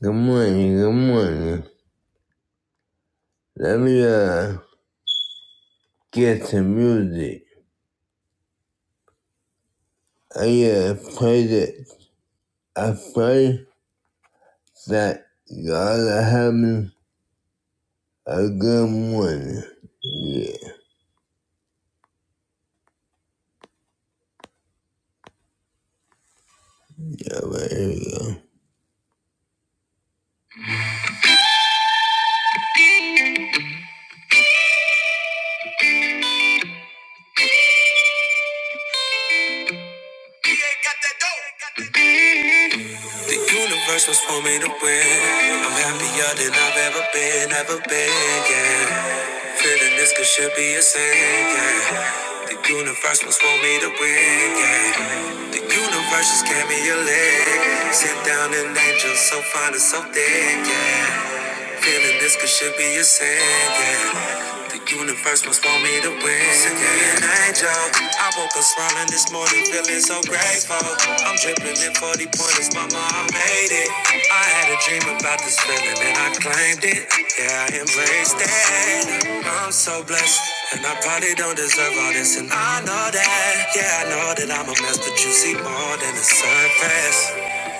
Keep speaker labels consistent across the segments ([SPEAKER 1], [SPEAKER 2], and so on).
[SPEAKER 1] Good morning, good morning. Let me uh get some music. I uh pray that I pray that God will have me a good morning. Yeah, all right, here we go. The universe was for me to win. I'm happier than I've ever been, ever been, yeah. Feeling this could should be a sin, yeah. The universe was for me to win, yeah. The universe just gave me a leg. Sit down an angel so fine and so thick, yeah. Feeling this could should be a sin, yeah. The universe must want me to win. Sick of an angel. I woke up smiling this morning, feeling so grateful. I'm dripping in 40 pointers, mama, I made it. I had a dream about this feeling and I claimed it. Yeah, I embraced it. I'm so blessed. And I probably don't deserve all this, and I know that. Yeah, I know that I'm a mess, but you see more than the surface.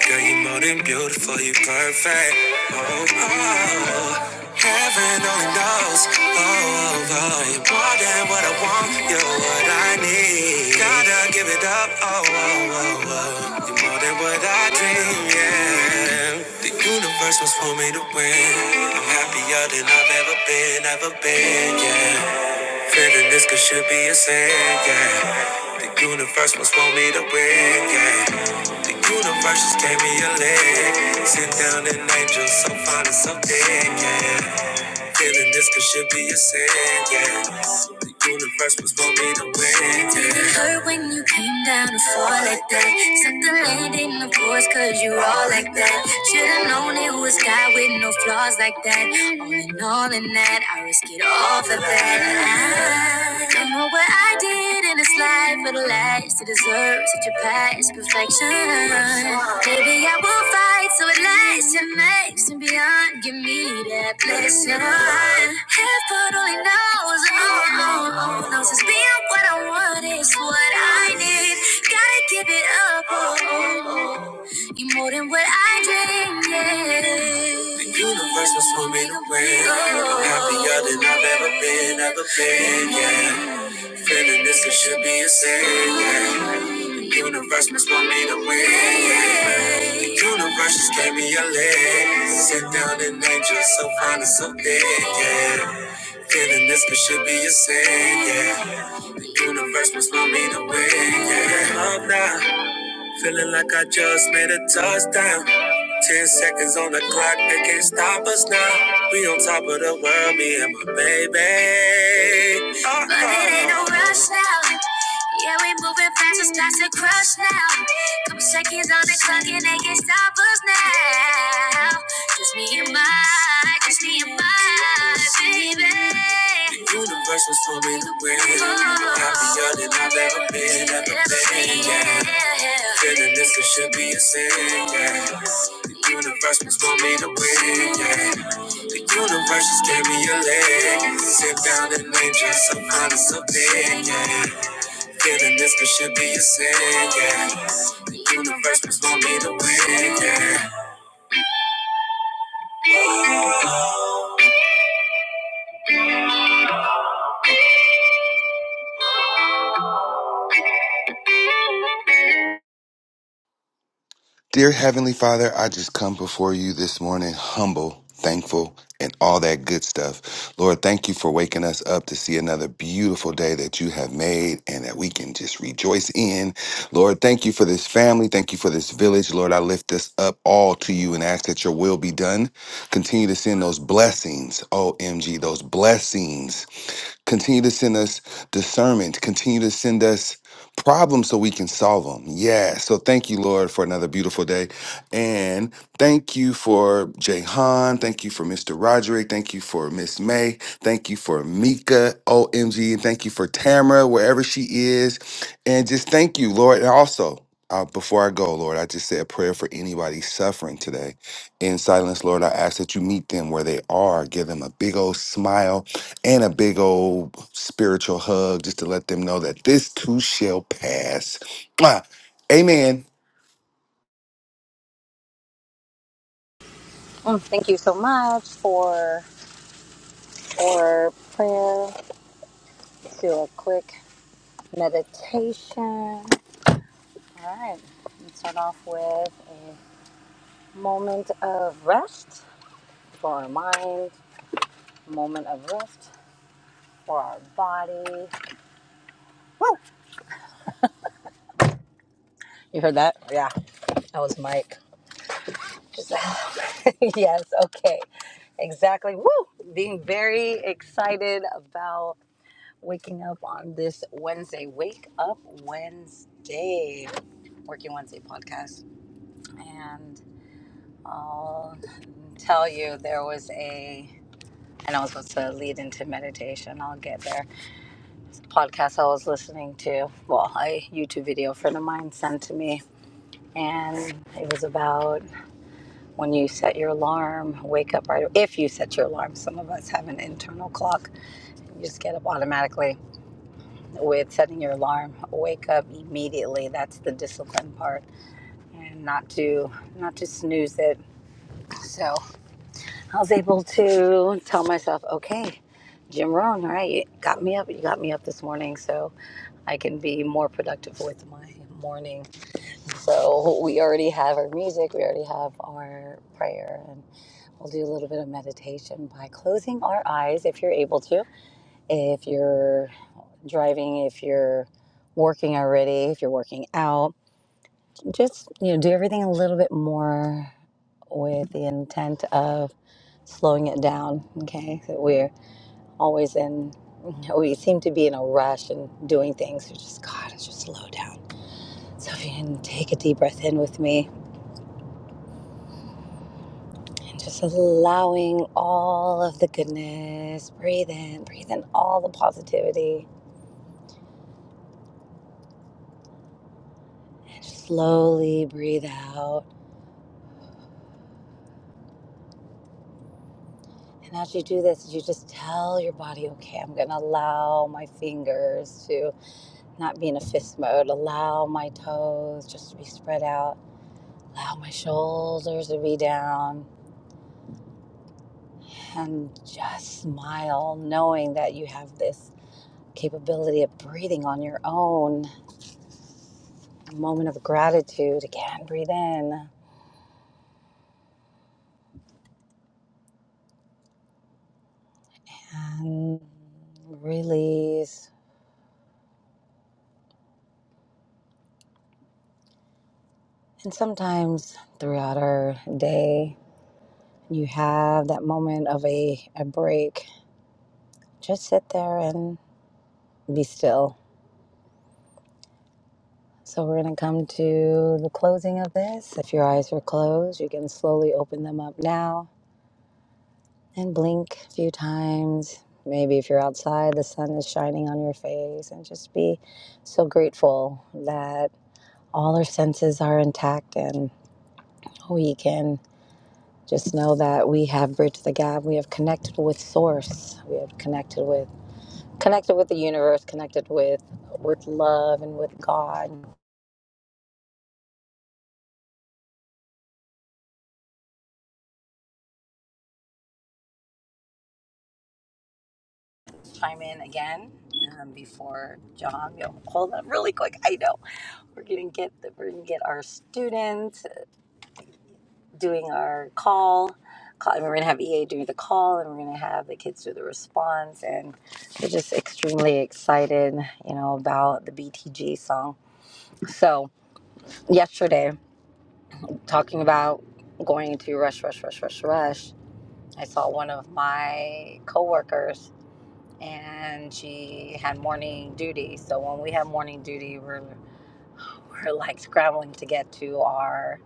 [SPEAKER 1] Girl, you more than beautiful, you perfect. Oh, oh. oh. Heaven only knows. Oh, oh, oh, you're more than what I want. You're what I need. Gotta give it up. Oh, oh, oh, oh. You're more than what I dream. Yeah. The universe was for me to win. I'm happier than I've ever been, ever been. Yeah. Feeling this could should be a sin. Yeah. The universe was for me to win. Yeah. The universe just gave me a leg. Sit down and angel so fine and so dead, yeah. Feeling this could should be a sin, yeah. The universe was for me to win, yeah. it hurt when you came down to fall like that? Set the landing, the course, cause you all like that. Should've known it was God with no flaws like that. All in all, in that, I risk it all for that. I don't know what I did did in this life for the last to deserve such a past perfection. Maybe I will fight so it lasts and makes and beyond. Give me that blessing. Heaven only knows, oh, oh, oh, knows it's being what I want is what I need. Gotta give it up, oh, oh, oh. you more than what I dreamed. Yeah. The universe was for me to win. I'm Happier than I've ever been, ever been, yeah. Feeling this, it should be a sin. yeah. The universe must want me to win. yeah. The universe just gave me a leg. Sit down and angel, so fine and so big. Yeah. Feeling this, it should be a sin. Yeah. The universe must want me to win. Yeah. Up now. Feeling like I just made a touchdown. Ten seconds on the clock, they can't stop us now. We on top of the world, me and my baby. Uh-oh. But it ain't no rush now. Yeah, we moving fast, it's not to crush now. Couple seconds on the clock and they can't stop us now. Just me and my, the universe was for me to win. Happier than I've ever been, ever been. Yeah. Feeling this it should be a sin. Yeah. The universe was for me to win. Yeah. The universe just gave me a leg. Sit down and name just some honest opinion. Yeah. Feeling this could should be a sin. Yeah. The universe was for me to win. Yeah.
[SPEAKER 2] Dear Heavenly Father, I just come before you this morning humble, thankful, and all that good stuff. Lord, thank you for waking us up to see another beautiful day that you have made and that we can just rejoice in. Lord, thank you for this family. Thank you for this village. Lord, I lift this up all to you and ask that your will be done. Continue to send those blessings, OMG, those blessings Continue to send us discernment. Continue to send us problems so we can solve them. Yeah. So thank you, Lord, for another beautiful day. And thank you for Jahan. Thank you for Mr. Roderick. Thank you for Miss May. Thank you for Mika, OMG. And thank you for Tamara, wherever she is. And just thank you, Lord. And also, uh, before I go, Lord, I just say a prayer for anybody suffering today. In silence, Lord, I ask that you meet them where they are. Give them a big old smile and a big old spiritual hug just to let them know that this too shall pass. Mwah. Amen.
[SPEAKER 3] Well, thank you so much for for prayer to a quick meditation. All right, let's start off with a moment of rest for our mind, moment of rest for our body. Woo! You heard that? Yeah, that was Mike. Just- yes. Okay. Exactly. Woo! Being very excited about waking up on this Wednesday. Wake Up Wednesday, Working Wednesday podcast. And I'll tell you, there was a, and I was supposed to lead into meditation. I'll get there. Podcast I was listening to, well, a YouTube video a friend of mine sent to me. And it was about when you set your alarm, wake up right. away. If you set your alarm, some of us have an internal clock, you just get up automatically with setting your alarm. Wake up immediately. That's the discipline part, and not to not to snooze it. So I was able to tell myself, okay, Jim Rohn, all right, you got me up. You got me up this morning, so I can be more productive with my morning. So we already have our music. We already have our prayer, and we'll do a little bit of meditation by closing our eyes if you're able to. If you're driving, if you're working already, if you're working out, just you know, do everything a little bit more with the intent of slowing it down. Okay, so we're always in. We seem to be in a rush and doing things. We just God, it's just slow down. So if you can take a deep breath in with me and just allowing all of the goodness, breathe in, breathe in all the positivity, and just slowly breathe out And as you do this, you just tell your body, okay, I'm going to allow my fingers to not be in a fist mode, allow my toes just to be spread out, allow my shoulders to be down, and just smile, knowing that you have this capability of breathing on your own. A moment of gratitude. Again, breathe in and release. And sometimes throughout our day, you have that moment of a, a break just sit there and be still. So we're going to come to the closing of this. If your eyes were closed, you can slowly open them up now and blink a few times. Maybe if you're outside, the sun is shining on your face, and just be so grateful that all our senses are intact and we can just know that we have bridged the gap. We have connected with Source. We have connected with connected with the universe. Connected with with love and with God chime in again um, before John. Yo, hold on really quick. I know we're gonna get the, we're gonna get our students doing our call, call and we're gonna have EA do the call, and we're gonna have the kids do the response, and we're just extremely excited, you know, about the BTG song. So yesterday, talking about going into rush, rush, rush, rush, rush, I saw one of my coworkers and she had morning duty. So when we have morning duty, we're we're like scrambling to get to our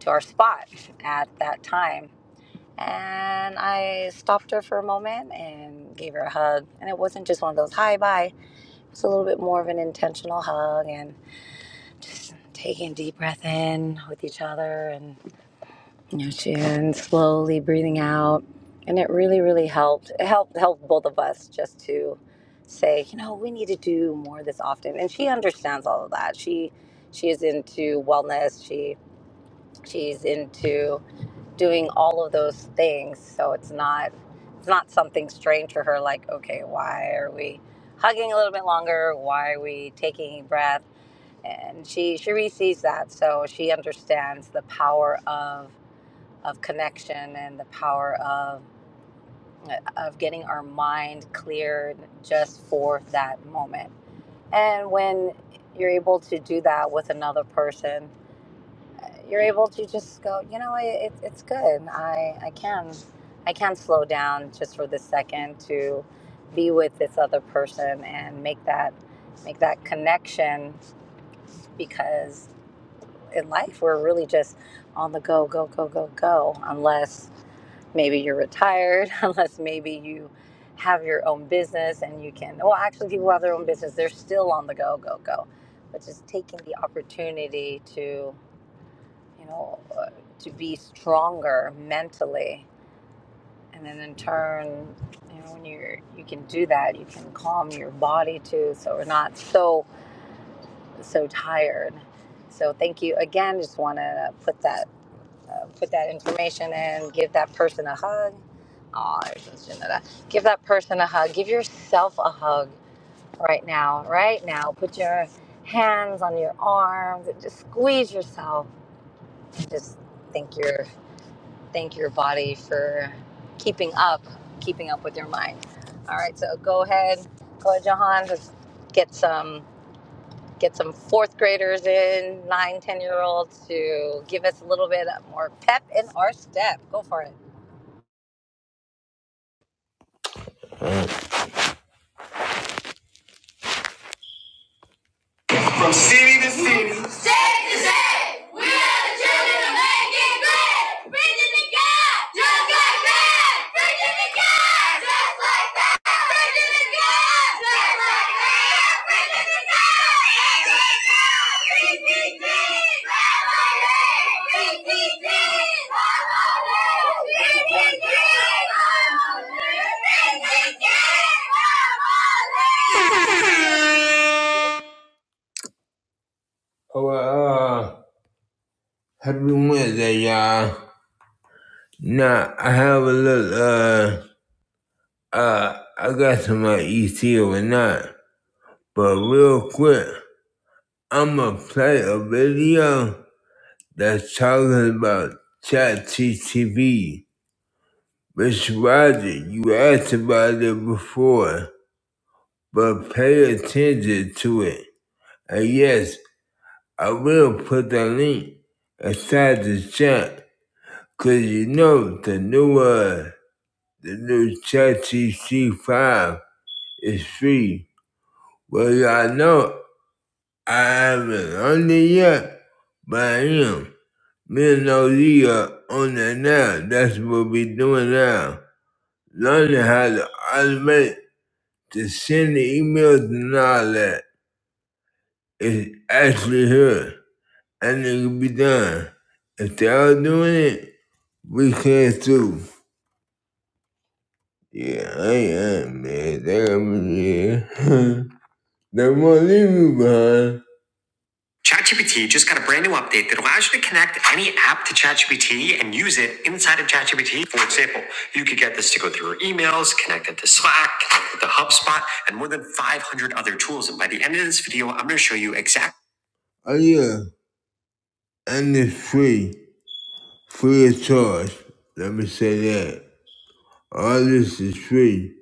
[SPEAKER 3] to our spot at that time. And I stopped her for a moment and gave her a hug. And it wasn't just one of those hi bye. It was a little bit more of an intentional hug and just taking a deep breath in with each other and. Yes, and slowly breathing out. And it really, really helped. It helped helped both of us just to say, you know, we need to do more of this often. And she understands all of that. She she is into wellness. She she's into doing all of those things. So it's not it's not something strange for her like, okay, why are we hugging a little bit longer? Why are we taking a breath? And she she really sees that. So she understands the power of of connection and the power of of getting our mind cleared just for that moment. And when you're able to do that with another person, you're able to just go, you know, it, it's good. I, I can I can slow down just for this second to be with this other person and make that make that connection because in life we're really just on the go go go go go unless maybe you're retired, unless maybe you have your own business and you can. Well, actually, people who have their own business, they're still on the go, go, go. But just taking the opportunity to, you know, uh, to be stronger mentally, and then in turn, you know, when you're you can do that, you can calm your body too, so we're not so so tired. So thank you again. Just want to put that uh, put that information in, give that person a hug. Oh, there's nothing no that. Give that person a hug. Give yourself a hug right now, right now. Put your hands on your arms and just squeeze yourself. And just thank your thank your body for keeping up, keeping up with your mind. All right, so go ahead, go ahead, Johan. Just get some get some fourth graders in, nine, ten year olds to give us a little bit more pep in our step. Go for it.
[SPEAKER 1] From city to city. State to state. We are the children of making great. Preaching to God just like that. Preaching to God just like that. Preaching to God just like that. Preaching to God. PTT. PTT. PTT. PTT. Family. P T T, family. P T T, family. P T T, family. Oh, uh, happy Wednesday, y'all. Nah, I have a little, uh, uh, I got some uh, ET overnight, but real quick, I'ma play a video that's talking about ChatGTV. Mr. Roger, you asked about it before, but pay attention to it. And yes, I will put the link inside the chat, cause you know the new, uh, The new ChatGPT 5 is free. Well, y'all know I haven't on it yet, but I am. Me and Oli are on it now. That's what we are doing now. Learning how to automate to send the emails and all that. It's actually here. And it can be done. If they all doing it, we can too. Yeah, I am, man. They got me here. They won't leave you behind. ChatGPT just got a brand new update that allows you to connect any app to ChatGPT and use it inside of ChatGPT. For example, you could get this to go through your emails, connect it to Slack, connect it to HubSpot, and more than 500 other tools. And by the end of this video, I'm going to show you exactly. Oh, yeah. And it's free. Free of charge. Let me say that. All this is free.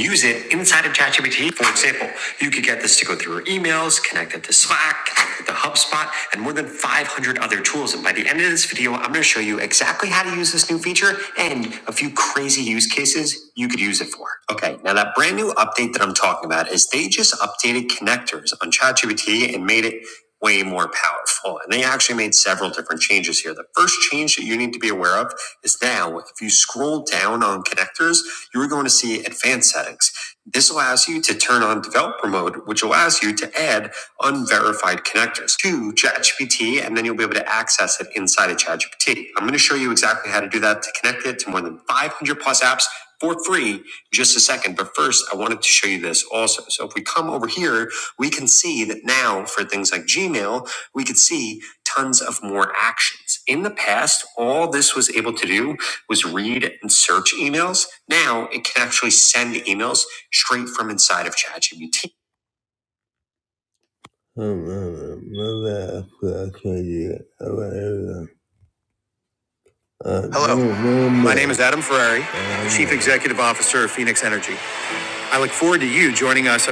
[SPEAKER 1] use it inside of ChatGPT. For example, you could get this to go through your emails, connect it to Slack, connect it to HubSpot, and more than 500 other tools. And by the end of this video, I'm going to show you exactly how to use this new feature and a few crazy use cases you could use it for. Okay, now that brand new update that I'm talking about is they just updated connectors on ChatGPT and made it way more powerful. And they actually made several different changes here. The first change that you need to be aware of is now, if you scroll down on connectors, you are going to see advanced settings. This allows you to turn on developer mode, which allows you to add unverified connectors to ChatGPT, and then you'll be able to access it inside of ChatGPT. I'm going to show you exactly how to do that to connect it to more than 500 plus apps for free in just a second. But first, I wanted to show you this also. So if we come over here we can see that now for things like Gmail, we could see tons of more actions. In the past, all this was able to do was read and search emails. Now it can actually send emails straight from inside of ChatGPT. Um, um, um, I could actually do it. How about everything? Uh, Hello, no, no, no. my name is Adam Ferrari, Chief Executive Officer of Phoenix Energy. I look forward to you joining us.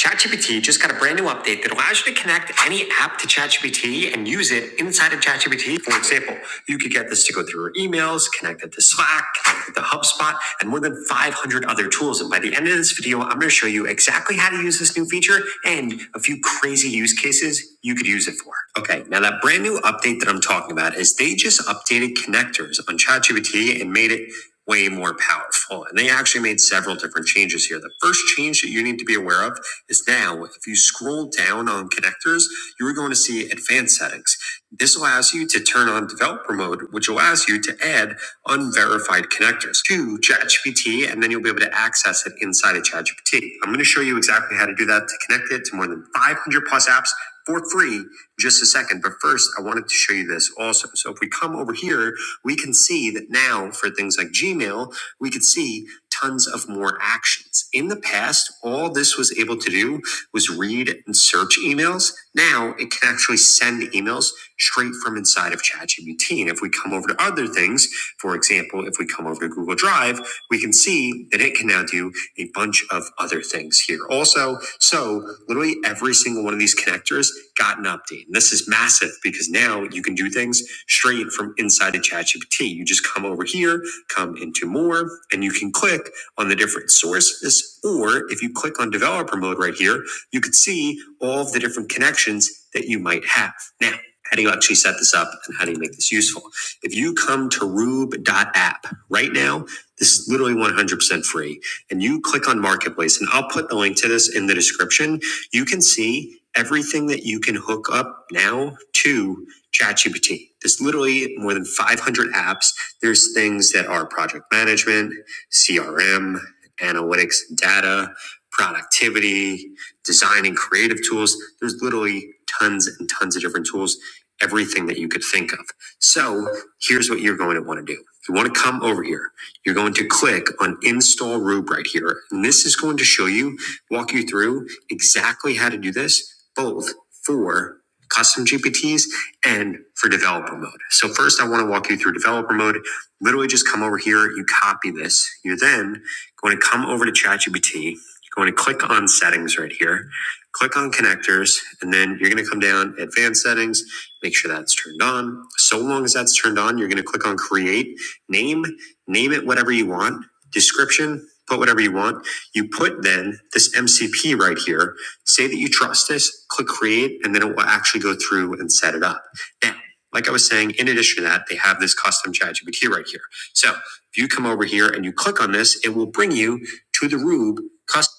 [SPEAKER 1] ChatGPT just got a brand new update that allows you to connect any app to ChatGPT and use it inside of ChatGPT. For example, you could get this to go through your emails, connect it to Slack, connect it to HubSpot, and more than 500 other tools. And by the end of this video, I'm going to show you exactly how to use this new feature and a few crazy use cases you could use it for. Okay, now that brand new update that I'm talking about is they just updated connectors on ChatGPT and made it way more powerful. And they actually made several different changes here. The first change that you need to be aware of is now, if you scroll down on connectors, you are going to see advanced settings. This allows you to turn on developer mode, which allows you to add unverified connectors to ChatGPT, and then you'll be able to access it inside of ChatGPT. I'm going to show you exactly how to do that to connect it to more than 500 plus apps for free in just a second. But first, I wanted to show you this also. So if we come over here we can see that now for things like Gmail, we could see tons of more actions. In the past, all this was able to do was read and search emails. Now it can actually send emails straight from inside of ChatGPT. And if we come over to other things, for example, if we come over to Google Drive, we can see that it can now do a bunch of other things here also. So literally every single one of these connectors got an update. And this is massive because now you can do things straight from inside of ChatGPT. You just come over here, come into more, and you can click on the different sources. Or if you click on developer mode right here, you could see all of the different connections that you might have. Now, how do you actually set this up and how do you make this useful? If you come to Rube dot App right now, this is literally 100% free, and you click on marketplace, and I'll put the link to this in the description. You can see everything that you can hook up now to ChatGPT. There's literally more than 500 apps. There's things that are project management, CRM, analytics, data, productivity, design and creative tools. There's literally tons and tons of different tools, everything that you could think of. So here's what you're going to want to do. You want to come over here. You're going to click on install Rube right here. And this is going to show you, walk you through exactly how to do this, both for custom GPTs and for developer mode. So first I want to walk you through developer mode. Literally just come over here, you copy this. You're then going to come over to ChatGPT. You're going to click on settings right here. Click on connectors, and then you're going to come down advanced settings. Make sure that's turned on. So long as that's turned on, you're going to click on create name. Name it whatever you want. Description, put whatever you want. You put then this MCP right here. Say that you trust this. Click create, and then it will actually go through and set it up. Now, like I was saying, in addition to that, they have this custom chat GPT right here. So if you come over here and you click on this, it will bring you to the Rube custom.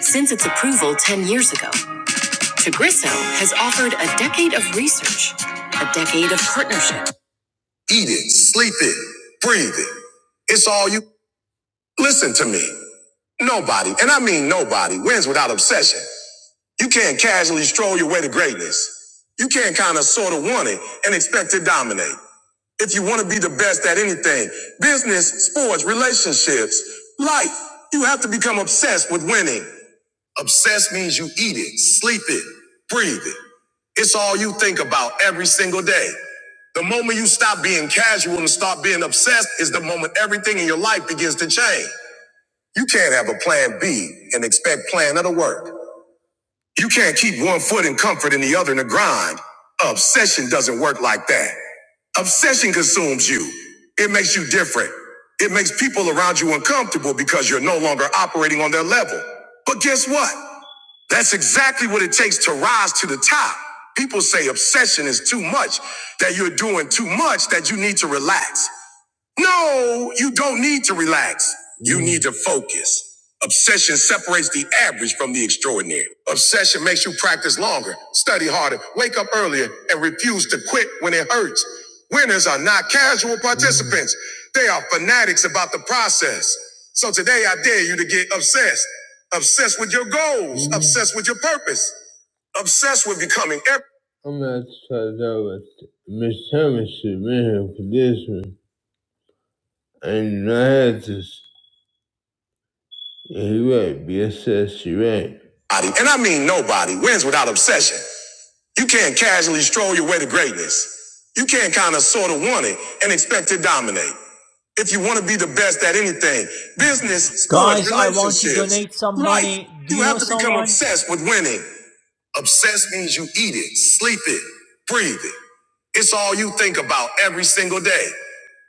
[SPEAKER 1] Since its approval 10 years ago, Chagrisso has offered a decade of research, a decade of partnership. Eat it, sleep it, breathe it. It's all you. Listen to me. Nobody, and I mean nobody, wins without obsession. You can't casually stroll your way to greatness. You can't kind of sort of want it and expect to dominate. If you want to be the best at anything, business, sports, relationships, life, you have to become obsessed with winning. Obsessed means you eat it, sleep it, breathe it. It's all you think about every single day. The moment you stop being casual and start being obsessed is the moment everything in your life begins to change. You can't have a plan B and expect plan A to work. You can't keep one foot in comfort and the other in the grind. Obsession doesn't work like that. Obsession consumes you. It makes you different. It makes people around you uncomfortable because you're no longer operating on their level. But guess what? That's exactly what it takes to rise to the top. People say obsession is too much, that you're doing too much, that you need to relax. No, you don't need to relax. You Mm. need to focus. Obsession separates the average from the extraordinary. Obsession makes you practice longer, study harder, wake up earlier, and refuse to quit when it hurts. Winners are not casual participants. Mm. They are fanatics about the process. So today I dare you to get obsessed. Obsessed with your goals, Mm. obsessed with your purpose, obsessed with becoming every- I'm not to talk about Miss Thomas is for this one. And Unitas, yeah, you right. BSS, you right. Nobody, and I mean nobody, wins without obsession. You can't casually stroll your way to greatness. You can't kind of sort of want it and expect to dominate. If you want to be the best at anything, business, sports,
[SPEAKER 4] Guys, I want to
[SPEAKER 1] relationships,
[SPEAKER 4] donate some
[SPEAKER 1] life,
[SPEAKER 4] money. Do
[SPEAKER 1] you
[SPEAKER 4] you know
[SPEAKER 1] have to become
[SPEAKER 4] someone?
[SPEAKER 1] obsessed with winning. Obsessed means you eat it, sleep it, breathe it. It's all you think about every single day.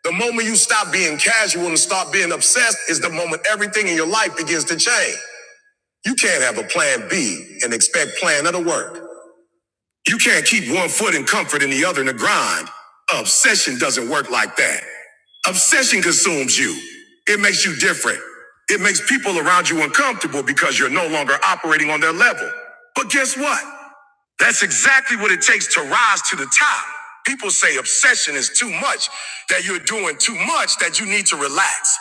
[SPEAKER 1] The moment you stop being casual and start being obsessed is the moment everything in your life begins to change. You can't have a plan B and expect plan A to work. You can't keep one foot in comfort and the other in the grind. Obsession doesn't work like that. Obsession consumes you. It makes you different. It makes people around you uncomfortable because you're no longer operating on their level. But guess what? That's exactly what it takes to rise to the top. People say obsession is too much, that you're doing too much, that you need to relax.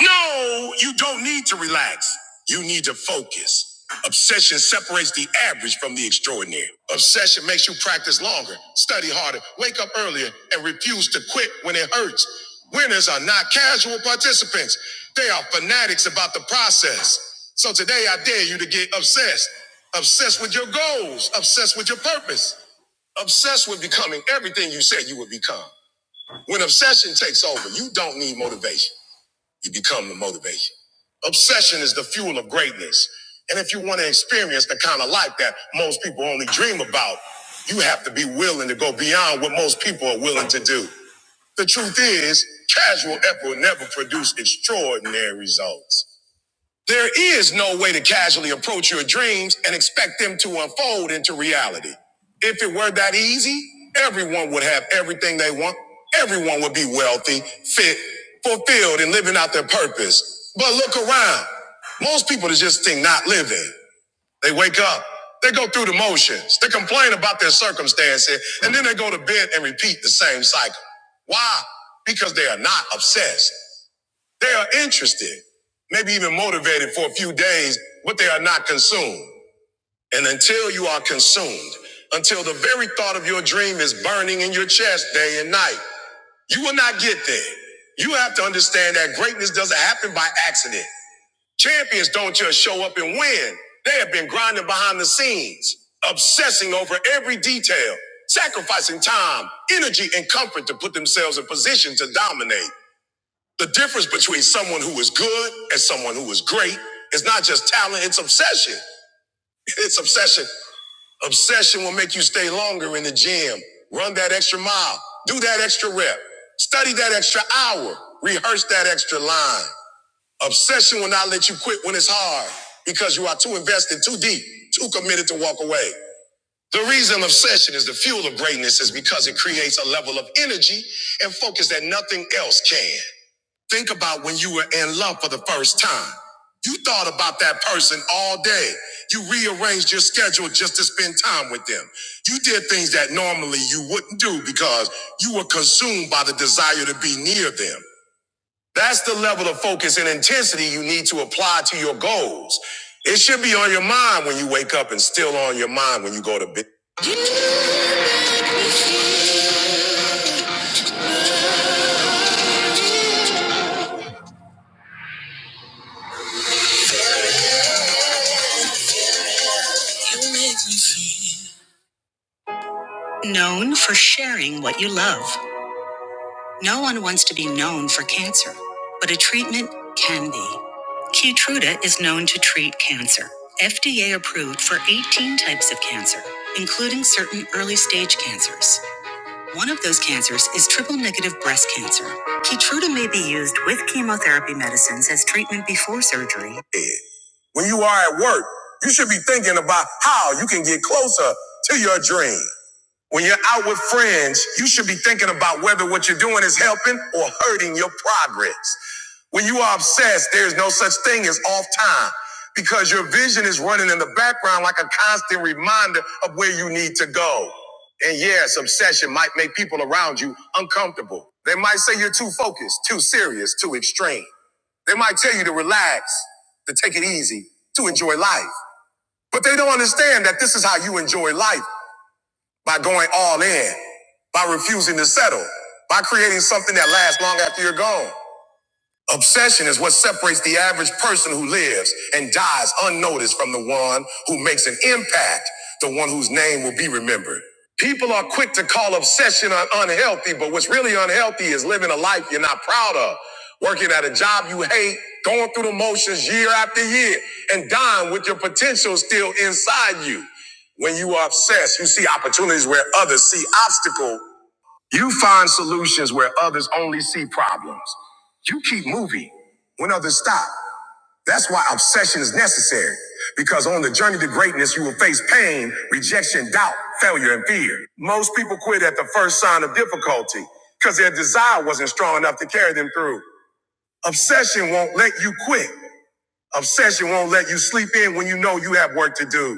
[SPEAKER 1] No, you don't need to relax. You need to focus. Obsession separates the average from the extraordinary. Obsession makes you practice longer, study harder, wake up earlier, and refuse to quit when it hurts. Winners are not casual participants, they are fanatics about the process. So today I dare you to get obsessed. Obsessed with your goals, obsessed with your purpose, obsessed with becoming everything you said you would become. When obsession takes over, you don't need motivation. You become the motivation. Obsession is the fuel of greatness. And if you want to experience the kind of life that most people only dream about, you have to be willing to go beyond what most people are willing to do. The truth is, casual effort never produces extraordinary results. There is no way to casually approach your dreams and expect them to unfold into reality. If it were that easy, everyone would have everything they want. Everyone would be wealthy, fit, fulfilled, and living out their purpose. But look around. Most people just think not living. They wake up, they go through the motions, they complain about their circumstances, and then they go to bed and repeat the same cycle. Why? Because they are not obsessed. They are interested, maybe even motivated for a few days, but they are not consumed. And until you are consumed, until the very thought of your dream is burning in your chest day and night, you will not get there. You have to understand that greatness doesn't happen by accident. Champions don't just show up and win. They have been grinding behind the scenes, obsessing over every detail, sacrificing time, energy, and comfort to put themselves in position to dominate. The difference between someone who is good and someone who is great is not just talent, it's obsession. It's obsession. Obsession will make you stay longer in the gym, run that extra mile, do that extra rep, study that extra hour, rehearse that extra line. Obsession will not let you quit when it's hard because you are too invested, too deep, too committed to walk away. The reason obsession is the fuel of greatness is because it creates a level of energy and focus that nothing else can. Think about when you were in love for the first time. You thought about that person all day. You rearranged your schedule just to spend time with them. You did things that normally you wouldn't do because you were consumed by the desire to be near them. That's the level of focus and intensity you need to apply to your goals. It should be on your mind when you wake up and still on your mind when you go to bed. Known for sharing what you love. No one wants to be known for cancer, but a treatment can be. Keytruda is known to treat cancer. FDA approved for 18 types of cancer, including certain early stage cancers. One of those cancers is triple negative breast cancer. Keytruda may be used with chemotherapy medicines as treatment before surgery. When you are at work, you should be thinking about how you can get closer to your dream. When you're out with friends, you should be thinking about whether what you're doing is helping or hurting your progress. When you are obsessed, there's no such thing as off time because your vision is running in the background like a constant reminder of where you need to go. And yes, obsession might make people around you uncomfortable. They might say you're too focused, too serious, too extreme. They might tell you to relax, to take it easy, to enjoy life. But they don't understand that this is how you enjoy life by going all in, by refusing to settle, by creating something that lasts long after you're gone. Obsession is what separates the average person who lives and dies unnoticed from the one who makes an impact, the one whose name will be remembered. People are quick to call obsession un- unhealthy, but what's really unhealthy is living a life you're not proud of, working at a job you hate, going through the motions year after year, and dying with your potential still inside you. When you are obsessed, you see opportunities where others see obstacles you find solutions where others only see problems. You keep moving when others stop. That's why obsession is necessary. Because on the journey to greatness, you will face pain, rejection, doubt, failure, and fear. Most people quit at the first sign of difficulty because their desire wasn't strong enough to carry them through. Obsession won't let you quit. Obsession won't let you sleep in when you know you have work to do.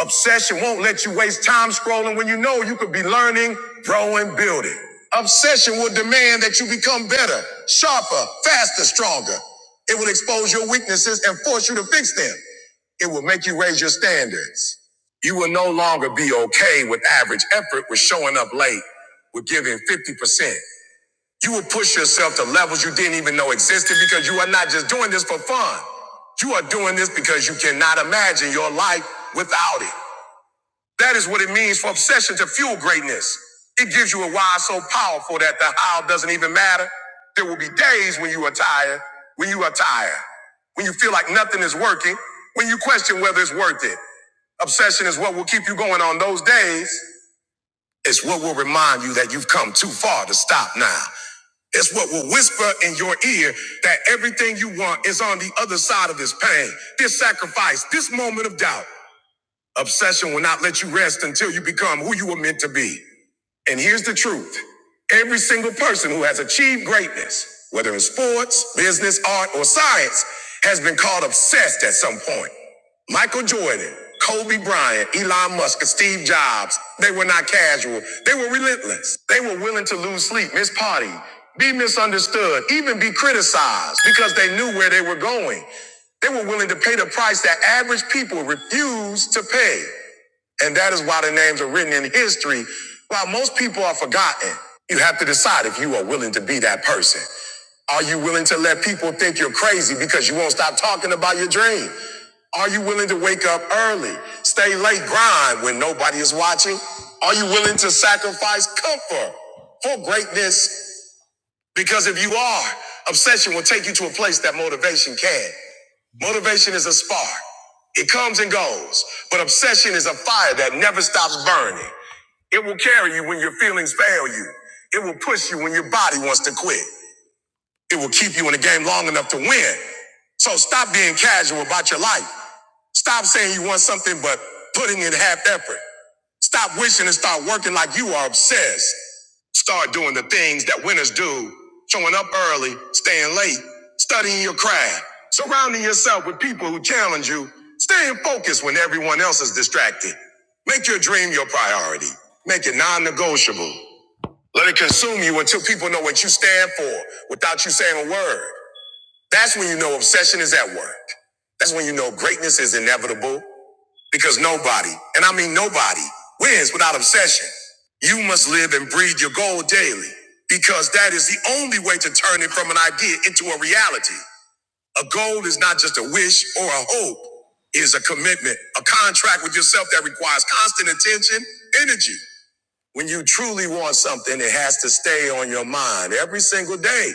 [SPEAKER 1] Obsession won't let you waste time scrolling when you know you could be learning, growing, building. Obsession will demand that you become better, sharper, faster, stronger. It will expose your weaknesses and force you to fix them. It will make you raise your standards. You will no longer be okay with average effort, with showing up late, with giving 50%. You will push yourself to levels you didn't even know existed because you are not just doing this for fun. You are doing this because you cannot imagine your life without it. That is what it means for obsession to fuel greatness. It gives you a why so powerful that the how doesn't even matter. There will be days when you are tired, when you are tired, when you feel like nothing is working, when you question whether it's worth it. Obsession is what will keep you going on those days. It's what will remind you that you've come too far to stop now. It's what will whisper in your ear that everything you want is on the other side of this pain, this sacrifice, this moment of doubt. Obsession will not let you rest until you become who you were meant to be. And here's the truth every single person who has achieved greatness, whether in sports, business, art, or science, has been called obsessed at some point. Michael Jordan, Kobe Bryant, Elon Musk, and Steve Jobs, they were not casual. They were relentless. They were willing to lose sleep, miss party, be misunderstood, even be criticized because they knew where they were going. They were willing to pay the price that average people refuse to pay. And that is why the names are written in history. While most people are forgotten, you have to decide if you are willing to be that person. Are you willing to let people think you're crazy because you won't stop talking about your dream? Are you willing to wake up early, stay late, grind when nobody is watching? Are you willing to sacrifice comfort for greatness? Because if you are, obsession will take you to a place that motivation can. Motivation is a spark. It comes and goes, but obsession is a fire that never stops burning. It will carry you when your feelings fail you. It will push you when your body wants to quit. It will keep you in the game long enough to win. So stop being casual about your life. Stop saying you want something but putting in half effort. Stop wishing and start working like you are obsessed. Start doing the things that winners do showing up early, staying late, studying your craft, surrounding yourself with people who challenge you, staying focused when everyone else is distracted. Make your dream your priority, make it non negotiable. Let it consume you until people know what you stand for without you saying a word. That's when you know obsession is at work. That's when you know greatness is inevitable because nobody, and I mean nobody, wins without obsession. You must live and breathe your goal daily because that is the only way to turn it from an idea into a reality. A goal is not just a wish or a hope, it is a commitment, a contract with yourself that requires constant attention, energy. When you truly want something, it has to stay on your mind every single day.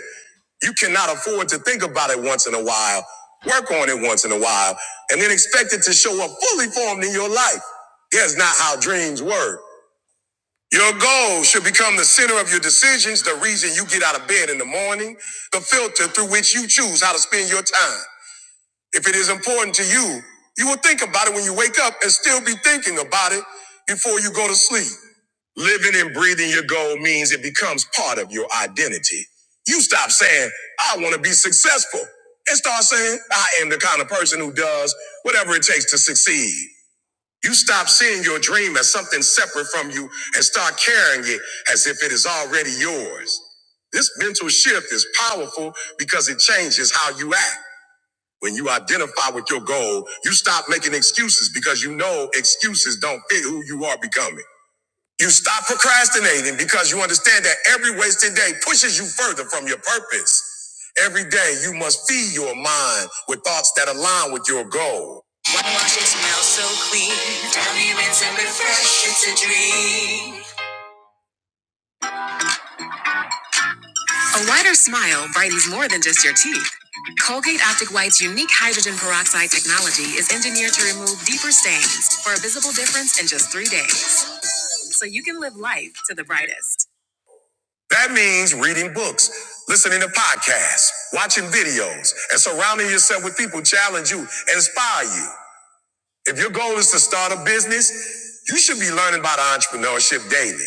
[SPEAKER 1] You cannot afford to think about it once in a while, work on it once in a while, and then expect it to show up fully formed in your life. That's not how dreams work. Your goals should become the center of your decisions, the reason you get out of bed in the morning, the filter through which you choose how to spend your time. If it is important to you, you will think about it when you wake up and still be thinking about it before you go to sleep. Living and breathing your goal means it becomes part of your identity. You stop saying, I want to be successful, and start saying, I am the kind of person who does whatever it takes to succeed. You stop seeing your dream as something separate from you and start carrying it as if it is already yours. This mental shift is powerful because it changes how you act. When you identify with your goal, you stop making excuses because you know excuses don't fit who you are becoming. You stop procrastinating because you understand that every wasted day pushes you further from your purpose. Every day, you must feed your mind with thoughts that align with your goal. A wider smile brightens more than just your teeth. Colgate Optic White's unique hydrogen peroxide technology is engineered to remove deeper stains for a visible difference in just three days. So you can live life to the brightest. That means reading books, listening to podcasts, watching videos, and surrounding yourself with people who challenge you, and inspire you. If your goal is to start a business, you should be learning about entrepreneurship daily.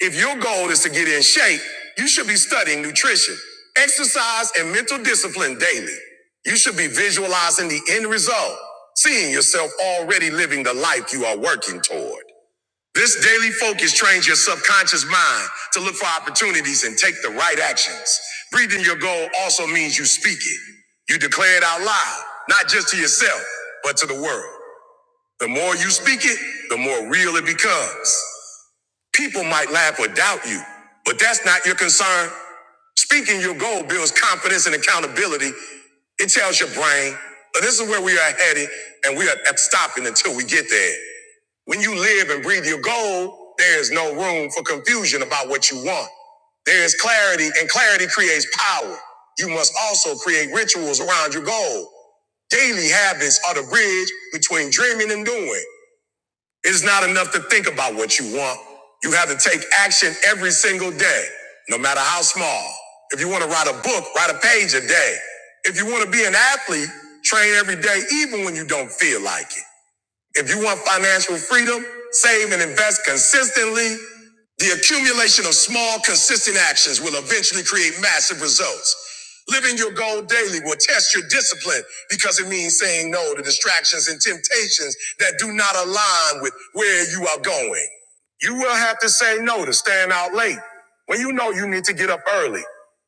[SPEAKER 1] If your goal is to get in shape, you should be studying nutrition, exercise, and mental discipline daily. You should be visualizing the end result, seeing yourself already living the life you are working toward. This daily focus trains your subconscious mind to look for opportunities and take the right actions. Breathing your goal also means you speak it. You declare it out loud, not just to yourself, but to the world. The more you speak it, the more real it becomes. People might laugh or doubt you, but that's not your concern. Speaking your goal builds confidence and accountability. It tells your brain, this is where we are headed, and we are stopping until we get there. When you live and breathe your goal, there is no room for confusion about what you want. There is clarity, and clarity creates power. You must also create rituals around your goal. Daily habits are the bridge between dreaming and doing. It's not enough to think about what you want. You have to take action every single day, no matter how small. If you want to write a book, write a page a day. If you want to be an athlete, train every day, even when you don't feel like it. If you want financial freedom, save and invest consistently. The accumulation of small, consistent actions will eventually create massive results. Living your goal daily will test your discipline because it means saying no to distractions and temptations that do not align with where you are going. You will have to say no to staying out late when you know you need to get up early.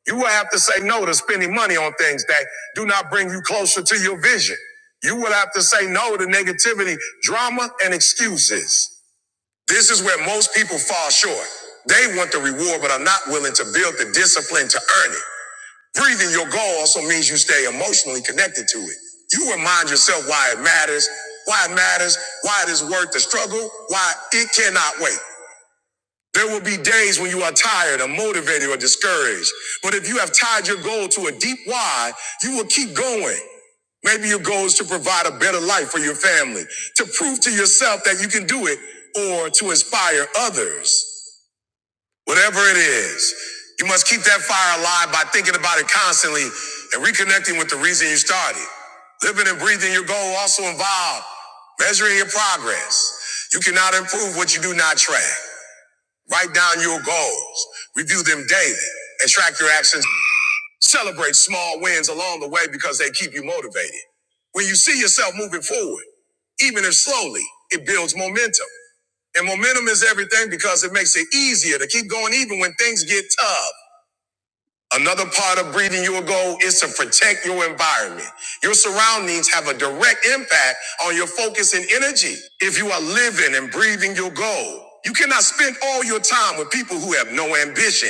[SPEAKER 1] You will have to say no to spending money on things that do not bring you closer to your vision. You will have to say no to negativity, drama, and excuses. This is where most people fall short. They want the reward, but are not willing to build the discipline to earn it. Breathing your goal also means you stay emotionally connected to it. You remind yourself why it matters, why it matters, why it is worth the struggle, why it cannot wait. There will be days when you are tired, unmotivated, or discouraged. But if you have tied your goal to a deep why, you will keep going. Maybe your goal is to provide a better life for your family, to prove to yourself that you can do it, or to inspire others. Whatever it is, you must keep that fire alive by thinking about it constantly and reconnecting with the reason you started. Living and breathing your goal also involve measuring your progress. You cannot improve what you do not track. Write down your goals. Review them daily and track your actions. Celebrate small wins along the way because they keep you motivated. When you see yourself moving forward, even if slowly, it builds momentum. And momentum is everything because it makes it easier to keep going even when things get tough. Another part of breathing your goal is to protect your environment. Your surroundings have a direct impact on your focus and energy. If you are living and breathing your goal, you cannot spend all your time with people who have no ambition,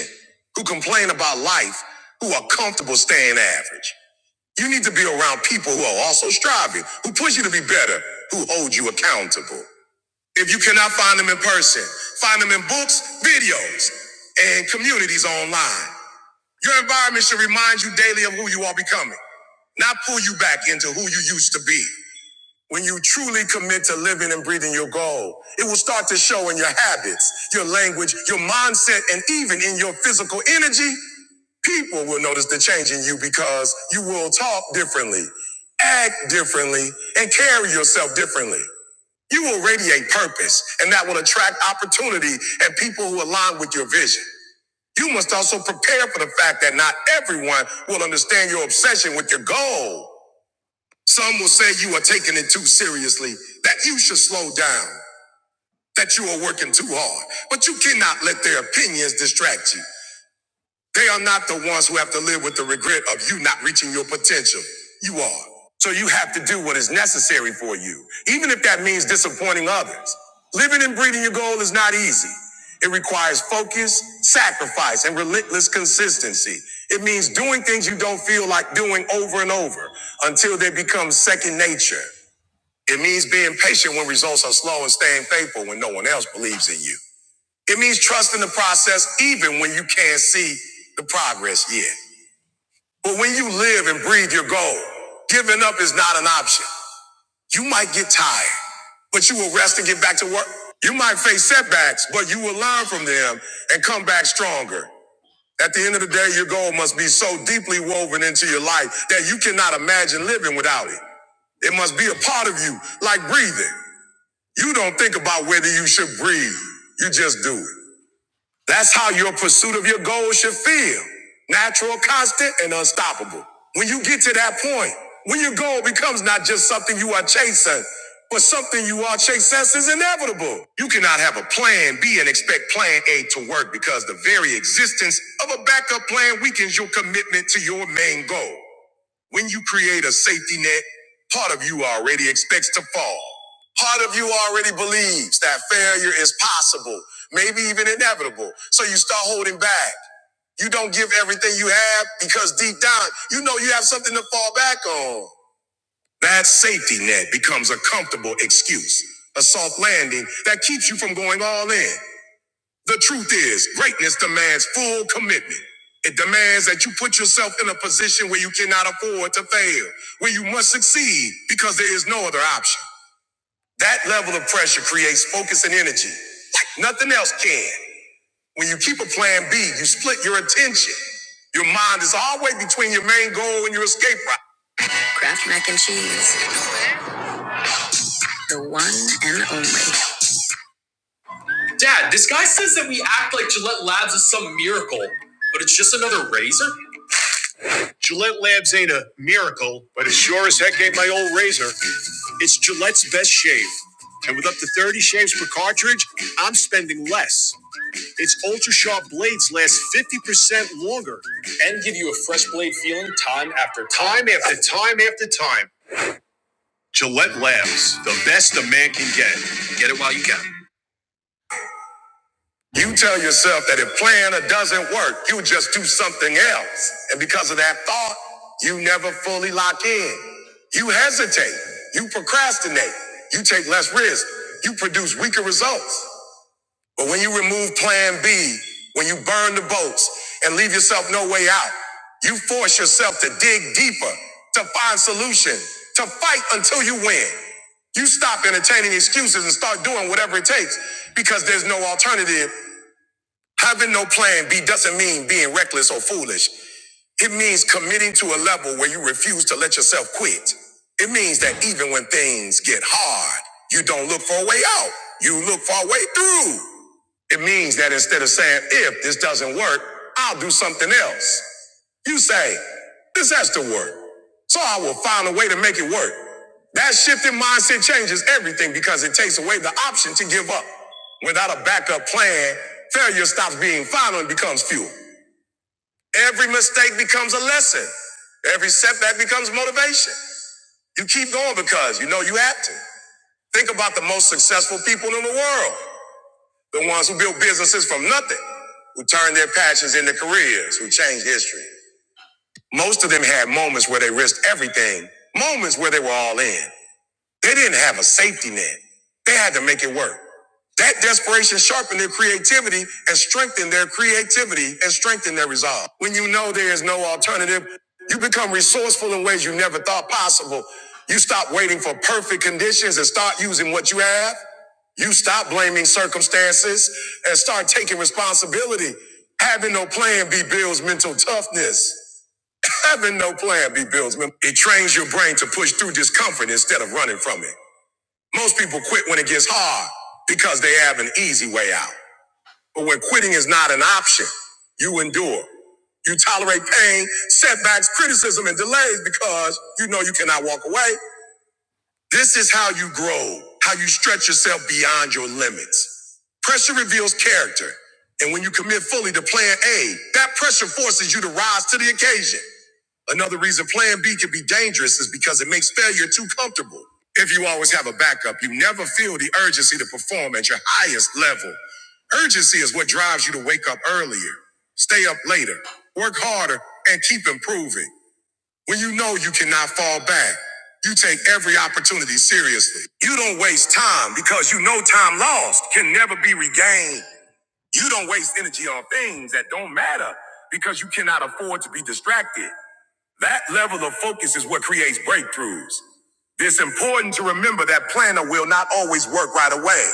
[SPEAKER 1] who complain about life, who are comfortable staying average. You need to be around people who are also striving, who push you to be better, who hold you accountable. If you cannot find them in person, find them in books, videos, and communities online. Your environment should remind you daily of who you are becoming, not pull you back into who you used to be. When you truly commit to living and breathing your goal, it will start to show in your habits, your language, your mindset, and even in your physical energy. People will notice the change in you because you will talk differently, act differently, and carry yourself differently. You will radiate purpose, and that will attract opportunity and people who align with your vision. You must also prepare for the fact that not everyone will understand your obsession with your goal. Some will say you are taking it too seriously, that you should slow down, that you are working too hard, but you cannot let their opinions distract you. They are not the ones who have to live with the regret of you not reaching your potential. You are. So you have to do what is necessary for you, even if that means disappointing others. Living and breathing your goal is not easy. It requires focus, sacrifice, and relentless consistency. It means doing things you don't feel like doing over and over until they become second nature. It means being patient when results are slow and staying faithful when no one else believes in you. It means trusting the process even when you can't see the progress yet. But when you live and breathe your goal, giving up is not an option. You might get tired, but you will rest and get back to work. You might face setbacks, but you will learn from them and come back stronger. At the end of the day, your goal must be so deeply woven into your life that you cannot imagine living without it. It must be a part of you, like breathing. You don't think about whether you should breathe. You just do it. That's how your pursuit of your goals should feel. Natural, constant, and unstoppable. When you get to that point, when your goal becomes not just something you are chasing, but something you are chasing is inevitable. You cannot have a plan B and expect plan A to work because the very existence of a backup plan weakens your commitment to your main goal. When you create a safety net, part of you already expects to fall. Part of you already believes that failure is possible, maybe even inevitable. So you start holding back. You don't give everything you have because deep down, you know you have something to fall back on. That safety net becomes a comfortable excuse, a soft landing that keeps you from going all in. The truth is, greatness demands full commitment. It demands that you put yourself in a position where you cannot afford to fail, where you must succeed because there is no other option. That level of pressure creates focus and energy like nothing else can. When you keep a plan B, you split your attention. Your mind is always between your main goal and your escape route. Kraft mac and cheese, the one and only. Dad, this guy says that we act like Gillette Labs is some miracle, but it's just another razor? Gillette Labs ain't a miracle, but it sure as heck ain't my old razor. It's Gillette's best shave. And with up to 30 shaves per cartridge, I'm spending less. Its ultra sharp blades last 50% longer and give you a fresh blade feeling time after time. Time after time after time. Gillette Labs, the best a man can get. Get it while you can. You. You just do something else. And because of that thought, you never fully lock in. You hesitate. You procrastinate. You take this. You produce weaker results. But when you remove plan B, when you burn the boats and leave yourself no way out, you force yourself to dig deeper, to find solution, to fight until you win. You stop entertaining excuses and start doing whatever it takes because there's no alternative Having no plan B doesn't mean being reckless or foolish. It means committing to a level where you refuse to let yourself quit. It means that even when things get hard, you don't look for a way out. You look for a way through. It means that instead of saying, if this doesn't work, I'll do something else. You say, this has to work. So I will find a way to make it work. That shift in mindset changes everything because it takes away the option to give up. Without a backup plan, failure stops being final and becomes fuel. Every mistake becomes a lesson. Every setback becomes motivation. You keep going because you know you have to. Think about the most successful people in the world. The ones who built businesses from nothing, who turned their passions into careers, who changed history. Most of them had moments where they risked everything, moments where they were all in. They didn't have a safety net. They had to make it work. That desperation sharpened their creativity and strengthened their creativity and strengthened their resolve. When you know there is no alternative, you become resourceful in ways you never thought possible. You stop waiting for perfect conditions and start using what you have. You stop blaming circumstances and start taking responsibility. Having no plan B builds mental toughness. Having no plan B builds. men- It trains your brain to push through discomfort instead of running from it. Most people quit when it gets hard because they have an easy way out. But when quitting is not an option, you endure. You tolerate pain, setbacks, criticism, and delays because you know you cannot walk away. This is how you grow, how you stretch yourself beyond your limits. Pressure reveals character. And when you commit fully to plan A, that pressure forces you to rise to the occasion. Another reason plan B can be dangerous is because it makes failure too comfortable. If you always have a backup, you never feel the urgency to perform at your highest level. Urgency is what drives you to wake up earlier, stay up later, work harder, and keep improving. When you know you cannot fall back, you take every opportunity seriously. You don't waste time because you know time lost can never be regained. You don't waste energy on things that don't matter because you cannot afford to be distracted. That level of focus is what creates breakthroughs. It's important to remember that planner will not always work right away.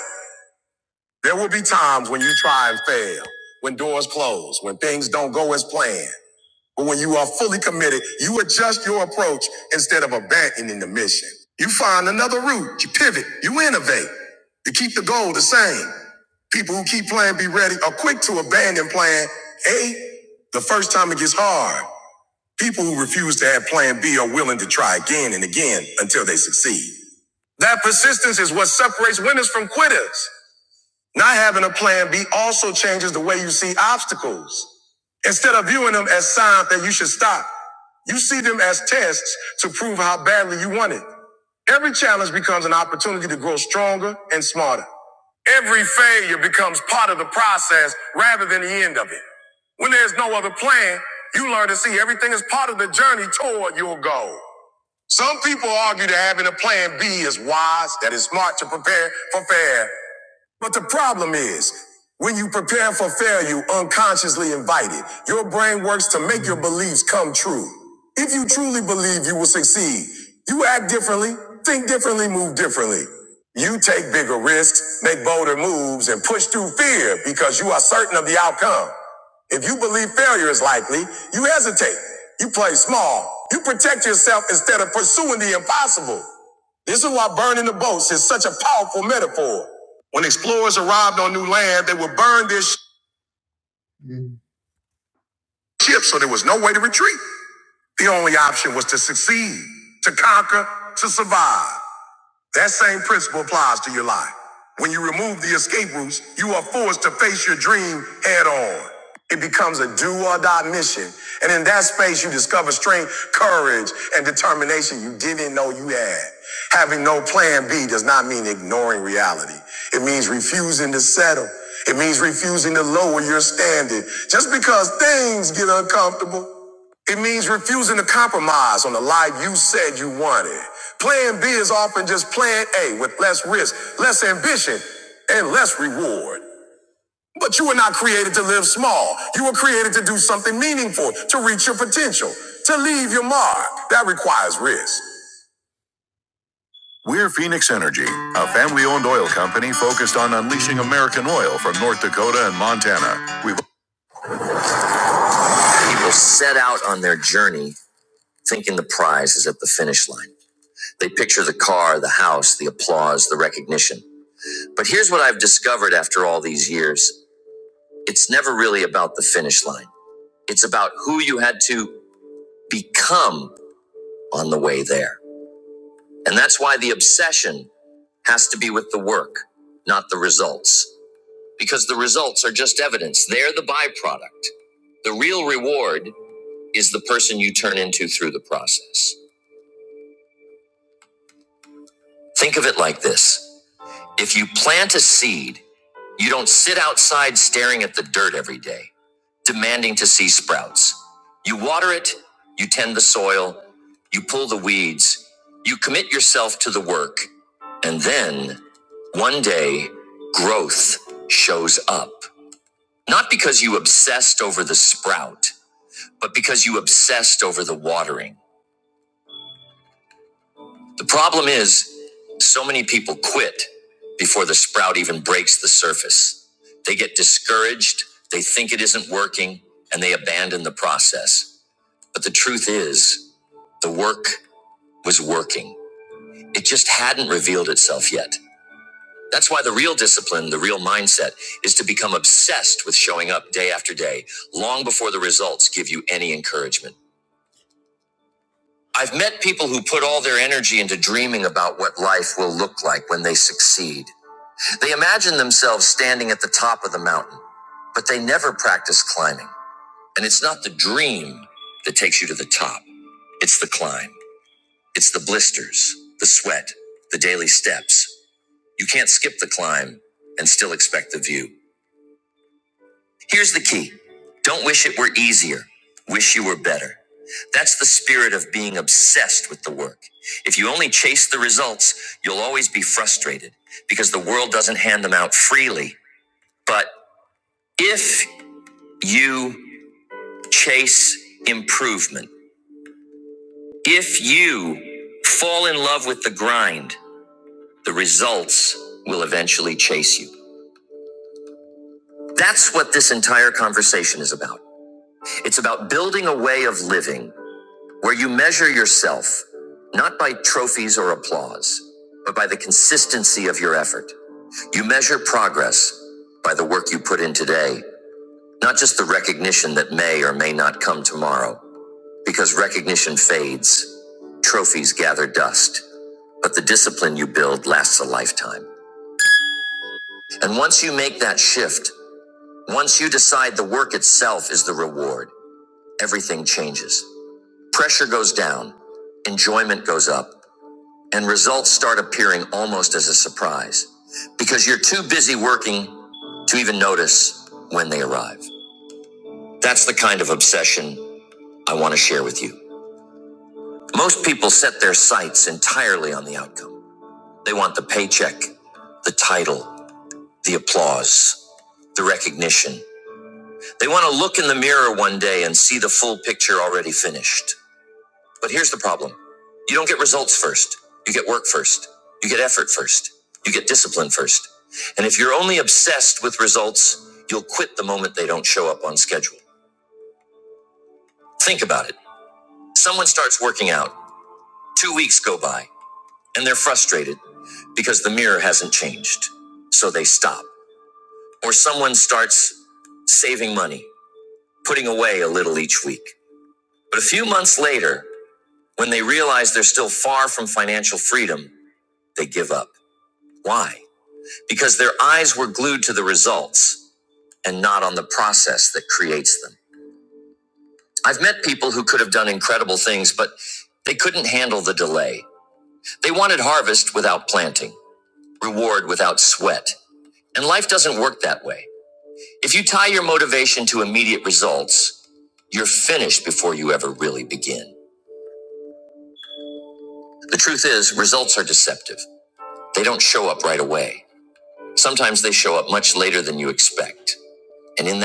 [SPEAKER 1] There will be times when you try and fail, when doors close, when things don't go as planned. But when you are fully committed, you adjust your approach instead of abandoning the mission. You find another route, you pivot, you innovate. You keep the goal the same. People who keep playing be ready are quick to abandon plan A the first time it gets hard. People who refuse to have plan B are willing to try again and again until they succeed. That persistence is what separates winners from quitters. Not having a plan B also changes the way you see obstacles. Instead of viewing them as signs that you should stop, you see them as tests to prove how badly you want it. Every challenge becomes an opportunity to grow stronger and smarter. Every failure becomes part of the process rather than the end of it. When there's no other plan, you learn to see everything as part of the journey toward your goal. Some people argue that having a plan B is wise, that is smart to prepare for failure. But the problem is, when you prepare for failure, you unconsciously invite it. Your brain works to make your beliefs come true. If you truly believe you will succeed, you act differently, think differently, move differently. You take bigger risks, make bolder moves, and push through fear because you are certain of the outcome. If you believe failure is likely, you hesitate. You play small. You protect yourself instead of pursuing the impossible. This is why burning the boats is such a powerful metaphor. When explorers arrived on new land, they would burn their sh- ships, so there was no way to retreat. The only option was to succeed, to conquer, to survive. That same principle applies to your life. When you remove the escape routes, you are forced to face your dream head on. It becomes a do or die mission. And in that space, you discover strength, courage, and determination you didn't know you had. Having no plan B does not mean ignoring reality. It means refusing to settle. It means refusing to lower your standard just because things get uncomfortable. It means refusing to compromise on the life you said you wanted. Plan B is often just plan A with less risk, less ambition, and less reward. But you were not created to live small. You were created to do something meaningful, to reach your potential, to leave your mark. That requires risk. We're Phoenix Energy, a family owned oil company focused on unleashing American oil from North Dakota and Montana. We've set out a journey thinking the prize is at the finish line. They picture the car, the house, the applause, the recognition. But here's what I've discovered after all these years on the way there. And that's obsession, not the because the results are just evidence. They're the byproduct. The real reward is the person you turn into through the process. Think of it like this. If you plant a seed, you don't sit outside staring at the dirt every day, demanding to see sprouts. You water it, you tend the soil, you pull the weeds, you commit yourself to the work, and then One day, growth shows up. Obsessed over the sprout because you obsessed over the water. The problem is, so many people quit before the sprout even breaks the surface. They get discouraged, they think it isn't working, and they abandon the process. But the truth is, the work was working. It just hadn't revealed itself yet. That's why the real discipline, the real mindset, is to become obsessed with showing up day after day, long before the results give you any encouragement. I've met people who put all their energy into dreaming about what life is like when they succeed. It's the blisters, the sweat, the daily steps. You can't skip the climb and still expect the view. Here's the key: don't wish it were easier. Wish your spirit work. If you, you'll hate it because the woot you fall in love with the grind. The results will eventually change. That's what this entire conversation is about. It's about building a way of living health laws, consistency of your effort, yes. Not just the recognition that may or may not come tomorrow, because recognition fades, trophies gather dust, but the discipline you build lasts a lifetime. And once you make that shift, once you decide the work itself is the reward, everything changes. Pressure goes down, goes up, rise. Because you're too. Most people set their sight entirely. They want. They want. to Think about it. Someone starts working out. Two weeks I waited up or sneak because and not on the process that creates them. I've met people who could have done incredible things, but they could. They wanted harvest planting, reward with that. And life doesn't work that way. If you motivation to immediate results, you're f- before you ever really intercept, show it away, and in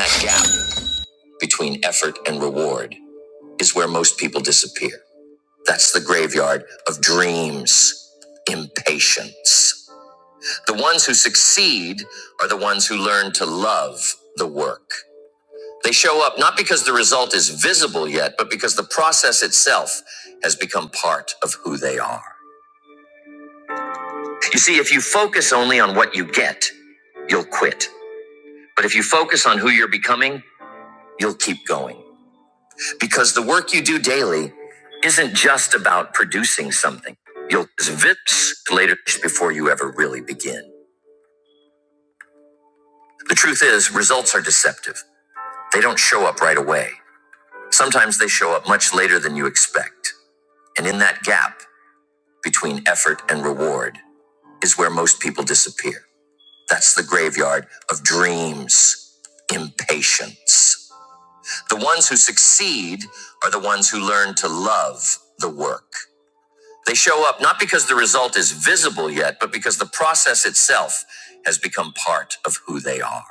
[SPEAKER 1] between effort and reward is where most people disappear. That's the graveyard of dreams, impatience. The ones who succeed are the ones who learn to love the work. They show up not because the result is visible yet, but because the process itself has become part of who they are. You see, if you focus only on what you get, you'll quit. But if you focus on who you're becoming, you'll keep going. Because the work you do daily isn't just about producing something. You'll VIPS later before you ever really begin. The truth is, results are deceptive. They don't show up right away. Sometimes they show up much later than you expect. And in that gap, between effort and reward is where most people disappear. That's the graveyard of dreams, impatience. The ones who succeed are the ones who learn to love the work. They show up not because the result is visible yet, but because the process itself has become part of who they are.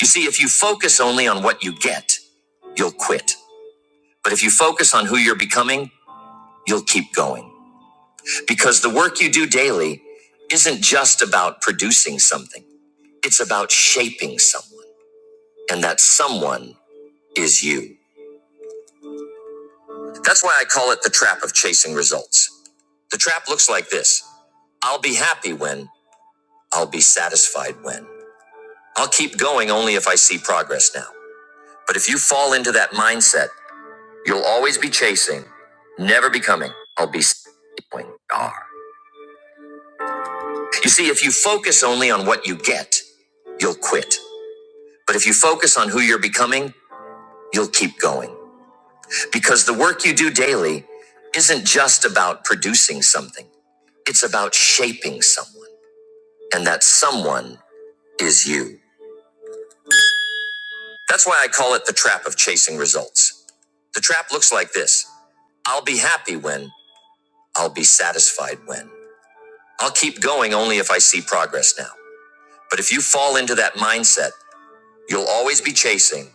[SPEAKER 1] You see, if you focus only on what you get, you'll quit. But if you focus on who you're becoming, you'll keep going. Because the work you do daily isn't just about producing something. It's about shaping someone, and that someone is you. That's why I call it the trap of chasing results. The trap looks like this I'll be happy when, I'll be satisfied when. I'll keep going only if I see progress now. But if you fall into that mindset, you'll always be chasing, never becoming. I'll be going. Arr. You see, if you focus only on what you get, you'll quit. But if you focus on who you're becoming, you'll keep going. Because the work you do daily isn't just about producing something, it's about shaping someone. And that someone is you. That's why I call it the trap of chasing results. The trap looks like this I'll be happy when, I'll be satisfied when. I'll keep going only if I see progress now. But if you fall into that mindset, you'll always be chasing,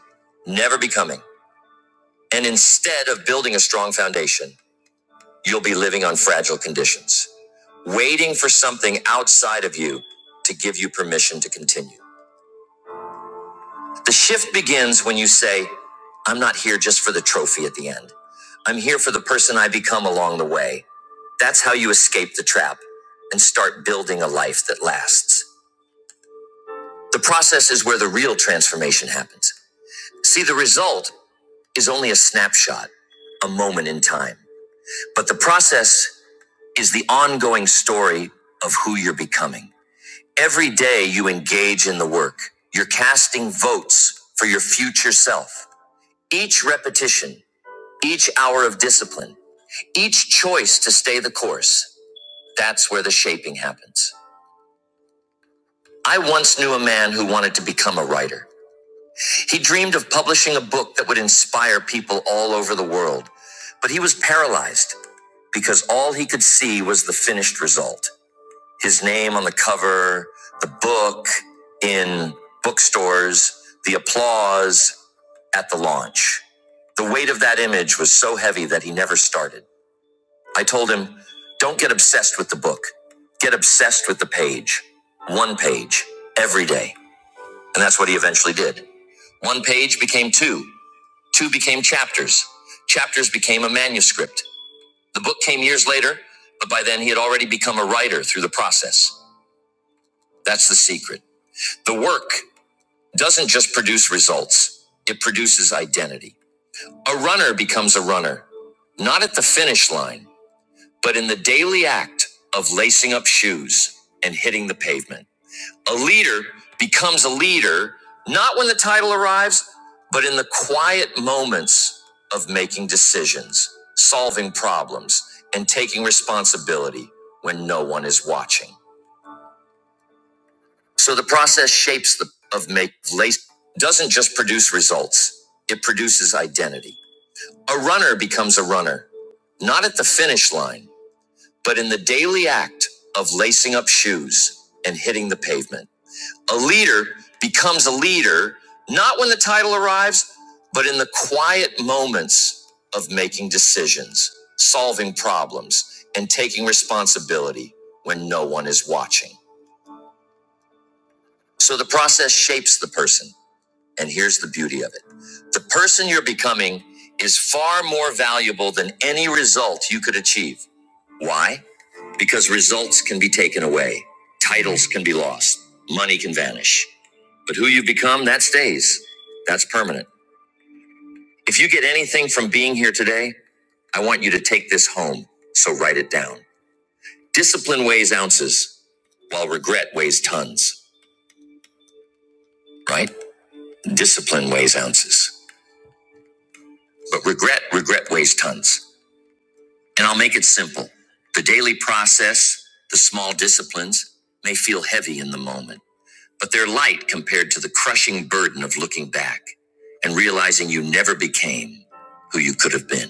[SPEAKER 1] never becoming. And instead of building a strong foundation, You'll be living on fragile conditions, waiting for something outside of you to give you permission to continue. The shift begins when you say, I'm not here just for the trophy at the end. I'm here for the person I become along the way. That's how you escape the trap and start building a life that lasts. The process is where the real transformation happens. See, the result is only a snapshot, a moment in time. But the process is the ongoing story of who you're becoming. Every day you engage in the work, you're casting votes for your future self. Each repetition, each hour of discipline, each choice to stay the course, that's where the shaping happens. I once knew a man who wanted to become a writer. He dreamed of publishing a book that would inspire people all over the world, but he was paralyzed because all he could see was the finished result. his name on the cover, the book in bookstores, the applause at the launch. The weight of that image was so heavy that he never started. I told him, don't get obsessed with the book. Get obsessed with the page. One page every day. And that's what he eventually did. One page became two. Two became chapters. Chapters became a manuscript. The book came years later, but by then he had already become a writer through the process. That's the secret. The work doesn't just produce results, it produces identity. A runner becomes a runner, not at the finish line, but in the daily act of lacing up shoes and hitting the pavement. A leader becomes a leader, not when the title arrives, but in the quiet moments of making decisions, solving problems, and taking responsibility when no one is watching. So the process shapes the of make lace doesn't just produce results. It produces identity. A runner becomes a runner, not at the finish line, but in the daily act of lacing up shoes and hitting the pavement. A leader becomes a leader, not when the title arrives, but in the quiet moments of making decisions, solving problems, and taking responsibility when no one is watching. So the process shapes the person And here's the beauty of it the person you're becoming is far more valuable than any result you could achieve. Why? Because results can be taken away, titles can be lost, money can vanish. But who you become, that stays. That's permanent. If you get anything from being here today, I want you to take this home. So write it down. Discipline weighs ounces, while regret weighs tons, right? Discipline weighs ounces, but regret, regret weighs tons. And I'll make it simple. The daily process, the small disciplines, may feel heavy in the moment, but they're light compared to the crushing burden of looking back and realizing you never became who you could have been.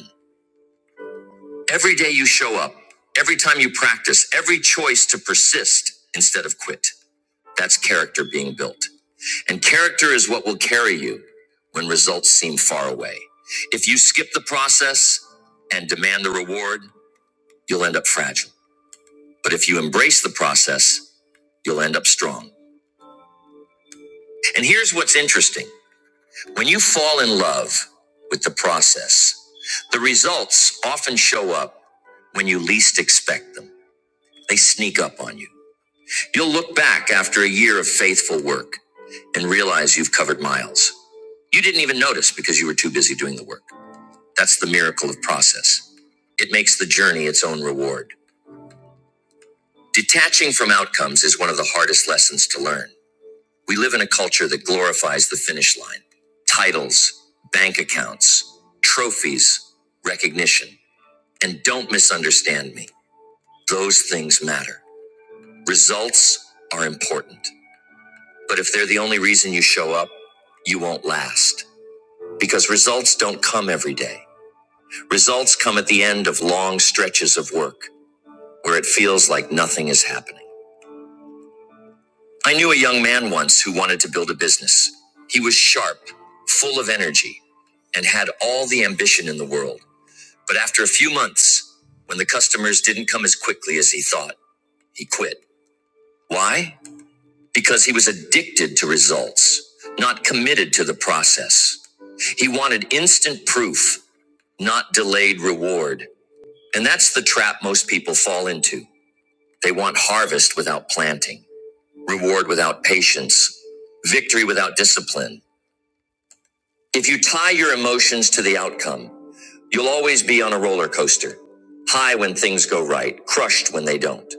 [SPEAKER 1] Every day you show up, every time you practice, every choice to persist instead of quit. That's character being built. And character is what will carry you when results seem far away. If you skip the process and demand the reward, you'll end up fragile. But if you embrace the process, you'll end up strong. And here's what's interesting when you fall in love with the process, the results often show up when you least expect them. They sneak up on you. You'll look back after a year of faithful work and realize you've covered miles. You didn't even notice because you were too busy doing the work. That's the miracle of process. It makes the journey its own reward. Detaching from outcomes is one of the hardest lessons to learn. We live in a culture that glorifies the finish line titles, bank accounts, trophies, recognition. And don't misunderstand me, those things matter. Results are important. But if they're the only reason you show up, you won't last. Because results don't come every day. Results come at the end of long stretches of work where it feels like nothing is happening. I knew a young man once who wanted to build a business. He was sharp, full of energy, and had all the ambition in the world. But after a few months, when the customers didn't come as quickly as he thought, he quit. Why? Because he was addicted to results, not committed to the process. He wanted instant proof, not delayed reward. And that's the trap most people fall into. They want harvest without planting. reward without patience, victory without discipline. If you tie your emotions to the outcome, you'll always be on a roller coaster, high when things go right, crushed when they don't.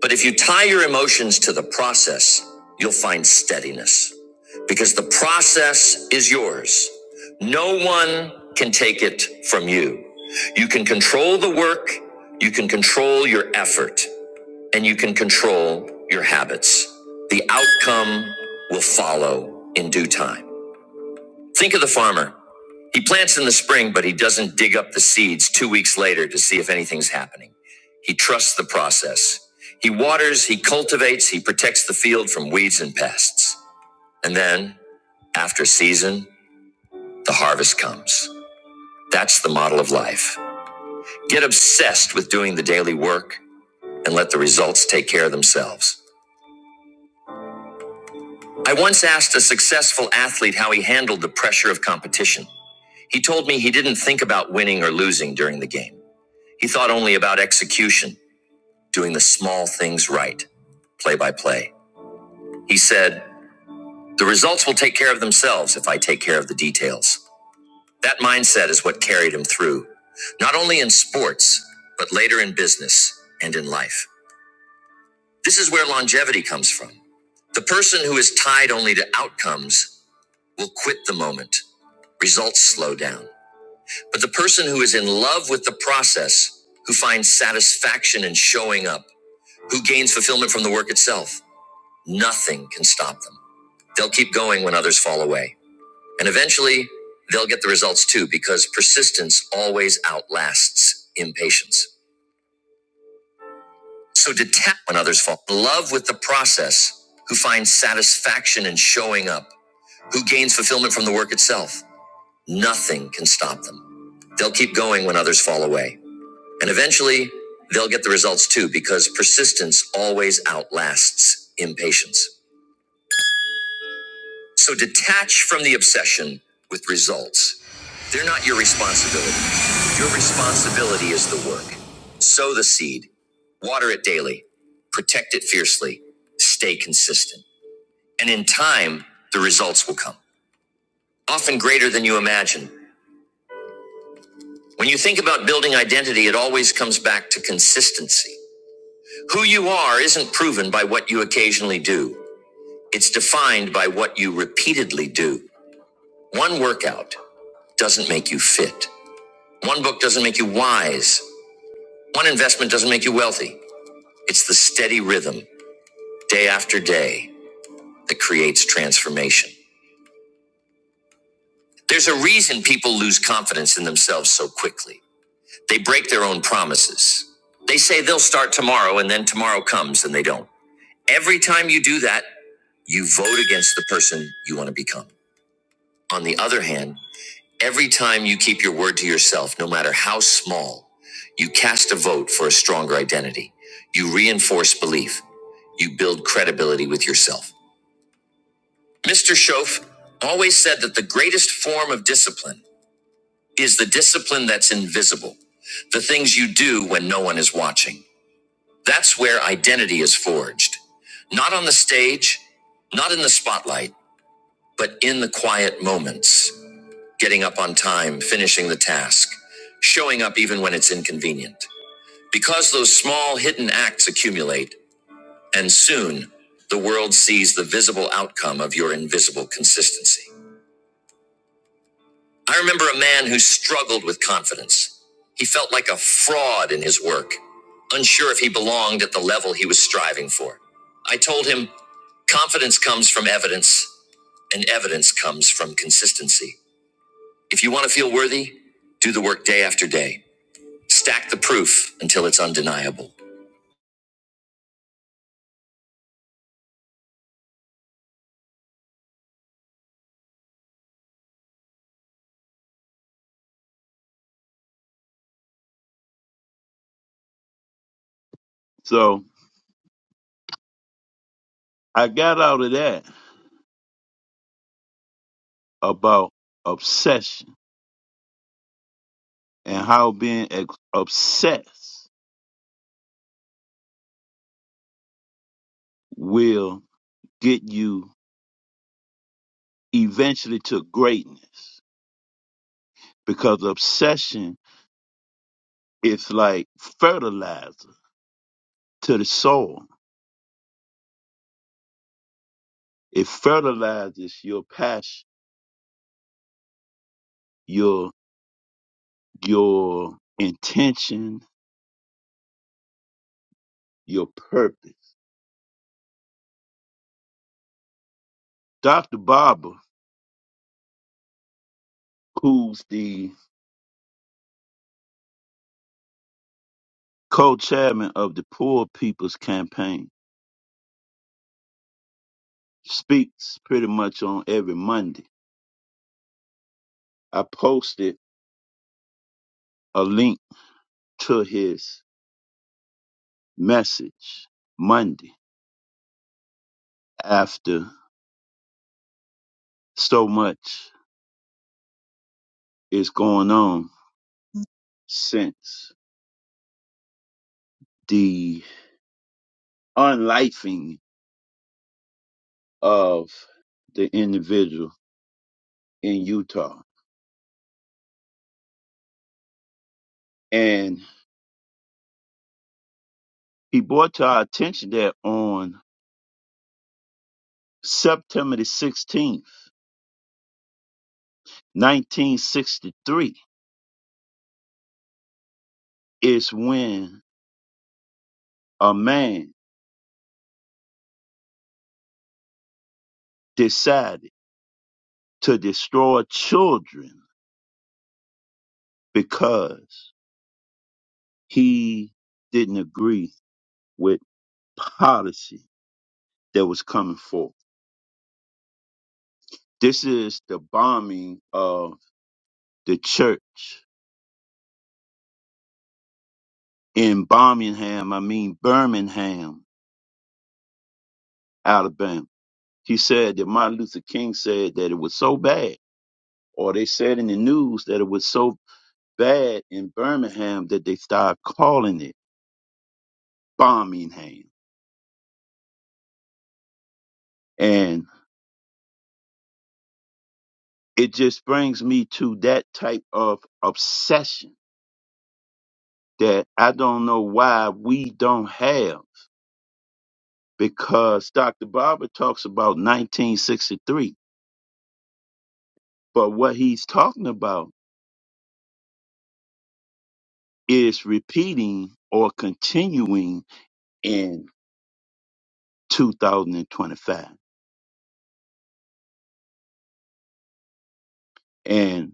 [SPEAKER 1] But if you tie your emotions to the process, you'll find steadiness because the process is yours. No one can take it from you. You can control the work, you can control your effort and you can control your habits. The outcome will follow in due time. Think of the farmer. He plants in the spring, but he doesn't dig up the seeds two weeks later to see if anything's happening. He trusts the process. He waters, he cultivates, he protects the field from weeds and pests. And then, after season, the harvest comes. That's the model of life. Get obsessed with doing the daily work and let the results take care of themselves. I once asked a successful athlete how he handled the pressure of competition. He told me he didn't think about winning or losing during the game. He thought only about execution, doing the small things right, play by play. He said, The results will take care of themselves if I take care of the details. That mindset is what carried him through, not only in sports, but later in business and in life. This is where longevity comes from. The person who is tied only to outcomes will quit the moment. Results slow down. But the person who is in love with the process, who finds satisfaction in showing up, who gains fulfillment from the work itself, nothing can stop them. They'll keep going when others fall away. And eventually, they'll get the results too, because persistence always outlasts impatience. So detach when others fall. in Love with the process, who finds satisfaction in showing up, who gains fulfillment from the work itself. Nothing can stop them. They'll keep going when others fall away. And eventually, they'll get the results too, because persistence always outlasts impatience. So detach from the obsession with results. They're not your responsibility. Your responsibility is the work. Sow the seed, water it daily, protect it fiercely, stay consistent. And in time, the results will come, often greater than you imagine. When you think about building identity, it always comes back to consistency. Who you are isn't proven by what you occasionally do, it's defined by what you repeatedly do. One workout doesn't make you fit, one book doesn't make you wise, one investment doesn't make you wealthy. It's the steady rhythm, day after day, that creates transformation. There's a reason people lose confidence in themselves so quickly. They break their own promises. They say they'll start tomorrow and then tomorrow comes and they don't. Every time you do that, you vote against the person you want to become. On the other hand, every time you keep your word to yourself, no matter how small, you cast a vote for a stronger identity. You reinforce belief. You build credibility with yourself. Mr. Schoaf always said that the greatest form of discipline is the discipline that's invisible, the things you do when no one is watching. That's where identity is forged. Not on the stage, not in the spotlight, but in the quiet moments. Getting up on time, finishing the task, showing up even when it's inconvenient. Because those small hidden acts accumulate, and soon the world sees the visible outcome of your invisible consistency. I remember a man who struggled with confidence. He felt like a fraud in his work, unsure if he belonged at the level he was striving for. I told him, confidence comes from evidence, and evidence comes from consistency. If you want to feel worthy, do the work day after day. Stack the proof until it's undeniable.
[SPEAKER 5] So I got out of that about obsession and how being ex- obsessed will get you eventually to greatness because obsession is like fertilizer to the soul. It fertilizes your passion, your your intention, your purpose. Dr. Barber, who's the co-chairman of the Poor People's Campaign, speaks pretty much on every Monday. I posted a link to his message Monday after so much is going on since the unlifing of the individual in Utah. And he brought to our attention that on September the 16th, 1963, is when a man decided. to destroy children because he didn't agree with policy that was coming forth. This is the bombing of the church in Birmingham, I mean Birmingham, Alabama. He said that Martin Luther King said that it was so bad, or they said in the news that it was so bad in Birmingham that they started calling it Birmingham. And it just brings me to that type of obsession that I don't know why we don't have because Dr. Barber talks about 1963, but what he's talking about is repeating or continuing in 2025. And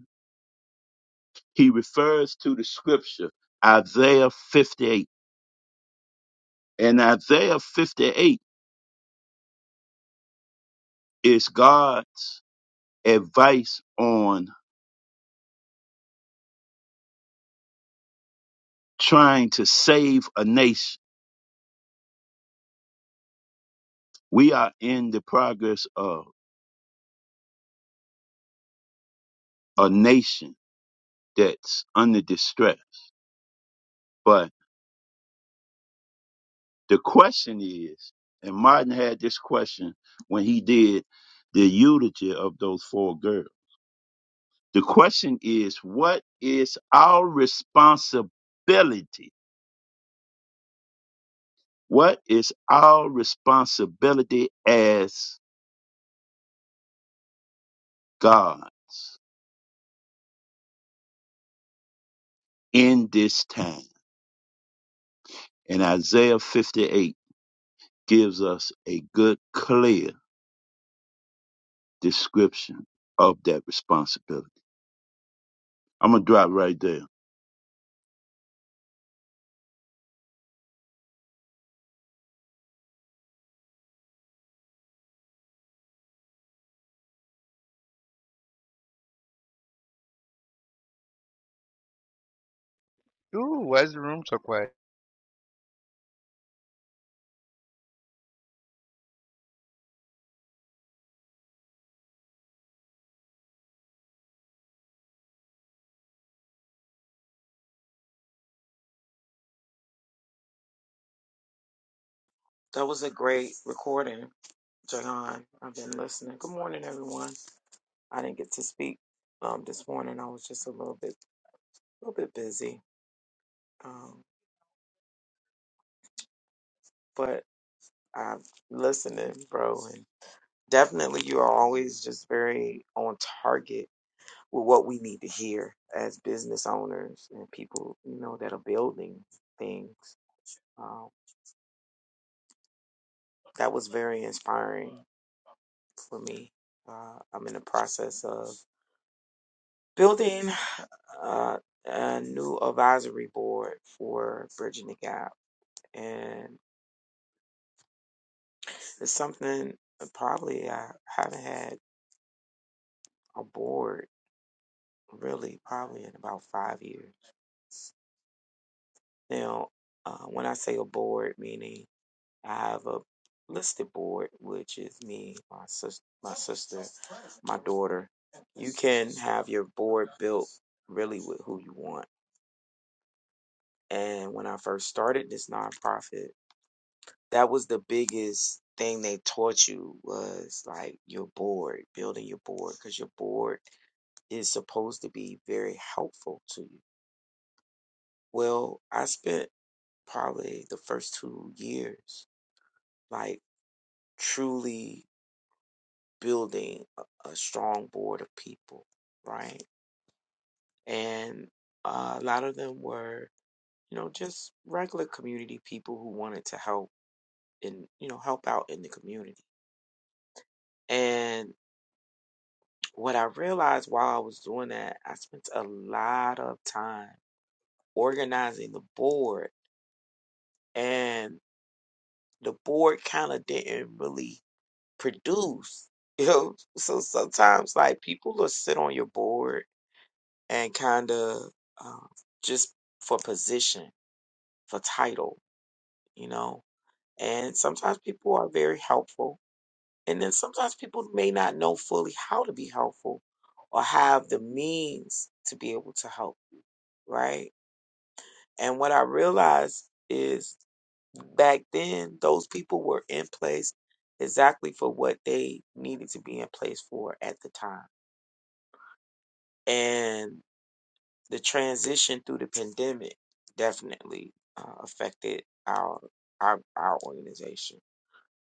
[SPEAKER 5] he refers to the scripture Isaiah 58. And Isaiah 58 is God's advice on trying to save a nation. We are in the progress of a nation that's under distress. But the question is, and Martin had this question when he did the eulogy of those four girls. The question is, what is our responsibility? What is our responsibility as God's in this time? And Isaiah 58 gives us a good, clear description of that responsibility. I'm gonna drop right there.
[SPEAKER 6] Ooh, why is the room so quiet?
[SPEAKER 7] That was a great recording, Jayon. I've been listening. Good morning, everyone. I didn't get to speak um, this morning. I was just a little bit, a little bit busy, um, but I'm listening, bro. And definitely, you are always just very on target with what we need to hear as business owners and people, you know, that are building things. Um, that was very inspiring for me. Uh, I'm in the process of building. uh, a new advisory board for bridging the gap, and it's something probably I haven't had a board really probably in about five years now. Uh, when I say a board, meaning I have a listed board, which is me, my sister, my sister, my daughter. You can have your board built really with who you want. And when I first started this nonprofit, That was the biggest thing they taught you was like your board building your board, because your board is supposed to be very helpful to you. Well, I spent probably the first two years like truly building a, a strong board of people, right? And uh, a lot of them were, you know, just regular community people who wanted to help and, you know, help out in the community. And What I realized while I was doing that, I spent a lot of time organizing the board, and the board kind of didn't really produce. You know, so sometimes like people will sit on your board and kind of um, just for position, for title, you know. And sometimes people are very helpful, and then sometimes people may not know fully how to be helpful or have the means to be able to help, right? And what I realized is back then, those people were in place exactly for what they needed to be in place for at the time. And the transition through the pandemic definitely uh, affected our our our organization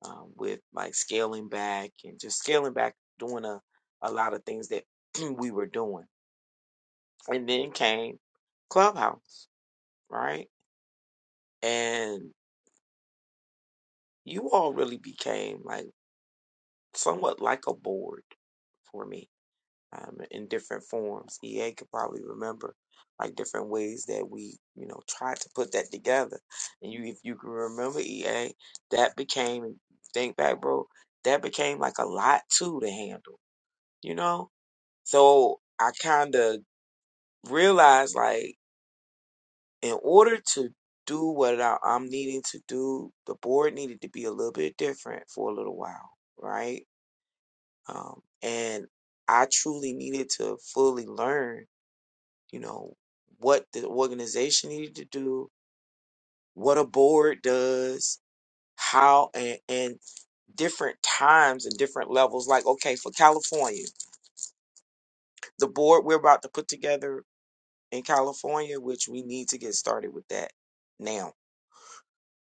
[SPEAKER 7] um, with like scaling back and just scaling back, doing a a lot of things that we were doing. And then came Clubhouse, right? And you all really became like somewhat like a board for me um, in different forms. EA could probably remember like different ways that we, you know, tried to put that together. And you, if you can remember EA, that became, think back, bro, that became like a lot too to handle, you know? So I kind of realized like in order to do what I, I'm needing to do, the board needed to be a little bit different for a little while, right? um, and I truly needed to fully learn, you know, what the organization needed to do, what a board does, how, and, and different times and different levels. Like, okay, for California, the board we're about to put together in California, which we need to get started with that now,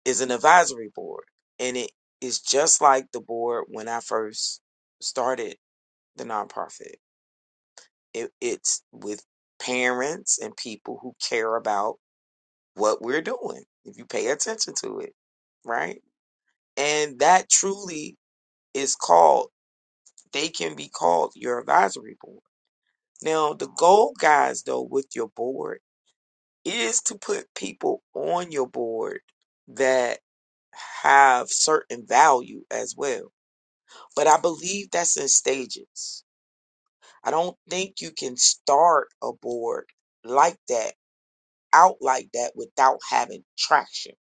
[SPEAKER 7] is an advisory board, and it is just like the board when I first started the nonprofit It, it's with parents and people who care about what we're doing, if you pay attention to it, right? And that truly is called, they can be called your advisory board. Now, the goal, guys, though, with your board is to put people on your board that have certain value as well. But I believe that's in stages. I don't think you can start a board like that out like that without having traction,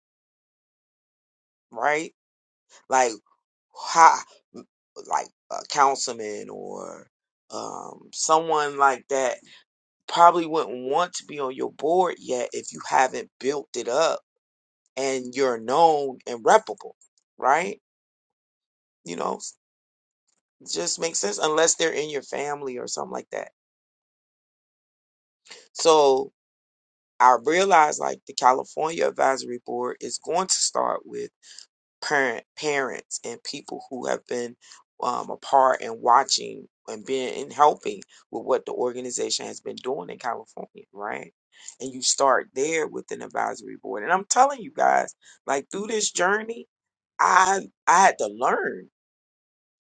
[SPEAKER 7] right? Like ha, like a councilman or um, someone like that probably wouldn't want to be on your board yet if you haven't built it up and you're known and reputable, right? You know, just makes sense unless they're in your family or something like that. So I realize like the California Advisory Board is going to start with. parent, parents and people who have been um, a part and watching and being and helping with what the organization has been doing in California, right? And you start there with an advisory board. And I'm telling you guys, like through this journey, I I had to learn.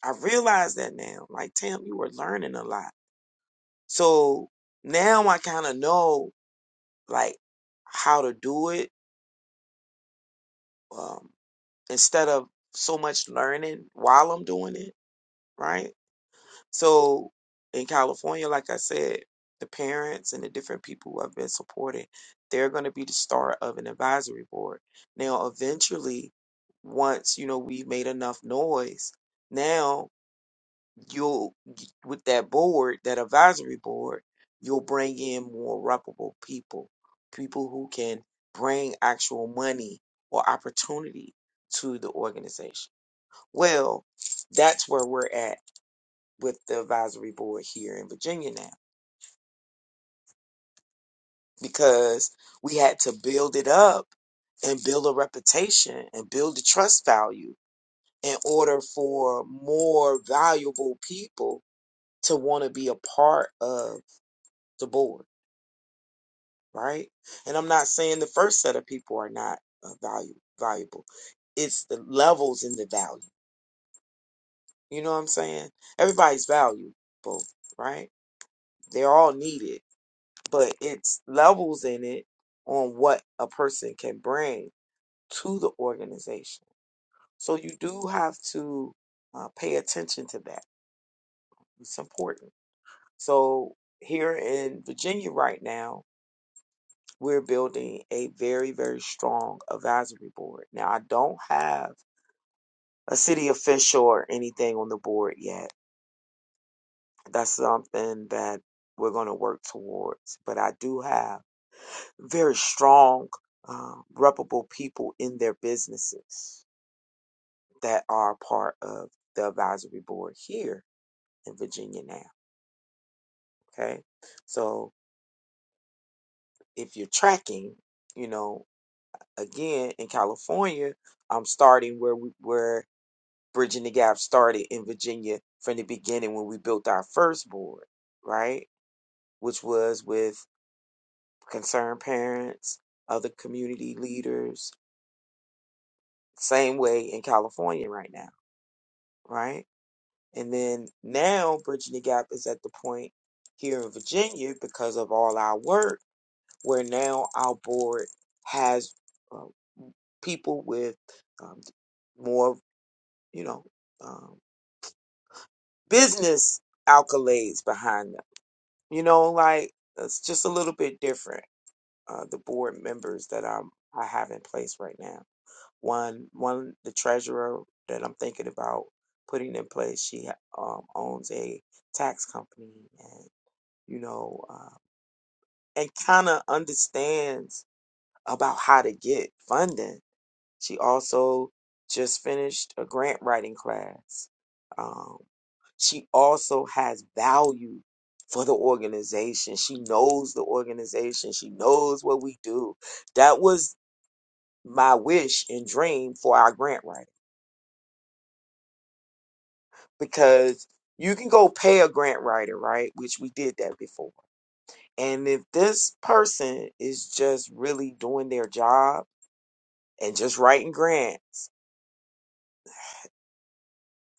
[SPEAKER 7] I realize that now. Like Tam, you were learning a lot. So now I kind of know like how to do it um, instead of so much learning while I'm doing it, right? So in California, like I said, the parents and the different people who have been supported, they're going to be the start of an advisory board. Now, eventually, once you know we've made enough noise, now you'll with that board, that advisory board, you'll bring in more reputable people, people who can bring actual money or opportunity to the organization. Well, that's where we're at with the advisory board here in Virginia now because we had to build it up and build a reputation and build the trust value in order for more valuable people to want to be a part of the board, right? And I'm not saying the first set of people are not uh, value, valuable. It's the levels in the value. You know what I'm saying? Everybody's valuable, right? They're all needed but it's levels in it on what a person can bring to the organization. So you do have to uh, pay attention to that. It's important. So here in Virginia right now, we're building a very, very strong advisory board. Now, I don't have a city official or anything on the board yet. That's something that we're going to work towards. But I do have very strong, um, reputable people in their businesses that are part of the advisory board here in Virginia now. Okay. So if you're tracking, you know, again in California, I'm starting where we where Bridging the Gap started in Virginia from the beginning when we built our first board, right? Which was with concerned parents, other community leaders, same way in California right now, right? And then now Bridging the Gap is at the point here in Virginia because of all our work where now our board has uh, people with um, more, you know, um, business accolades behind them. You know, like it's just a little bit different. Uh, the board members that I'm, I have in place right now. One, one, the treasurer that I'm thinking about putting in place, she um, owns a tax company and. you know, um, and kind of understands about how to get funding. She also just finished a grant writing class. Um, she also has value for the organization. She knows the organization. She knows what we do. That was my wish and dream for our grant writer because you can go pay a grant writer, right? Which we did that before And if this person is just really doing their job and just writing grants,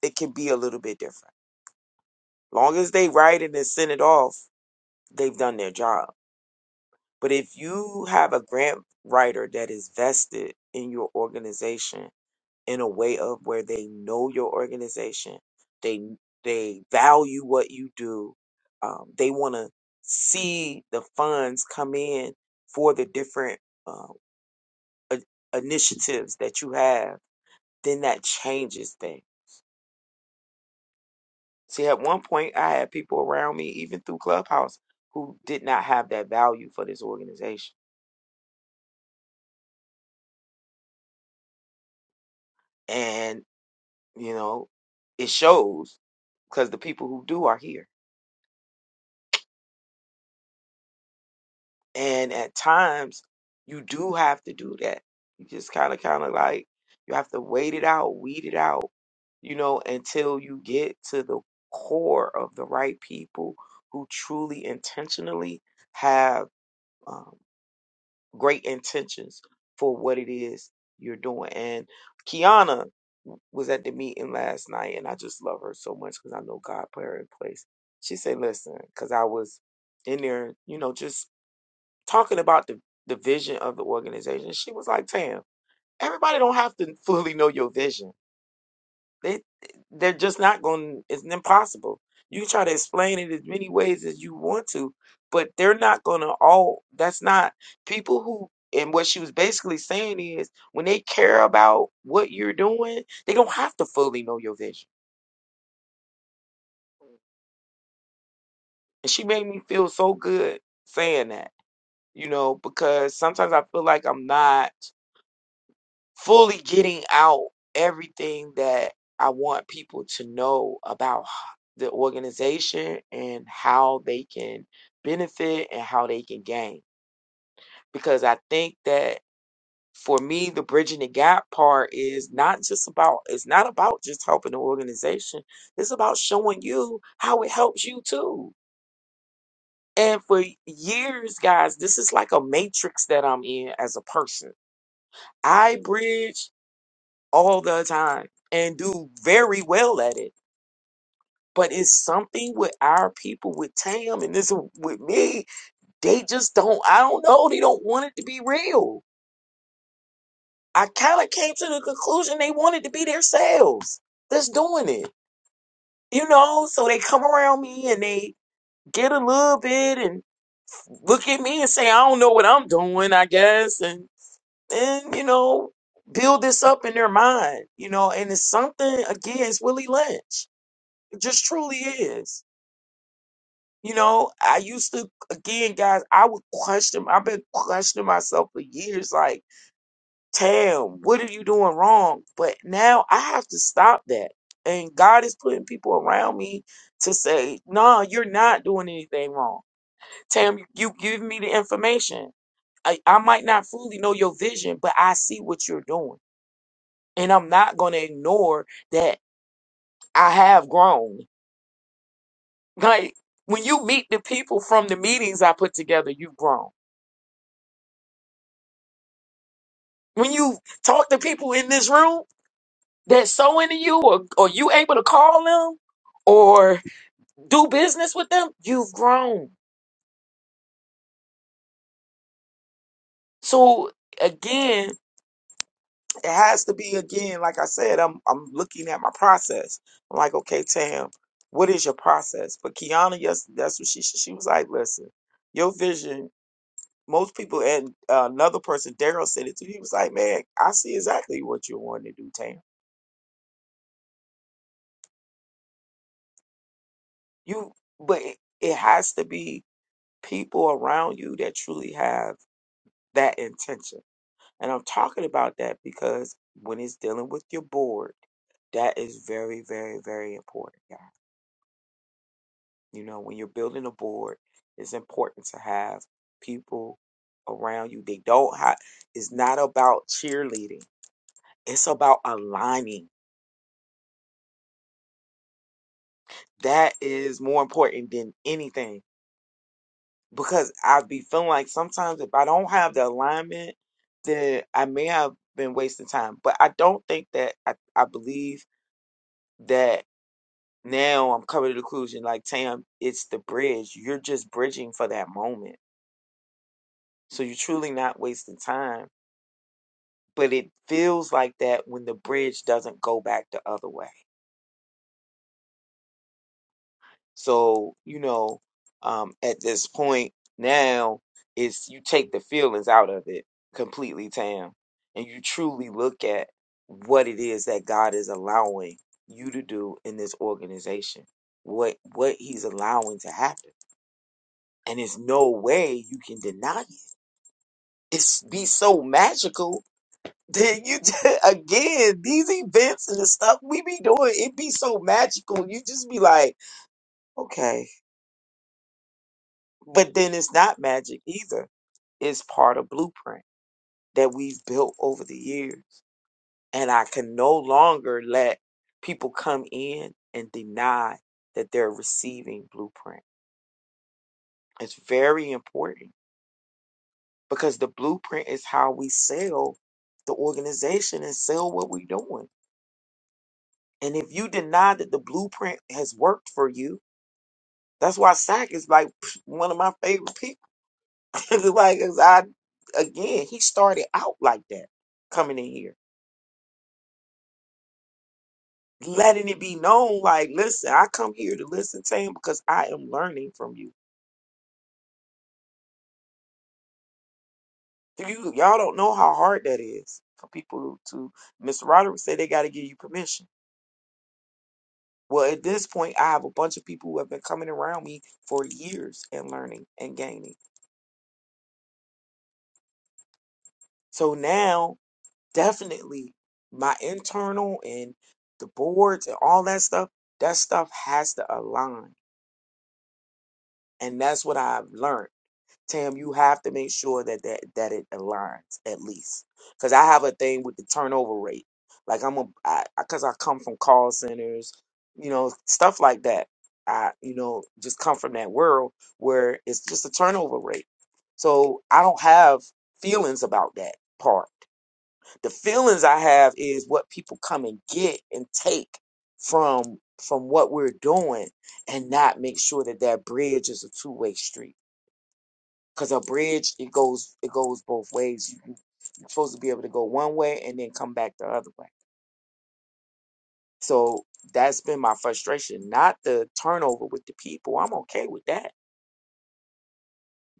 [SPEAKER 7] it can be a little bit different. Long as they write it and send it off, they've done their job. But if you have a grant writer that is vested in your organization in a way of where they know your organization, they they value what you do, um, they want to see the funds come in for the different uh, i- initiatives that you have, then that changes things. See, at one point, I had people around me, even through Clubhouse, who did not have that value for this organization. And, you know, it shows because the people who do are here. And at times, you do have to do that. You just kind of, kind of like, you have to wait it out, weed it out, you know, until you get to the core of the right people who truly intentionally have um, great intentions for what it is you're doing. And Kiana was at the meeting last night, and I just love her so much because I know God put her in place. She said, "Listen," because I was in there, you know, just talking about the the vision of the organization. She was like, "Tam, everybody don't have to fully know your vision." They they're just not going. It's impossible. You can try to explain it as many ways as you want to, but they're not going to all. That's not people who. And what she was basically saying is, when they care about what you're doing, they don't have to fully know your vision. And she made me feel so good saying that, you know, because sometimes I feel like I'm not. fully getting out everything that I want people to know about the organization and how they can benefit and how they can gain. Because I think that for me, the bridging the gap part is not just about, it's not about just helping the organization. It's about showing you how it helps you too. And for years, guys, this is like a matrix that I'm in as a person. I bridge all the time and do very well at it. But it's something with our people, with Tam and this with me, they just don't, I don't know, they don't want it to be real. I kind of came to the conclusion they wanted to be themselves. That's doing it. You know, so they come around me and they get a little bit and look at me and say, I don't know what I'm doing, I guess. And then, you know, build this up in their mind, you know, and it's something, again, it's Willie Lynch. It just truly is. You know, I used to again, guys. I would question. I've been questioning myself for years. Like, Tam, what are you doing wrong? But now I have to stop that. And God is putting people around me to say, "No, you're not doing anything wrong." Tam, you give me the information. I, I might not fully know your vision, but I see what you're doing, and I'm not going to ignore that I have grown. Like when you meet the people from the meetings I put together, you've grown. When you talk to people in this room that's so into you, or or you able to call them or do business with them, you've grown. So again, it has to be again, like I said, I'm I'm looking at my process. I'm like, okay, Tam, what is your process? But Kiana, yes, that's what she she was like, listen, your vision. most people and uh, another person daryl said it too he was like man i see exactly what you're wanting to do tam you but it, it has to be people around you that truly have that intention and i'm talking about that because when it's dealing with your board that is very very very important guys. you know when you're building a board it's important to have people around you they don't have it's not about cheerleading it's about aligning That is more important than anything because I be feeling like sometimes if I don't have the alignment, then I may have been wasting time. But I don't think that I, I believe that now I'm coming to the conclusion like, Tam, it's the bridge. You're just bridging for that moment. So you're truly not wasting time. But it feels like that when the bridge doesn't go back the other way. So, you know, um, at this point now, it's you take the feelings out of it completely, Tam, and you truly look at what it is that God is allowing you to do in this organization, what what He's allowing to happen, and there's no way you can deny it. It's be so magical. That you again these events and the stuff we be doing, it be so magical. You just be like, okay, But then it's not magic either. It's part of blueprint that we've built over the years. And I can no longer let people come in and deny that they're receiving blueprint. It's very important because the blueprint is how we sell the organization and sell what we're doing. And if you deny that the blueprint has worked for you, that's why SAC is like one of my favorite people like, 'cause I again, he started out like that coming in here, letting it be known, like, listen, I come here to listen to him because I am learning from you. You y'all don't know how hard that is for people to. Mr. Roderick said they got to give you permission. Well, at this point, I have a bunch of people who have been coming around me for years and learning and gaining. So now, definitely, my internal and the boards and all that stuff, that stuff has to align And that's what I've learned. Tam, you have to make sure that that, that it aligns at least. Cause I have a thing with the turnover rate. Like I'm a, I, I- cause I come from call centers, you know, stuff like that. I, you know, just come from that world where it's just a turnover rate. So I don't have feelings about that part the feelings I have is what people come and get and take from from what we're doing, and not make sure that that bridge is a two way street. Because a bridge, it goes it goes both ways. You, you're supposed to be able to go one way and then come back the other way. So that's been my frustration, not the turnover with the people. I'm okay with that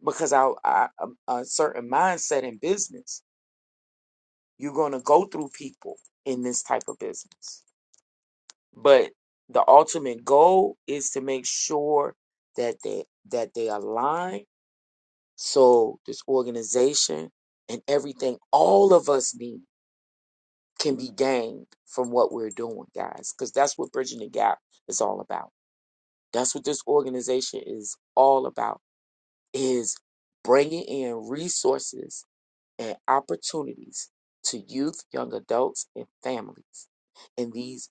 [SPEAKER 7] because I, I um, a certain mindset in business. You're gonna go through people in this type of business But the ultimate goal is to make sure that they that they align so this organization and everything all of us need can be gained from what we're doing, guys. Because that's what Bridging the Gap is all about. That's what this organization is all about is bringing in resources and opportunities to youth, young adults, and families in these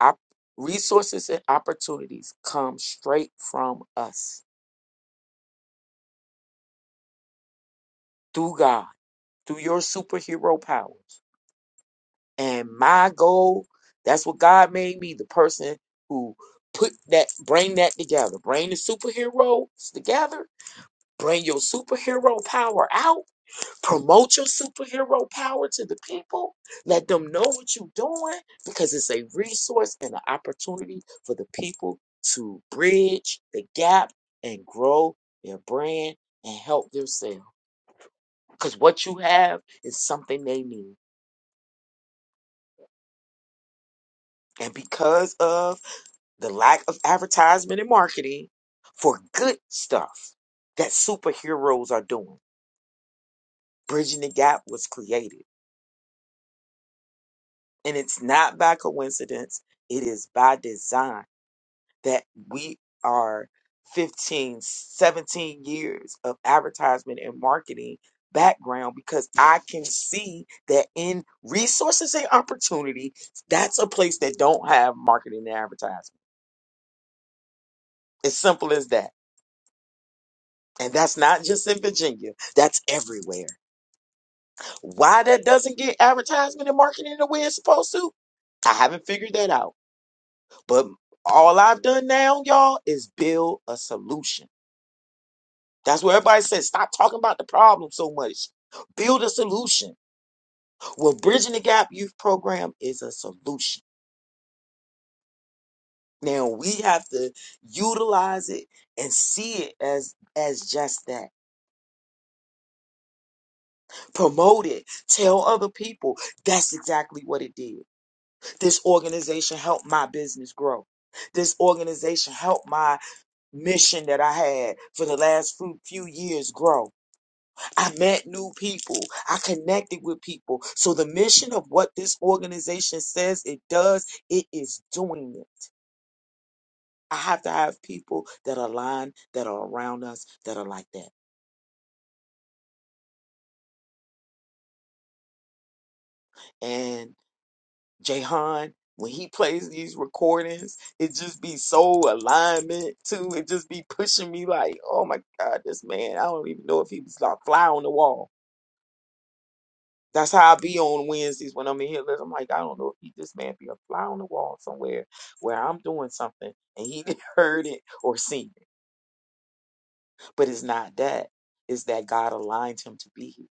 [SPEAKER 7] Op- resources and opportunities come straight from us through God, through your superhero powers. And my goal, that's what God made me, the person who put that, bring that together, bring the superheroes together, bring your superhero power out Promote your superhero power to the people. Let them know what you're doing because it's a resource and an opportunity for the people to bridge the gap and grow their brand and help themselves. Because what you have is something they need. And because of the lack of advertisement and marketing for good stuff that superheroes are doing. Bridging the Gap was created. And it's not by coincidence, it is by design. that we are 15, 17 years of advertisement and marketing background because I can see that in resources and opportunity, that's a place that don't have marketing and advertisement. It's simple as that. And that's not just in Virginia. That's everywhere. Why that doesn't get advertisement and marketing the way it's supposed to? I haven't figured that out. But all I've done now, y'all, is build a solution That's where everybody says stop talking about the problem so much. Build a solution. Well, Bridging the Gap Youth Program is a solution. Now we have to utilize it and see it as as just that. Promote it. Tell other people. That's exactly what it did. This organization helped my business grow. This organization helped my mission that I had for the last few, few years grow I met new people. I connected with people. So the mission of what this organization says it does, it is doing it. I have to have people that align, that are around us, that are like that. And Jahan, when he plays these recordings, it just be so alignment too. It just be pushing me like, oh my God, this man, I don't even know if he was like fly on the wall That's how I be on Wednesdays when I'm in here. Listen, I'm like, I don't know if he, this man be a fly on the wall somewhere where I'm doing something and he didn't heard it or seen it. But it's not that. It's that God aligned him to be here.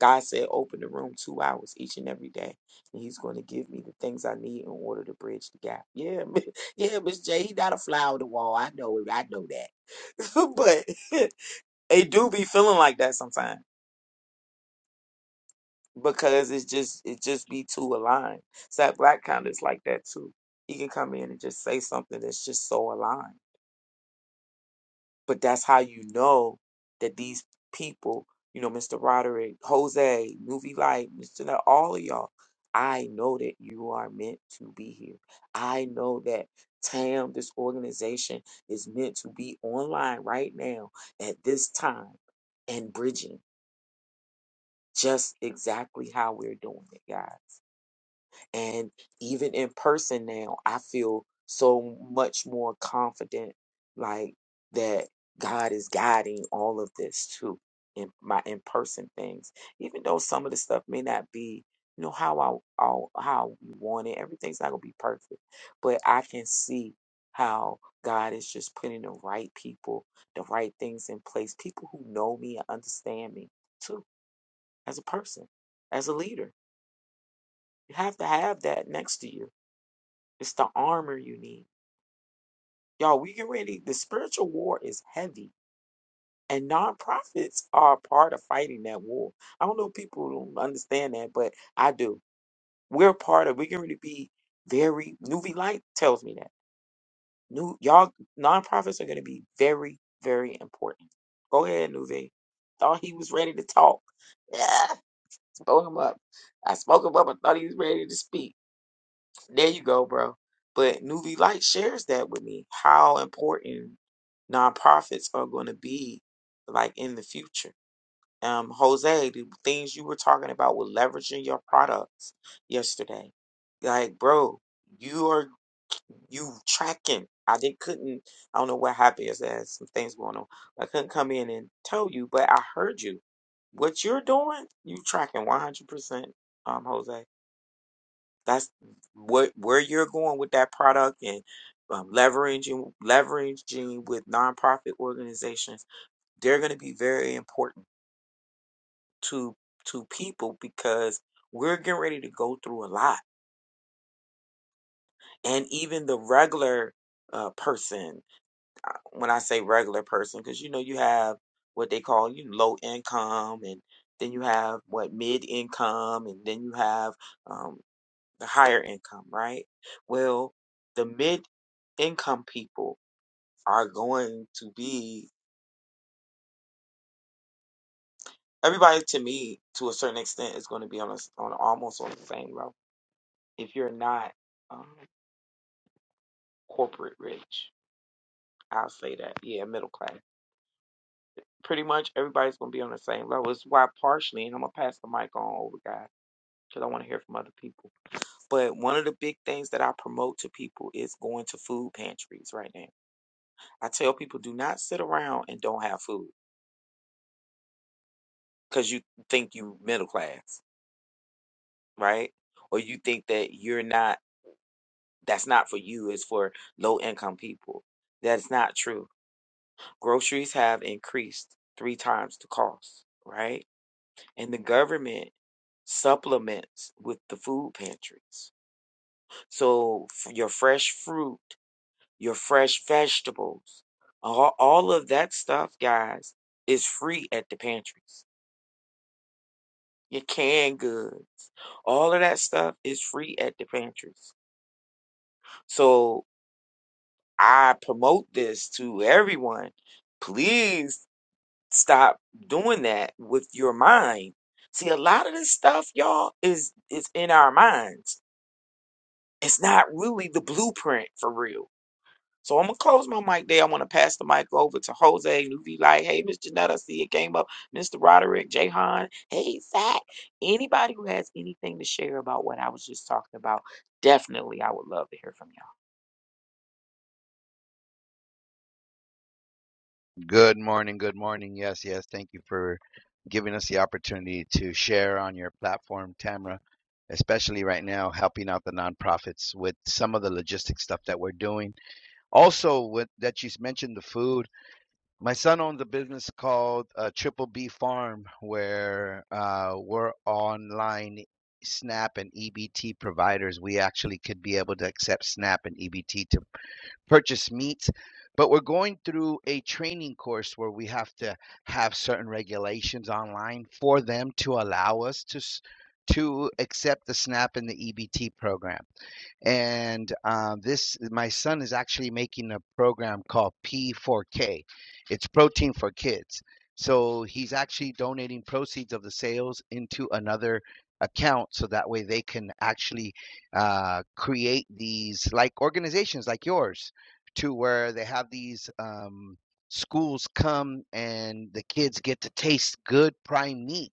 [SPEAKER 7] God said, open the room two hours each and every day. And he's going to give me the things I need in order to bridge the gap. Yeah, mi- yeah, Miss J, he not a fly on the wall. I know it. I know that. but they do be feeling like that sometimes. because it's just it just be too aligned. Sat Black kind of is like that too. He can come in and just say something that's just so aligned. But that's how you know that these people, you know, Mr. Roderick, Jose, Movie Light, Mr. Nut, all of y'all, I know that you are meant to be here. I know that TAM, this organization, is meant to be online right now at this time and bridging just exactly how we're doing it, guys. And even in person now, I feel so much more confident, like that God is guiding all of this too in my in person things. Even though some of the stuff may not be, you know, how I all how we want it. Everything's not gonna be perfect, but I can see how God is just putting the right people, the right things in place. People who know me and understand me too, as a person, as a leader. You have to have that next to you it's the armor you need. Y'all, we get ready. The spiritual war is heavy, and nonprofits are a part of fighting that war. I don't know if people don't understand that, but I do. We're part of, we're going to be very, Newbie Light tells me that. New, y'all, nonprofits are going to be very, very important. Go ahead, Newbie. Thought he was ready to talk. Yeah, spoke him up. I spoke him up. I thought he was ready to speak. There you go, bro. But Nuvi Light shares that with me how important nonprofits are going to be like in the future. Um, Jose, the things you were talking about with leveraging your products yesterday, like bro, you are you tracking. I didn't couldn't I don't know what happened. Is there some things going on? I couldn't come in and tell you, but I heard you. What you're doing, you tracking 100%, um, Jose. That's what where you're going with that product and um, leveraging leveraging with nonprofit organizations. They're going to be very important to to people because we're getting ready to go through a lot, and even the regular uh, person. uh, When I say regular person, because you know you have what they call you know, low income and then you have what mid income and then you have um, the higher income, right? Well, the mid income people are going to be everybody to me to a certain extent is going to be on a, on almost on the same level. If you're not um, corporate rich, I'll say that. Yeah, middle class. Pretty much everybody's going to be on the same level. It's why partially, and I'm gonna pass the mic on over, guys, because I want to hear from other people. But one of the big things that I promote to people is going to food pantries right now. I tell people do not sit around and don't have food because you think you middle class, right? Or you think that you're not that's not for you, it's for low income people. That's not true. Groceries have increased three times the cost, right? And the government supplements with the food pantries. So f- your fresh fruit, your fresh vegetables, all, all of that stuff, guys, is free at the pantries your canned goods, all of that stuff is free at the pantries. So I promote this to everyone. Please stop doing that with your mind. See, a lot of this stuff, y'all, is is in our minds. It's not really the blueprint for real. So I'm gonna close my mic there. I want to pass the mic over to Jose, Nuvi Light. Hey, Miss Janetta, I see it came up. Mr. Roderick, Jahan. Hey, Zach. Anybody who has anything to share about what I was just talking about, definitely I would love to hear from you. all
[SPEAKER 6] Good morning, good morning. Yes, yes. Thank you for giving us the opportunity to share on your platform, Tamra, especially right now, helping out the nonprofits with some of the logistic stuff that we're doing. Also, with that you mentioned the food. My son owns a business called uh, Triple B Farm, where uh, we're online SNAP and EBT providers. We actually could be able to accept SNAP and EBT to. purchase meat but we're going through a training course where we have to have certain regulations online for them to allow us to to accept the SNAP and the EBT program and um, this my son is actually making a program called P4K. It's protein for kids. So he's actually donating proceeds of the sales into another account so that way they can actually uh, create these like organizations like yours to where they have these um, schools come and the kids get to taste good prime meat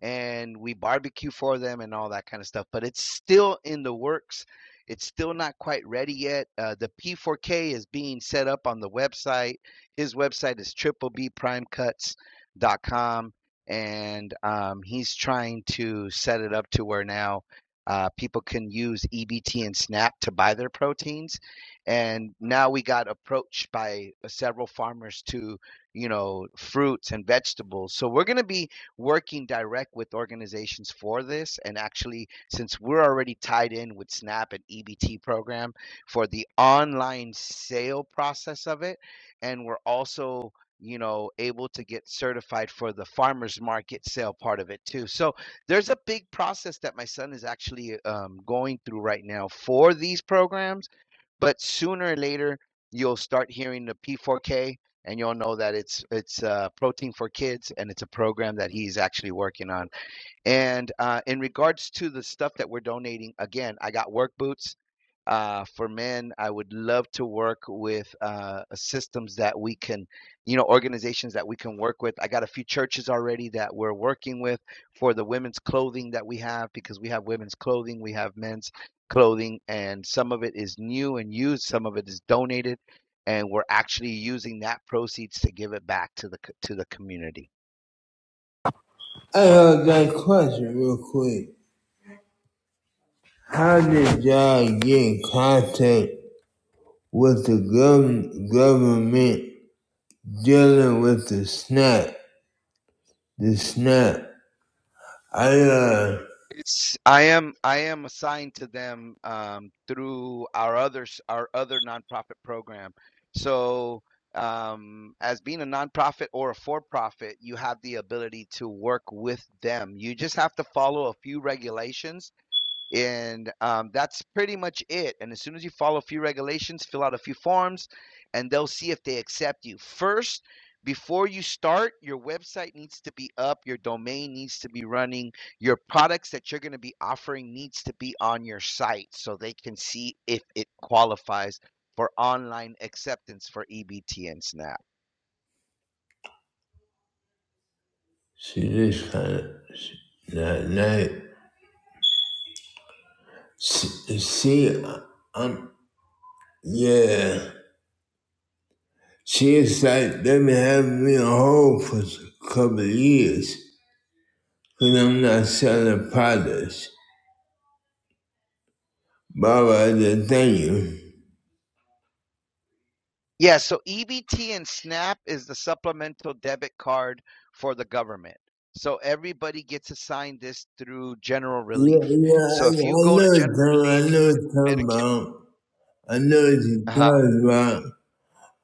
[SPEAKER 6] and we barbecue for them and all that kind of stuff. But it's still in the works. It's still not quite ready yet. Uh, the P4K is being set up on the website. His website is triplebprimecuts.com, and um, he's trying to set it up to where now uh, people can use EBT and SNAP to buy their proteins. And now we got approached by several farmers to, you know, fruits and vegetables. So we're going to be working direct with organizations for this. And actually, since we're already tied in with SNAP and EBT program for the online sale process of it, and we're also you know able to get certified for the farmers market sale part of it too so there's a big process that my son is actually um, going through right now for these programs but sooner or later, you'll start hearing the P4K, and you'll know that it's it's uh, protein for kids, and it's a program that he's actually working on and uh, in regards to the stuff that we're donating, again, I got work boots uh, for men. I would love to work with uh, systems that we can, you know, organizations that we can work with. I got a few churches already that we're working with for the women's clothing that we have because we have women's clothing, we have men's clothing, and some of it is new and used, some of it is donated, and we're actually using that proceeds to give it back to the to the community.
[SPEAKER 1] I have that question real quick. How did y'all get in contact with the gov- government dealing with the snap, the snap. I uh,
[SPEAKER 6] It's I am I am assigned to them um, through our others our other nonprofit program. So um, as being a nonprofit or a for-profit, you have the ability to work with them. You just have to follow a few regulations and um, that's pretty much it. And as soon as you follow a few regulations, fill out a few forms, and they'll see if they accept you. First, before you start, your website needs to be up, your domain needs to be running, your products that you're going to be offering needs to be on your site so they can see if it qualifies for online acceptance for EBT and SNAP.
[SPEAKER 1] she just kind of that night. She, she, um, yeah, she's like they've been having me on hold for a couple of years because I'm not selling products. Baba, I just thank you.
[SPEAKER 6] Yeah, so EBT and SNAP is the supplemental debit card for the government. So everybody gets assigned this through general
[SPEAKER 1] Yeah,
[SPEAKER 6] relief.
[SPEAKER 1] yeah, I,
[SPEAKER 6] So if you
[SPEAKER 1] I
[SPEAKER 6] go
[SPEAKER 1] know
[SPEAKER 6] to
[SPEAKER 1] what you're
[SPEAKER 6] general
[SPEAKER 1] talking. I know what you're talking
[SPEAKER 6] Medicare,
[SPEAKER 1] about. I know what you're
[SPEAKER 6] uh-huh.
[SPEAKER 1] talking about.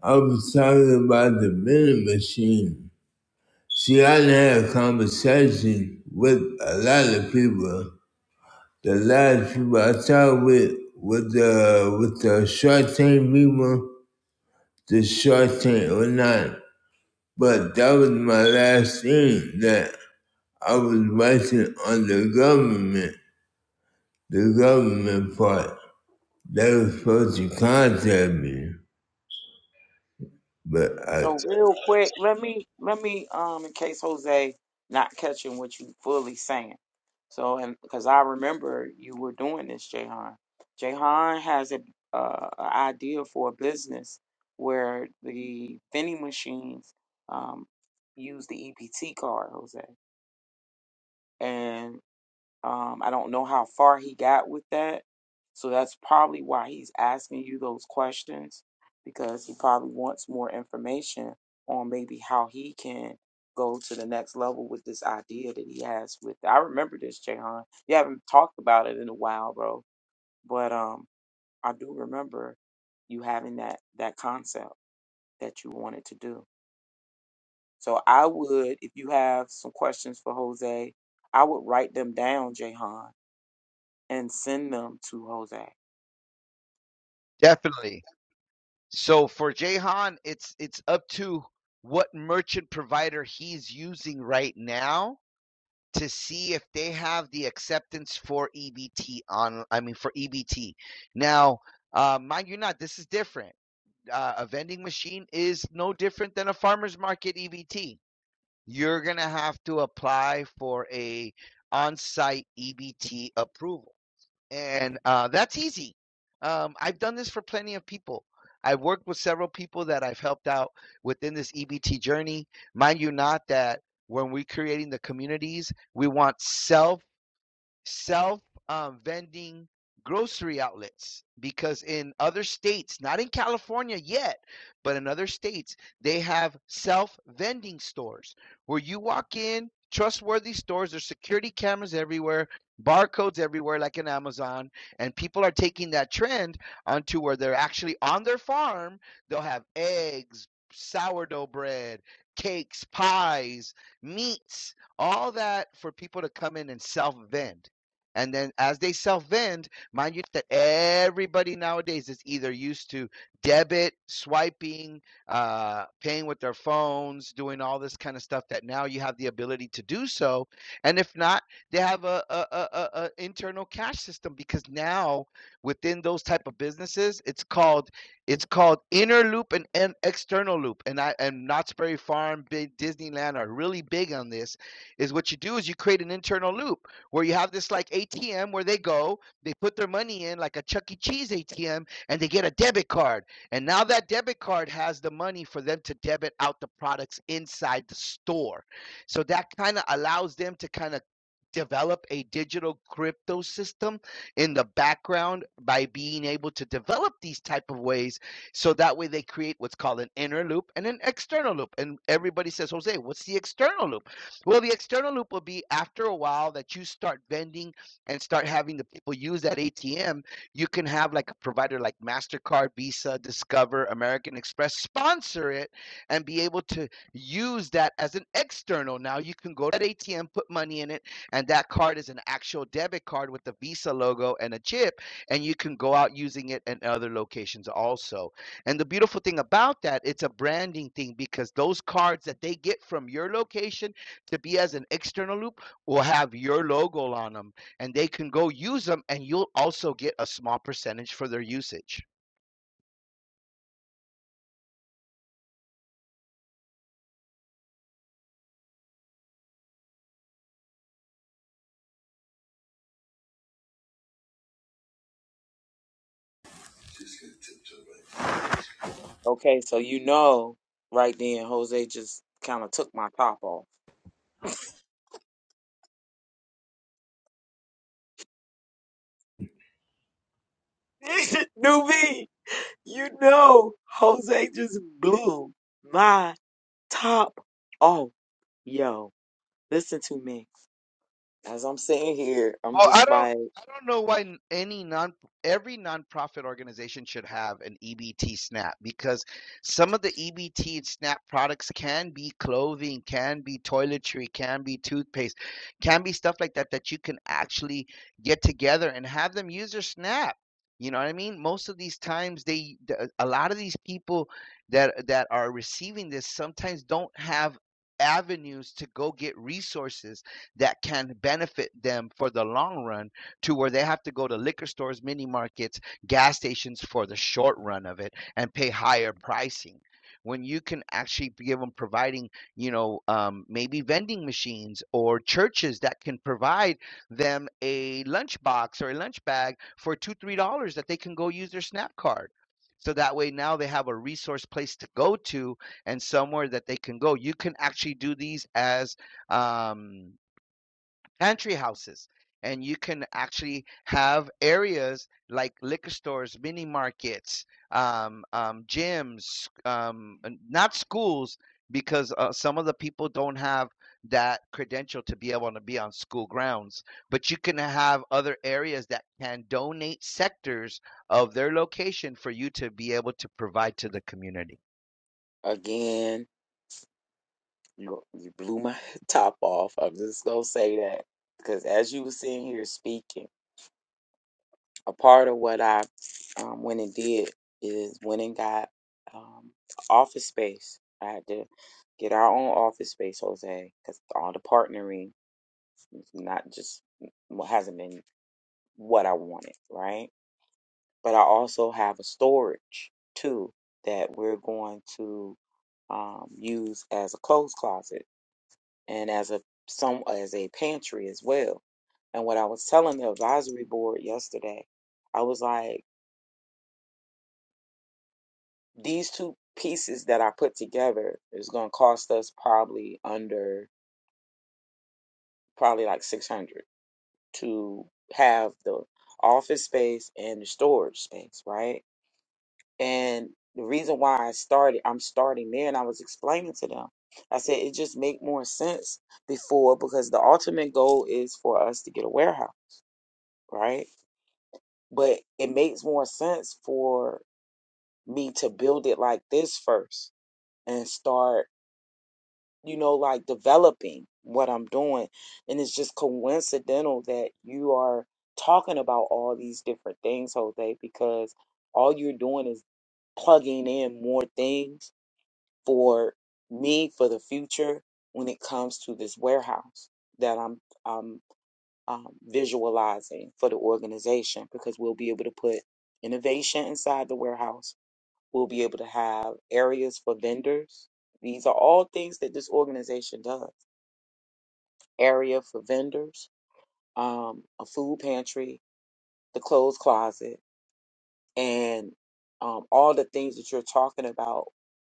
[SPEAKER 1] I was talking about the vending machine. See, I done a conversation with a lot of people. The last people I talked with, with the with the short term people, the short term or not. But that was my last thing that I was writing on the government, the government part. They were supposed to contact me, but I
[SPEAKER 7] So real quick, let me let me um in case Jose not catching what you fully saying. So and because I remember you were doing this, Jahan. Jahan has a uh, a idea for a business where the vending machines um use the EPT card, Jose, um, I don't know how far he got with that. So that's probably why he's asking you those questions because he probably wants more information on maybe how he can go to the next level with this idea that he has with I remember this, Jahan. You haven't talked about it in a while, bro. But um I do remember you having that that concept that you wanted to do. So I would, if you have some questions for Jose, I would write them down, Jahan and send them to Jose.
[SPEAKER 6] definitely. So for Jahan, it's it's up to what merchant provider he's using right now to see if they have the acceptance for EBT on, I mean for EBT. Now, uh, mind you not, this is different uh, a vending machine is no different than a farmer's market EBT. You're going to have to apply for a on-site EBT approval. And uh, that's easy. Um, I've done this for plenty of people. I've worked with several people that I've helped out within this EBT journey. Mind you, not that when we're creating the communities, we want self self um, vending grocery outlets because in other states, not in California yet, but in other states, they have self vending stores where you walk in, trustworthy stores, there's security cameras everywhere. Barcodes everywhere, like in Amazon, and people are taking that trend onto where they're actually on their farm. They'll have eggs, sourdough bread, cakes, pies, meats, all that for people to come in and self vend. And then as they self vend, mind you that everybody nowadays is either used to debit, swiping, uh, paying with their phones, doing all this kind of stuff that now you have the ability to do so. And if not, they have a, a, a, a a internal cash system because now within those type of businesses, it's called it's called inner loop and, and external loop. And I and Knott's Berry Farm, Big Disneyland are really big on this. Is what you do is you create an internal loop where you have this like ATM where they go, they put their money in like a Chuck E. Cheese ATM, and they get a debit card. And now that debit card has the money for them to debit out the products inside the store. So that kind of allows them to kind of develop a digital crypto system in the background by being able to develop these type of ways so that way they create what's called an inner loop and an external loop and everybody says jose what's the external loop well, the external loop will be after a while that you start vending and start having the people use that ATM. You can have like a provider like MasterCard, Visa, Discover, American Express sponsor it and be able to use that as an external. Now you can go to that ATM, put money in it, and that card is an actual debit card with the Visa logo and a chip, and you can go out using it in other locations also. And the beautiful thing about that, it's a branding thing because those cards that they get from your location to be as an external loop will have your logo on them and they can go use them and you'll also get a small percentage for their usage.
[SPEAKER 7] Okay, so you know right then Jose just kind of took my top off. New me, you know Jose just blew my top off. Yo, listen to me. As I'm sitting here, I'm
[SPEAKER 6] Well, I
[SPEAKER 7] just
[SPEAKER 6] don't
[SPEAKER 7] like,
[SPEAKER 6] I don't know why n- any non every nonprofit organization should have an EBT SNAP because some of the EBT and SNAP products can be clothing, can be toiletry, can be toothpaste, can be stuff like that that you can actually get together and have them use their SNAP. You know what I mean? Most of these times they the- uh, a lot of these people that that are receiving this sometimes don't have avenues to go get resources that can benefit them for the long run to where they have to go to liquor stores, mini markets, gas stations for the short run of it and pay higher pricing. When you can actually give them providing, you know, um, maybe vending machines or churches that can provide them a lunch box or a lunch bag for two, three dollars that they can go use their SNAP card. So that way now they have a resource place to go to and somewhere that they can go. You can actually do these as um, pantry houses and you can actually have areas like liquor stores mini markets um, um, gyms um, and not schools because uh, some of the people don't have that credential to be able to be on school grounds but you can have other areas that can donate sectors of their location for you to be able to provide to the community
[SPEAKER 7] again, you, you blew my top off. I'm just gonna say that because as you were sitting here speaking. a part of what I um, went and did is went and got um, office space. I had to get our own office space, Jose, because all the partnering is not just what hasn't been what I wanted, right? But I also have a storage too that we're going to um, use as a clothes closet and as a some as a pantry as well. And what I was telling the advisory board yesterday, I was like. these two pieces that I put together is going to cost us probably under probably like 600 to have the office space and the storage space, right? And the reason why I started, I'm starting there and I was explaining to them. I said it just make more sense before because the ultimate goal is for us to get a warehouse, right? But it makes more sense for me to build it like this first and start you know, like developing what I'm doing. And it's just coincidental that you are talking about all these different things, Jose, because all you're doing is plugging in more things for me for the future when it comes to this warehouse that I'm um um, visualizing for the organization because we'll be able to put innovation inside the warehouse. We'll be able to have areas for vendors. These are all things that this organization does area for vendors, um, a food pantry, the clothes closet, and um, all the things that you're talking about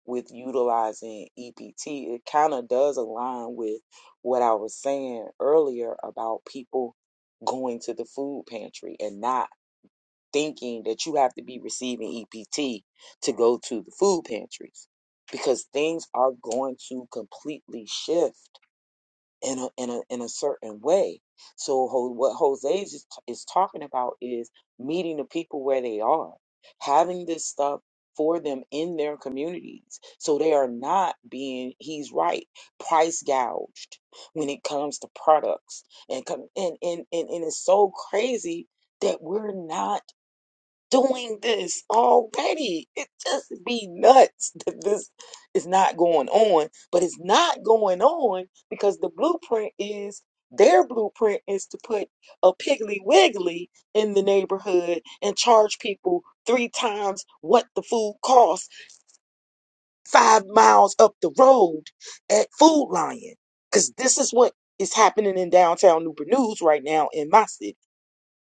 [SPEAKER 7] with utilizing EPT, it kind of does align with what I was saying earlier about people going to the food pantry and not thinking that you have to be receiving EPT to go to the food pantries because things are going to completely shift in a in a in a certain way. So Ho- what Jose is, is talking about is meeting the people where they are, having this stuff for them in their communities, so they are not being. He's right, price gouged when it comes to products and come and and and, and it's so crazy that we're not doing this already. It just be nuts that this is not going on. But it's not going on because the blueprint is their blueprint is to put a piggly wiggly in the neighborhood and charge people three times what the food costs five miles up the road at Food Lion. Because this is what is happening in downtown Newport News right now in my city.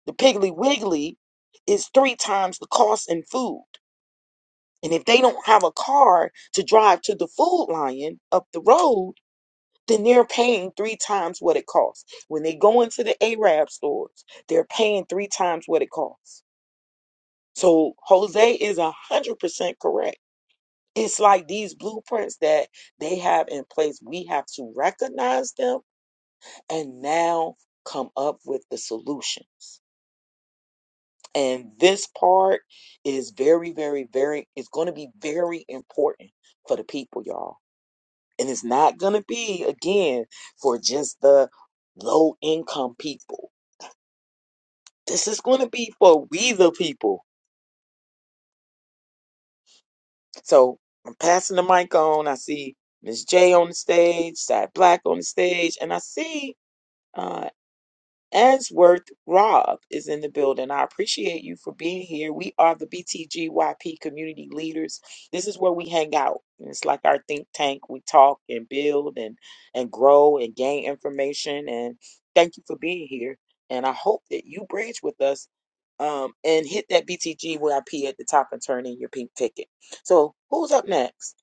[SPEAKER 7] The Piggly Wiggly is three times the cost in food. And if they don't have a car to drive to the food lion up the road, then they're paying three times what it costs. When they go into the Arab stores, they're paying three times what it costs. So Jose is a 100% correct. It's like these blueprints that they have in place. We have to recognize them and now come up with the solutions. And this part is very, very, very, it's going to be very important for the people, y'all And it's not going to be, again, for just the low income people. This is going to be for we the people. So I'm passing the mic on. I see Miss J on the stage, Side Black on the stage, and I see uh, Answorth Rob is in the building. I appreciate you for being here. We are the BTGYP community leaders. This is where we hang out. And It's like our think tank. We talk and build and and grow and gain information. And thank you for being here. And I hope that you bridge with us um, and hit that BTGYP at the top and turn in your pink ticket. So who's up next?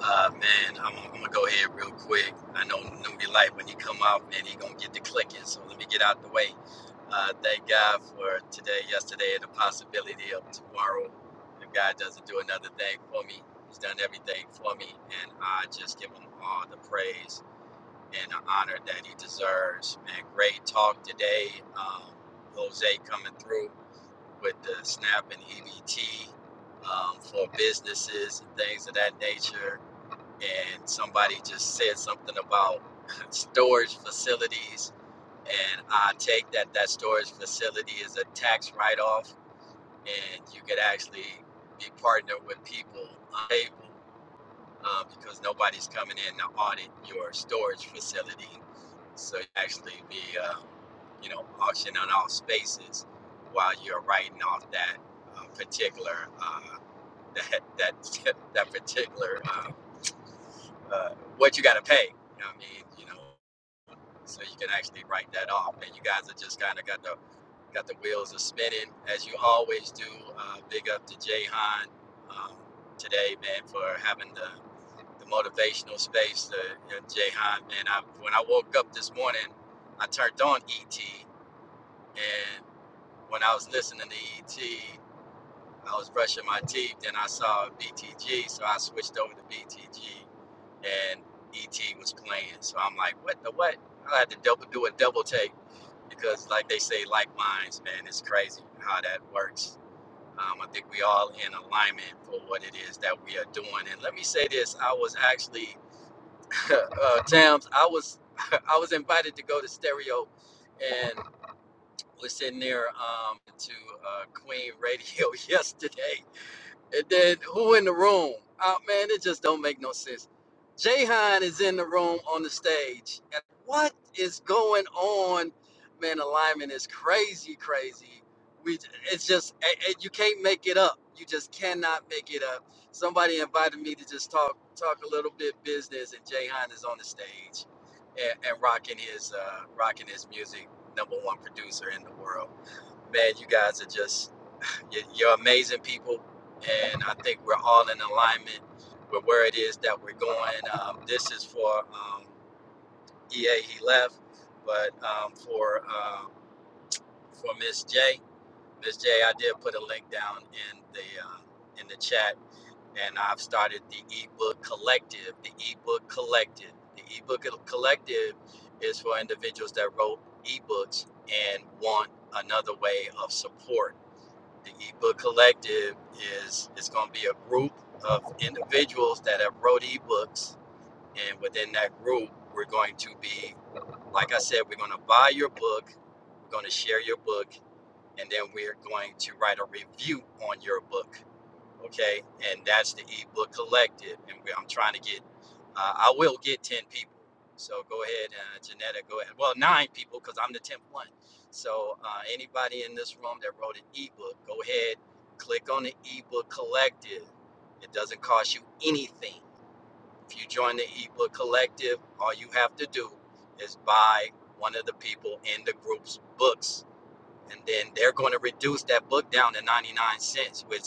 [SPEAKER 8] Uh, man, I'm, I'm gonna go ahead real quick. I know Newbie Light when he come out, man, he gonna get the clicking. So let me get out the way. Uh, thank God for today, yesterday, and the possibility of tomorrow. If God doesn't do another thing for me, He's done everything for me, and I just give Him all the praise and the honor that He deserves. Man, great talk today. Um, Jose coming through with the SNAP and EBT um, for businesses and things of that nature and somebody just said something about storage facilities and i take that that storage facility is a tax write-off and you could actually be partnered with people unable uh, because nobody's coming in to audit your storage facility so you actually be uh, you know auctioning off spaces while you're writing off that uh, particular uh, that that that particular uh, uh, what you got to pay. You know what I mean? You know, so you can actually write that off. And you guys are just kind of got the got the wheels are spinning as you always do. Uh, big up to Jay Hahn um, today, man, for having the, the motivational space. Uh, Jay Hahn, man, I, when I woke up this morning, I turned on ET, and when I was listening to ET, I was brushing my teeth, then I saw BTG, so I switched over to BTG and ET was playing. So I'm like, what the what? I had to double do a double take because, like they say, like minds, man, it's crazy how that works. Um, I think we all in alignment for what it is that we are doing. And let me say this: I was actually, uh, Tams, I was, I was invited to go to Stereo, and was sitting there um, to uh, Queen Radio yesterday, and then who in the room? Oh man, it just don't make no sense. Jahan is in the room on the stage. And what is going on? Man, alignment is crazy, crazy. We it's just a- a- you can't make it up. You just cannot make it up. Somebody invited me to just talk talk a little bit business, and Jahan is on the stage and, and rocking his uh, rocking his music. Number one producer in the world. Man, you guys are just you're, amazing people, and I think we're all in alignment with where it is that we're going. Um, this is for um, EA. He left, but um, for uh, for Miss J, Miss J, I did put a link down in the uh, in the chat, and I've started the ebook collective. The ebook collective. The ebook collective is for individuals that wrote ebooks and want another way of support the ebook collective is it's going to be a group of individuals that have wrote ebooks and within that group we're going to be like i said we're going to buy your book we're going to share your book and then we're going to write a review on your book okay and that's the ebook collective and we, i'm trying to get uh, i will get 10 people so go ahead uh, janetta go ahead well nine people because i'm the 10th one so uh, anybody in this room that wrote an ebook go ahead click on the ebook collective it doesn't cost you anything if you join the ebook collective all you have to do is buy one of the people in the group's books and then they're going to reduce that book down to 99 cents which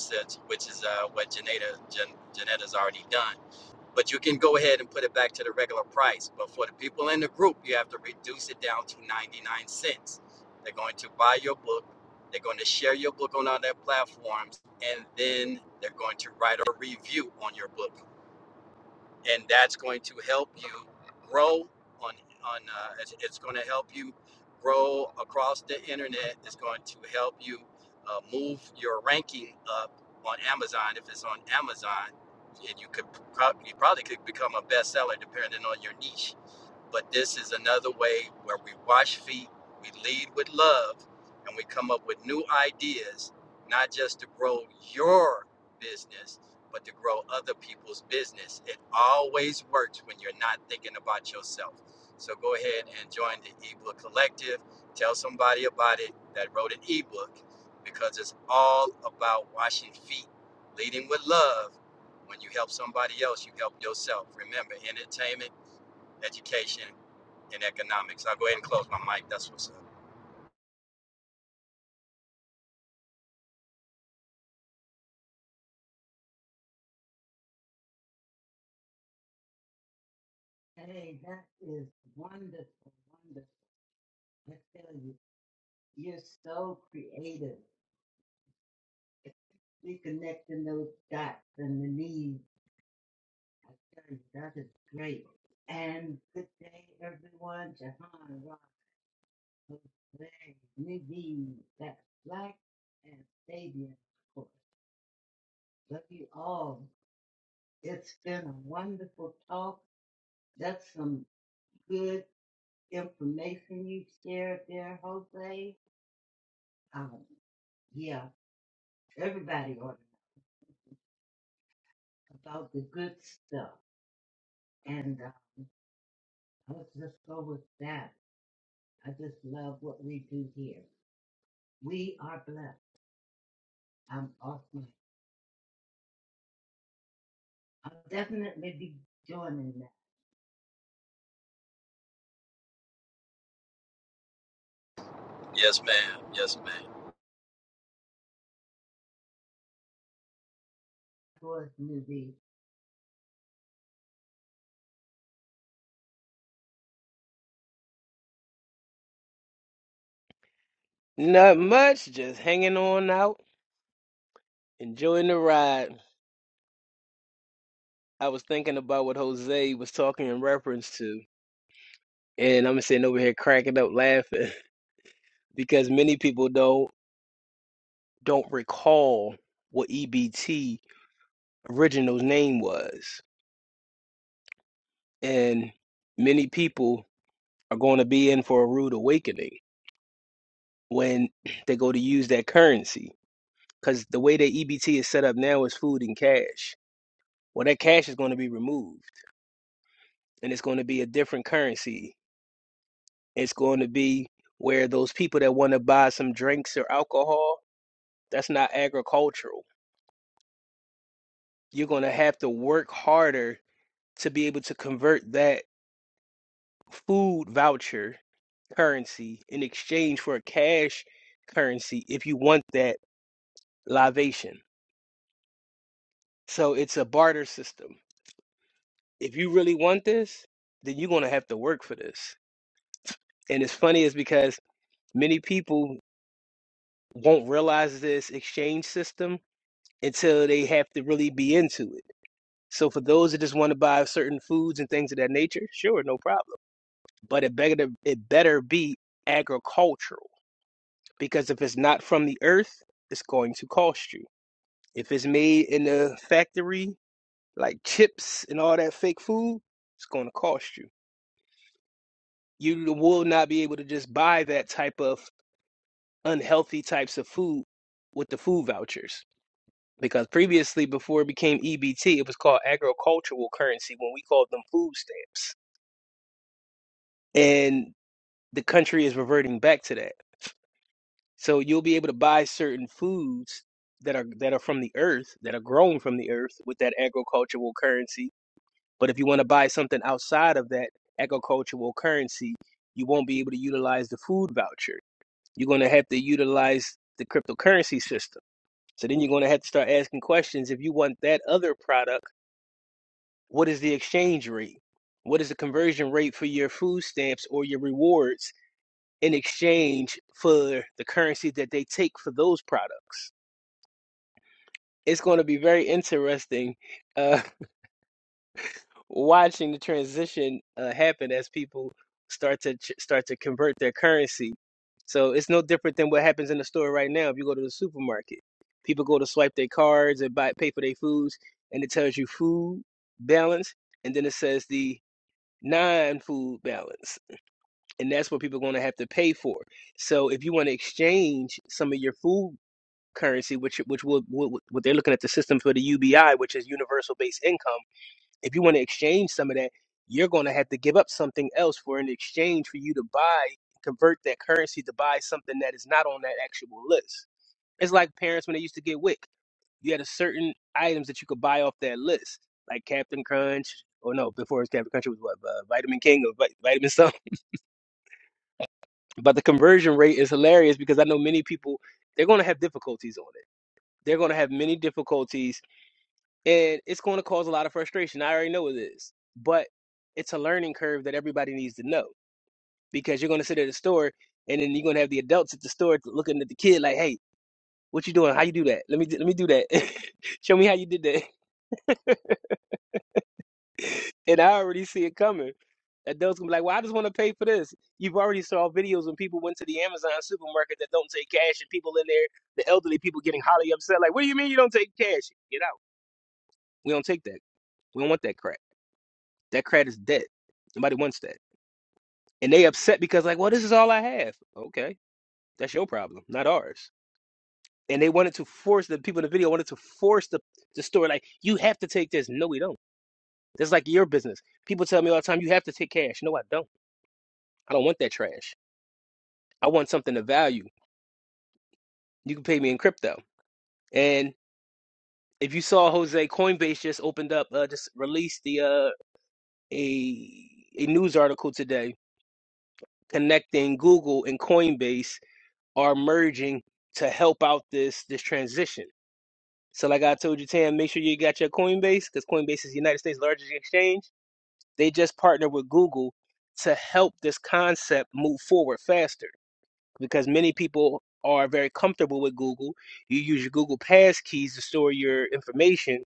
[SPEAKER 8] which is uh, what Janetta Jan, Janetta's already done but you can go ahead and put it back to the regular price but for the people in the group you have to reduce it down to 99 cents they're going to buy your book they're going to share your book on all their platforms and then they're going to write a review on your book and that's going to help you grow on on uh, it's, it's going to help you grow across the internet it's going to help you uh, move your ranking up on amazon if it's on amazon and you could prob- you probably could become a bestseller depending on your niche but this is another way where we wash feet, we lead with love, and we come up with new ideas, not just to grow your business, but to grow other people's business. It always works when you're not thinking about yourself. So go ahead and join the ebook collective. Tell somebody about it that wrote an ebook because it's all about washing feet, leading with love. When you help somebody else, you help yourself. Remember, entertainment education in economics. I'll go ahead and close my mic. That's what's up.
[SPEAKER 9] Hey, that is wonderful, wonderful. I tell you, you're so creative. Reconnecting those dots and the needs. I tell you, that is great. And good day, everyone. Jahan, Rob, Jose, Nadine, that's Black, and Fabian, of course. Love you all. It's been a wonderful talk. That's some good information you shared there, Jose. Um, yeah. Everybody ought to know about the good stuff. And uh, let's just go with that. I just love what we do here. We are blessed. I'm awesome. I'll definitely be joining that
[SPEAKER 8] Yes, ma'am. Yes, ma'am.
[SPEAKER 9] towards newbie.
[SPEAKER 10] Not much, just hanging on out, enjoying the ride. I was thinking about what Jose was talking in reference to, and I'm sitting over here cracking up laughing because many people don't don't recall what EBT original's name was, and many people are going to be in for a rude awakening when they go to use that currency because the way that EBT is set up now is food and cash. Well, that cash is going to be removed, and it's going to be a different currency It's going to be where those people that want to buy some drinks or alcohol, that's not agricultural. You're going to have to work harder to be able to convert that food voucher currency in exchange for a cash currency if you want that libation. So it's a barter system. If you really want this, then you're going to have to work for this. And it's funny is because many people won't realize this exchange system until they have to really be into it. So for those that just want to buy certain foods and things of that nature, sure, no problem. But it better it better be agricultural because if it's not from the earth, it's going to cost you. If it's made in a factory, like chips and all that fake food, it's going to cost you. You will not be able to just buy that type of unhealthy types of food with the food vouchers because previously, before it became EBT, it was called agricultural currency when we called them food stamps. And the country is reverting back to that. So you'll be able to buy certain foods that are that are from the earth, that are grown from the earth with that agricultural currency. But if you want to buy something outside of that agricultural currency, you won't be able to utilize the food voucher. You're going to have to utilize the cryptocurrency system. So then you're going to have to start asking questions if you want that other product, what is the exchange rate? What is the conversion rate for your food stamps or your rewards? in exchange for the currency that they take for those products. It's going to be very interesting uh, watching the transition uh, happen as people start to ch- start to convert their currency. So it's no different than what happens in the store right now. If you go to the supermarket, people go to swipe their cards and buy pay for their foods, and it tells you food balance, and then it says the non-food balance, and that's what people are going to have to pay for. So if you want to exchange some of your food currency, which which will what, they're looking at the system for the UBI, which is universal basic income. If you want to exchange some of that, you're going to have to give up something else for an exchange for you to buy convert that currency to buy something that is not on that actual list. It's like parents when they used to get WIC. You had a certain items that you could buy off that list, like Captain Crunch. Or no, before it was Captain Crunch, it was what uh, Vitamin King or vi- Vitamin something. But the conversion rate is hilarious because I know many people they're going to have difficulties on it. They're going to have many difficulties and it's going to cause a lot of frustration. I already know it is, but it's a learning curve that everybody needs to know because you're going to sit at the store and then you're going to have the adults at the store looking at the kid like, "Hey, what you doing? How you do that? Let me let me do that. Show me how you did that." And I already see it coming. Adults gonna be like, "Well, I just want to pay for this." You've already saw videos when people went to the Amazon supermarket that don't take cash, and people in there, the elderly people getting highly upset, like, "What do you mean you don't take cash? Get out! We don't take that. We don't want that crap. That crap is dead. Nobody wants that." and they upset because like well this is all i have okay that's your problem not ours and they wanted to force the people in the video wanted to force the, the store like you have to take this no we don't that's like your business people tell me all the time you have to take cash no i don't i don't want that trash i want something of value you can pay me in crypto and if you saw jose coinbase just opened up uh, just released the uh, a a news article today connecting google and coinbase are merging to help out this this transition So like I told you, Tam, make sure you got your Coinbase because Coinbase is the United States' largest exchange. They just partnered with Google to help this concept move forward faster because many people are very comfortable with Google. You use your Google Pass keys to store your information.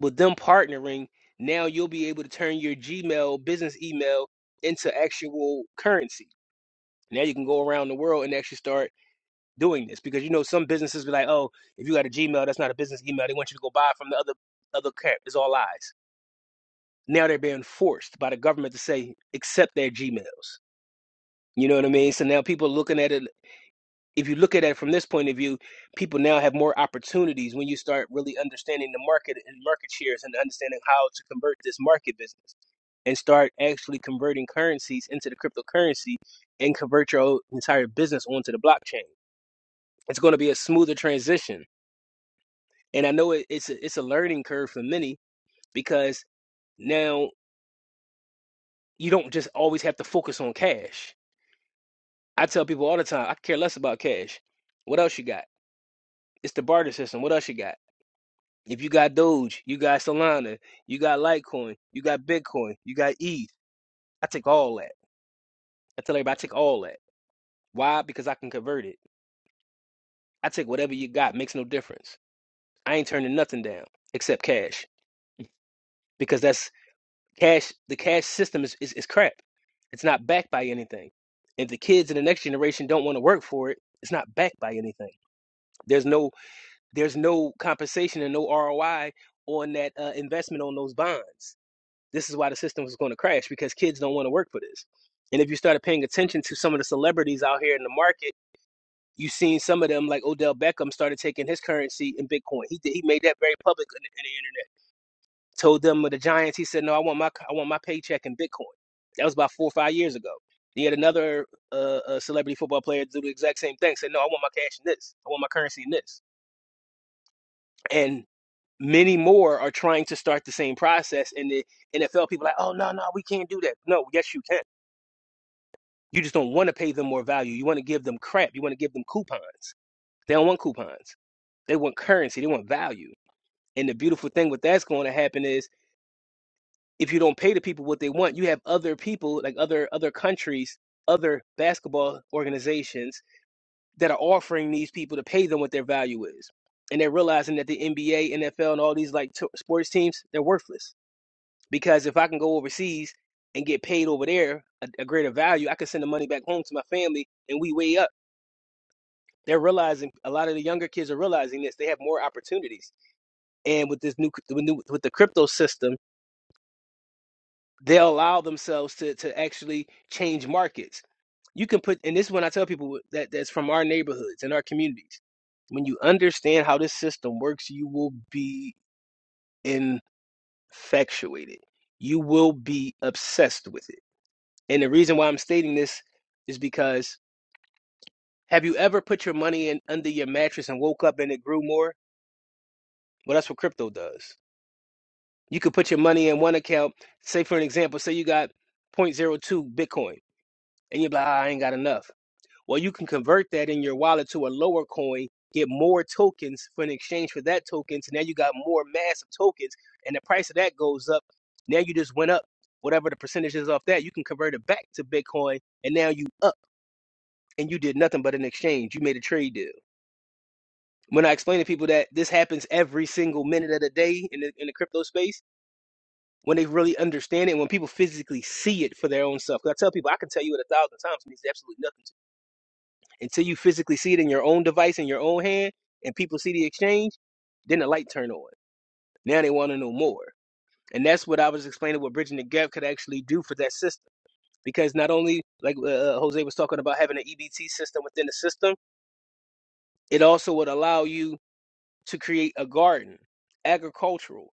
[SPEAKER 10] With them partnering, now you'll be able to turn your Gmail business email into actual currency. Now you can go around the world and actually start doing this because you know some businesses be like, oh, if you got a Gmail, that's not a business email. They want you to go buy from the other other camp. It's all lies. Now they're being forced by the government to say accept their Gmails. You know what I mean? So now people looking at it. If you look at it from this point of view, people now have more opportunities when you start really understanding the market and market shares and understanding how to convert this market business and start actually converting currencies into the cryptocurrency and convert your entire business onto the blockchain. It's going to be a smoother transition and I know it, it's a, it's a learning curve for many because now you don't just always have to focus on cash. I tell people all the time, I care less about cash. What else you got? It's the barter system. What else you got? If you got Doge, you got Solana, you got Litecoin, you got Bitcoin, you got ETH. I take all that. I tell everybody I take all that. Why? Because I can convert it. I take whatever you got, makes no difference. I ain't turning nothing down except cash because that's Cash, the cash system is, is, is crap. It's not backed by anything. If the kids in the next generation don't want to work for it, it's not backed by anything. There's no there's no compensation and no ROI on that uh, investment on those bonds. This is why the system is going to crash because kids don't want to work for this. And if you started paying attention to some of the celebrities out here in the market, you've seen some of them like Odell Beckham started taking his currency in Bitcoin. He did, he made that very public in the, in the internet Told them with the Giants, he said, "No, I want my I want my paycheck in Bitcoin." That was about four or five years ago. He had another uh, uh celebrity football player do the exact same thing. Said, "No, I want my cash in this. I want my currency in this." And many more are trying to start the same process. And the NFL people are like, "Oh no, no, we can't do that." No, yes, you can. You just don't want to pay them more value. You want to give them crap. You want to give them coupons. They don't want coupons. They want currency. They want value. And the beautiful thing with that's going to happen is if you don't pay the people what they want, you have other people like other other countries, other basketball organizations that are offering these people to pay them what their value is, and they're realizing that the NBA, NFL, and all these like t- sports teams they're worthless because if I can go overseas and get paid over there a, a greater value, I can send the money back home to my family, and we way up. They're realizing a lot of the younger kids are realizing this. They have more opportunities, and with this new with, new, with the crypto system they'll allow themselves to to actually change markets. You can put, and this is when I tell people that that's from our neighborhoods and our communities. When you understand how this system works, you will be infatuated. You will be obsessed with it. And the reason why I'm stating this is because have you ever put your money in under your mattress and woke up and it grew more? Well, that's what crypto does. You could put your money in one account, say for an example, say you got zero point zero 0.02 Bitcoin, and you're like, "Ah, I ain't got enough. Well, you can convert that in your wallet to a lower coin, get more tokens for an exchange for that token. So now you got more mass of tokens, and the price of that goes up. Now you just went up whatever the percentage is off that. You can convert it back to Bitcoin, and now you up, and you did nothing but an exchange. You made a trade deal. When I explain to people that this happens every single minute of the day in the, in the crypto space, when they really understand it, when people physically see it for their own self, because I tell people, I can tell you it a thousand times, and it's absolutely nothing to you. Until you physically see it in your own device, in your own hand, and people see the exchange, then the light turn on. Now they want to know more. And that's what I was explaining what Bridging the Gap could actually do for that system. Because not only, like uh, uh, uh, Jose was talking about having an EBT system within the system, it also would allow you to create a garden, agricultural.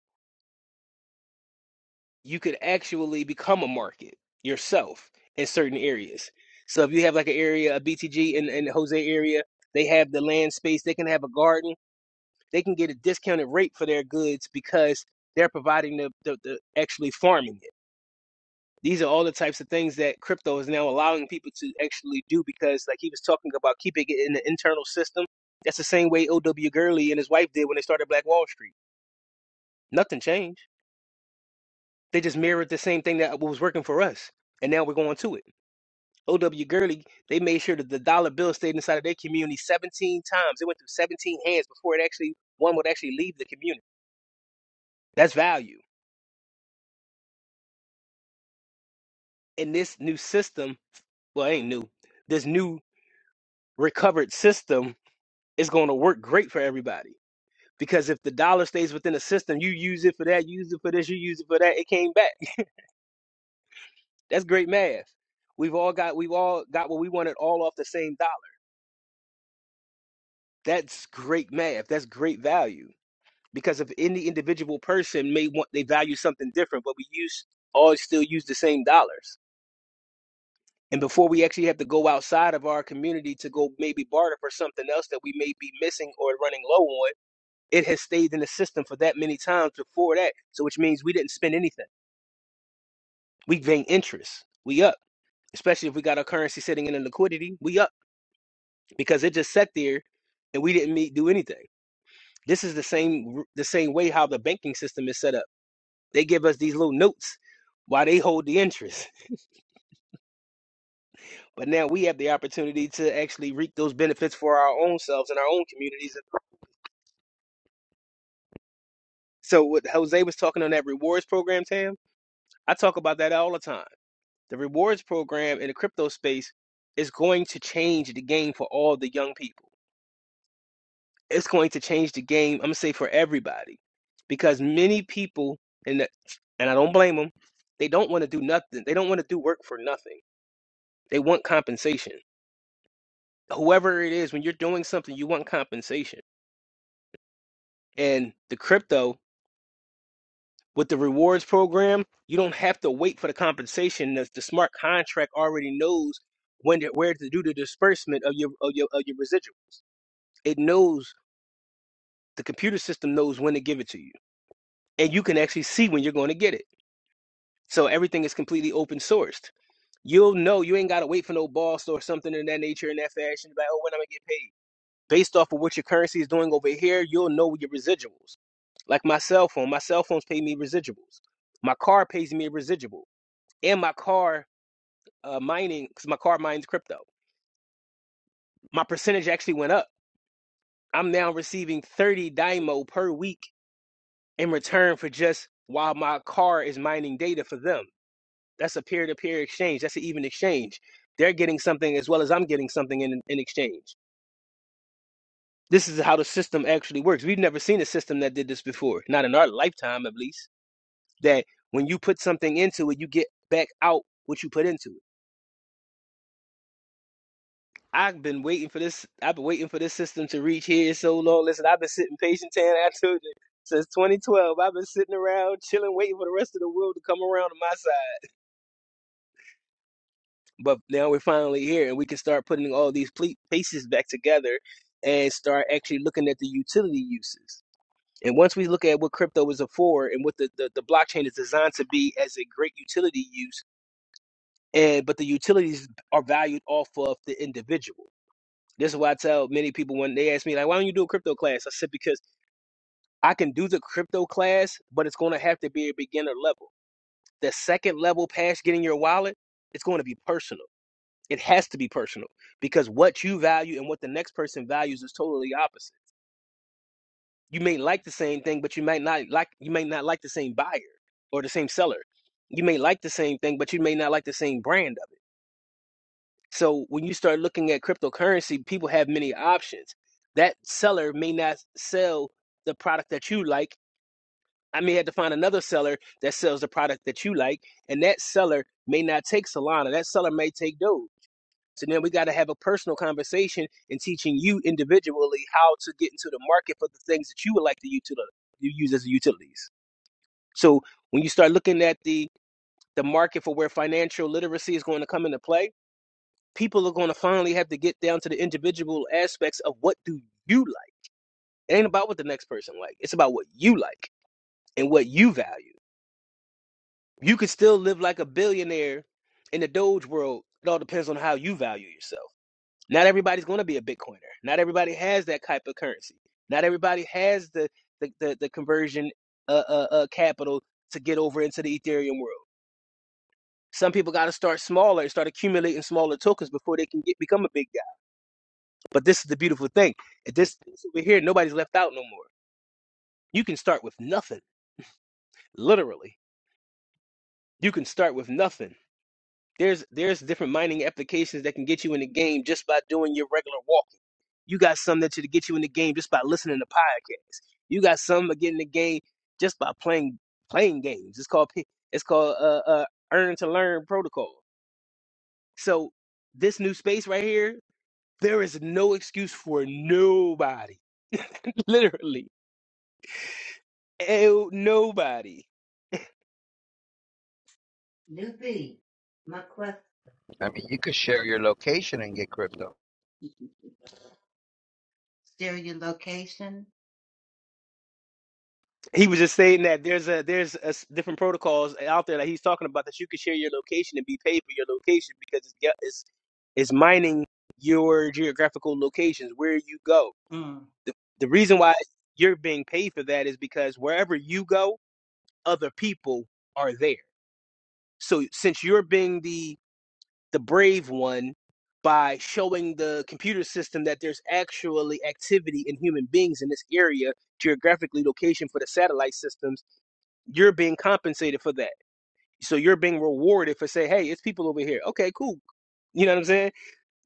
[SPEAKER 10] You could actually become a market yourself in certain areas. So if you have like an area, a BTG in, in the Jose area, they have the land space, they can have a garden they can get a discounted rate for their goods because they're providing the, the, the actually farming it. These are all the types of things that crypto is now allowing people to actually do because, like he was talking about, keeping it in the internal system. That's the same way O.W. Gurley and his wife did when they started Black Wall Street. Nothing changed. They just mirrored the same thing that was working for us, and now we're going to it. O.W. Gurley, they made sure that the dollar bill stayed inside of their community 17 times. It went through 17 hands before it actually one would actually leave the community. That's value in this new system, well, it ain't new, this new recovered system is going to work great for everybody. Because if the dollar stays within the system, you use it for that, you use it for this, you use it for that, it came back. That's great math. We've all got we've all got what we wanted all off the same dollar. That's great math. That's great value. Because if any individual person may want they value something different, but we use all still use the same dollars. And before we actually have to go outside of our community to go maybe barter for something else that we may be missing or running low on, it has stayed in the system for that many times before that. So which means we didn't spend anything. We gain interest. We up. Especially if we got our currency sitting in a liquidity, we up because it just sat there and we didn't meet, do anything. This is the same the same way how the banking system is set up. They give us these little notes while they hold the interest. But now we have the opportunity to actually reap those benefits for our own selves and our own communities So what Jose was talking on that rewards program, Tam, I talk about that all the time. The rewards program in the crypto space is going to change the game for all the young people. It's going to change the game, I'm gonna say for everybody. Because many people and the, and I don't blame them, they don't want to do nothing. They don't want to do work for nothing. They want compensation. Whoever it is, when you're doing something, you want compensation. And the crypto With the rewards program, you don't have to wait for the compensation. The, the smart contract already knows when to, where to do the disbursement of your of your of your residuals. It knows the computer system knows when to give it to you, and you can actually see when you're going to get it. So everything is completely open sourced. You'll know you ain't got to wait for no boss or something in that nature in that fashion. Like, oh, when am I gonna get paid? Based off of what your currency is doing over here, you'll know your residuals like my cell phone. My cell phones pay me residuals. My car pays me residuals. and my car uh, mining because my car mines crypto. My percentage actually went up. I'm now receiving 30 Dymo per week in return for just while my car is mining data for them. That's a peer-to-peer exchange. That's an even exchange. They're getting something as well as I'm getting something in, in exchange. This is how the system actually works. We've never seen a system that did this before, not in our lifetime at least. That when you put something into it, you get back out what you put into it. I've been waiting for this. I've been waiting for this system to reach here so long. Listen, I've been sitting patient, Tan. I told you since 2012. I've been sitting around, chilling, waiting for the rest of the world to come around to my side. But now we're finally here, and we can start putting all these ple- pieces back together and start actually looking at the utility uses. And once we look at what crypto is for and what the, the, the blockchain is designed to be as a great utility use, and but the utilities are valued off of the individual This is why I tell many people when they ask me, like, why don't you do a crypto class? I said, because I can do the crypto class, but it's going to have to be a beginner level. The second level past getting your wallet, it's going to be personal. It has to be personal because what you value and what the next person values is totally opposite. You may like the same thing, but you might not like you may not like the same buyer or the same seller. You may like the same thing, but you may not like the same brand of it. So when you start looking at cryptocurrency, people have many options. That seller may not sell the product that you like. I may have to find another seller that sells the product that you like, and that seller may not take Solana. That seller may take Doge. So then we got to have a personal conversation and teaching you individually how to get into the market for the things that you would like to util- you use as utilities. So when you start looking at the the market for where financial literacy is going to come into play, people are going to finally have to get down to the individual aspects of what do you like. It ain't about what the next person like. It's about what you like and what you value. You could still live like a billionaire in the Doge world. It all depends on how you value yourself. Not everybody's going to be a Bitcoiner. Not everybody has that type of currency. Not everybody has the the the, the conversion uh, uh, uh, capital to get over into the Ethereum world. Some people got to start smaller and start accumulating smaller tokens before they can get become a big. But this is the beautiful thing. At this this over here, nobody's left out no more. You can start with nothing. Literally. You can start with nothing. There's there's different mining applications that can get you in the game just by doing your regular walking. You got some that to get you in the game just by listening to podcasts. You got some that get in the game just by playing playing games. It's called P- it's called uh, uh earn to learn protocol. So this new space right here, there is no excuse for nobody. Literally Oh, nobody.
[SPEAKER 9] Newbie, my question.
[SPEAKER 6] i mean you could share your location and get crypto
[SPEAKER 9] share your location.
[SPEAKER 10] He was just saying that there's a there's a s different protocols out there that he's talking about that you can share your location and be paid for your location because it's ge- it's, it's mining your geographical locations where you go.
[SPEAKER 9] Mm,
[SPEAKER 10] The, the reason why you're being paid for that is because wherever you go, other people are there. So since you're being the the brave one by showing the computer system that there's actually activity in human beings in this area geographically location for the satellite systems you're being compensated for that so you're being rewarded for say hey it's people over here okay cool you know what i'm saying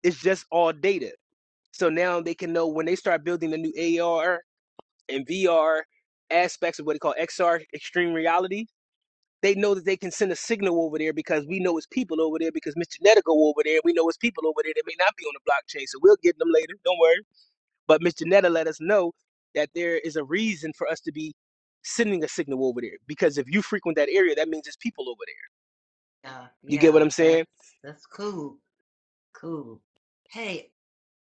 [SPEAKER 10] it's just all data so now they can know when they start building the new ar and vr aspects of what they call xr extreme reality they know that they can send a signal over there because we know it's people over there because Miss Janetta go over there and we know it's people over there that may not be on the blockchain. So we'll get them later. Don't worry. But Miss Janetta let us know that there is a reason for us to be sending a signal over there because if you frequent that area, that means it's people over
[SPEAKER 9] yeah,
[SPEAKER 10] there. You get what
[SPEAKER 9] yeah,
[SPEAKER 10] I'm saying?
[SPEAKER 9] that's that's cool, cool. Hey,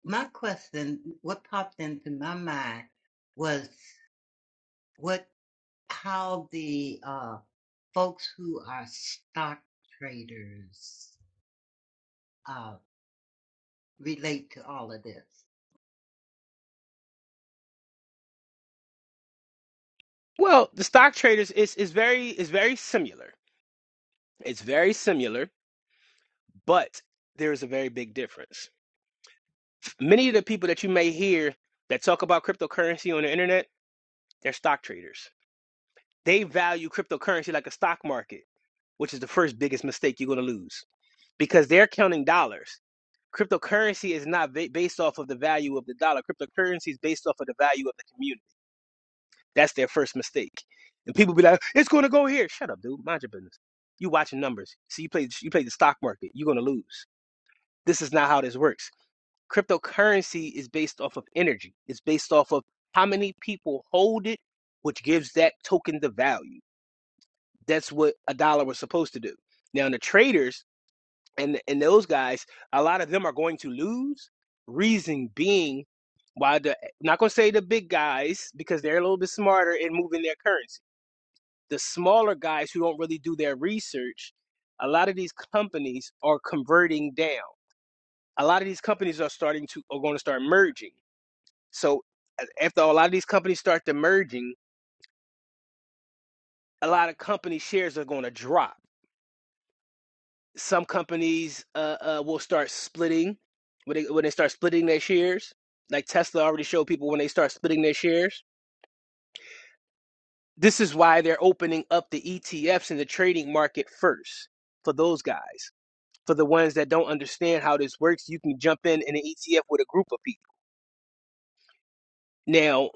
[SPEAKER 9] my question, what popped into my mind was what, how the um folks who are stock traders uh, relate to all of this.
[SPEAKER 10] Well, the stock traders is is very is very similar. It's very similar, but there is a very big difference. Many of the people that you may hear that talk about cryptocurrency on the internet, they're stock traders They value cryptocurrency like a stock market, which is the first biggest mistake you're going to lose because they're counting dollars. Cryptocurrency is not ba- based off of the value of the dollar. Cryptocurrency is based off of the value of the community. That's their first mistake. And people be like, "It's going to go here." Shut up, dude. Mind your business. You watching numbers. See, you play you play the stock market. You're going to lose. This is not how this works. Cryptocurrency is based off of energy. It's based off of how many people hold it, which gives that token the value. That's what a dollar was supposed to do. Now the traders and and those guys, a lot of them are going to lose. Reason being why the I'm not gonna say the big guys because they're a little bit smarter in moving their currency. The smaller guys who don't really do their research, a lot of these companies are converting down. A lot of these companies are starting to are going to start merging. So after a lot of these companies start to merging, a lot of company shares are going to drop Some companies uh, uh, will start splitting when they, when they start splitting their shares. Like Tesla already showed people when they start splitting their shares. This is why they're opening up the ETFs in the trading market first for those guys. For the ones that don't understand how this works, you can jump in in an ETF with a group of people. Now,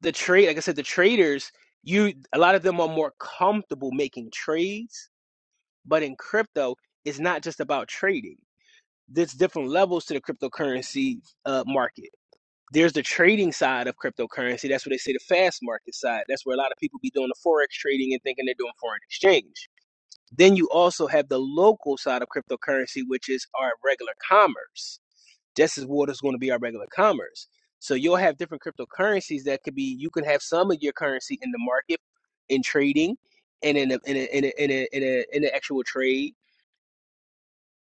[SPEAKER 10] the trade, like I said, the traders, you a lot of them are more comfortable making trades, but in crypto, it's not just about trading. There's different levels to the cryptocurrency uh, market there's the trading side of cryptocurrency. That's what they say the fast market side. That's where a lot of people be doing the forex trading and thinking they're doing foreign exchange. Then you also have the local side of cryptocurrency, which is our regular commerce. This is what is going to be our regular commerce. So you'll have different cryptocurrencies that could be. You can have some of your currency in the market in trading, and in a, in a, in a, in a, in a, in an actual trade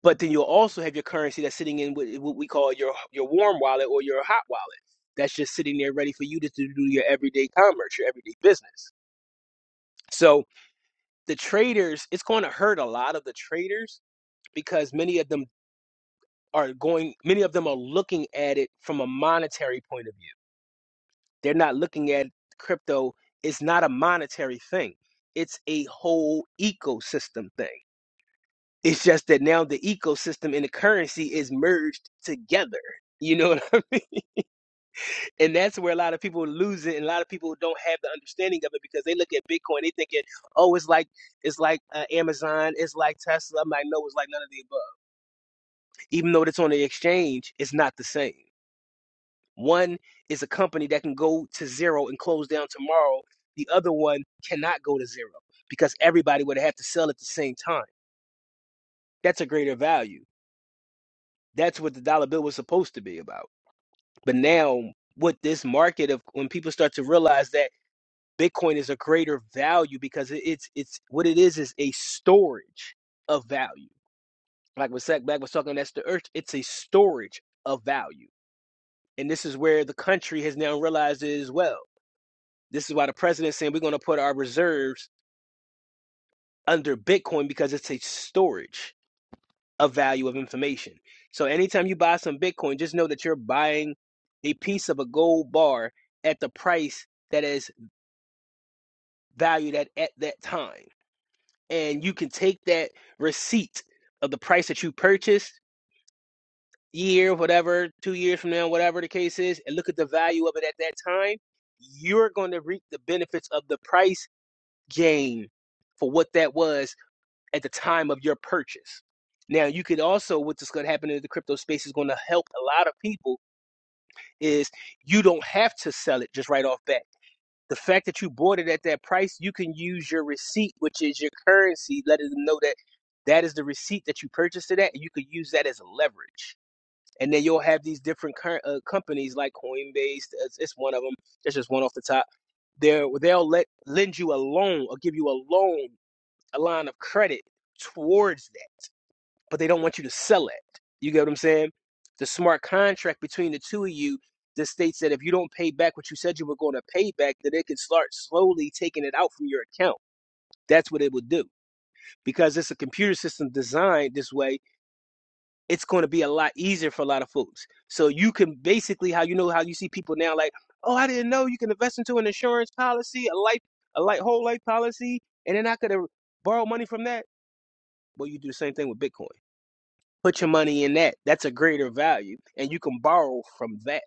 [SPEAKER 10] but then you'll also have your currency that's sitting in what, what we call your your warm wallet or your hot wallet that's just sitting there ready for you to, do your everyday commerce your everyday business so the traders it's going to hurt a lot of the traders because many of them are going many of them are looking at it from a monetary point of view they're not looking at crypto it's not a monetary thing it's a whole ecosystem thing it's just that now the ecosystem and the currency is merged together you know what I and that's where a lot of people lose it and a lot of people don't have the understanding of it because they look at bitcoin they thinking oh it's like it's like uh, amazon it's like tesla i'm like no it's like none of the above even though it's on the exchange it's not the same one is a company that can go to zero and close down tomorrow the other one cannot go to zero because everybody would have to sell at the same time that's a greater value that's what the dollar bill was supposed to be about but now with this market of when people start to realize that Bitcoin is a greater value because it's it's what it is is a storage of value. Like what Sack Black was talking, that's the earth. It's a storage of value, and this is where the country has now realized it as well. This is why the president's saying we're going to put our reserves under Bitcoin because it's a storage of value of information. So anytime you buy some Bitcoin, just know that you're buying a piece of a gold bar at the price that is valued at at that time and you can take that receipt of the price that you purchased year whatever two years from now whatever the case is and look at the value of it at that time you're going to reap the benefits of the price gain for what that was at the time of your purchase now you could also what's going to happen in the crypto space is going to help a lot of people is you don't have to sell it just right off bat The fact that you bought it at that price, you can use your receipt, which is your currency, letting them know that that is the receipt that you purchased it at, and you could use that as leverage. And then you'll have these different cur- uh, companies like Coinbase. It's, it's one of them. It's just one off the top. They're, they'll let lend you a loan or give you a loan, a line of credit towards that but they don't want you to sell it. You get what I'm saying? The smart contract between the two of you that states that if you don't pay back what you said you were going to pay back, that it can start slowly taking it out from your account. That's what it would do because it's a computer system designed this way. It's going to be a lot easier for a lot of folks. So you can basically how you know how you see people now like, oh, I didn't know you can invest into an insurance policy, a life, a life whole life policy, and then I could uh, borrow money from that. Well, you do the same thing with Bitcoin. Put your money in that. That's a greater value. And you can borrow from that.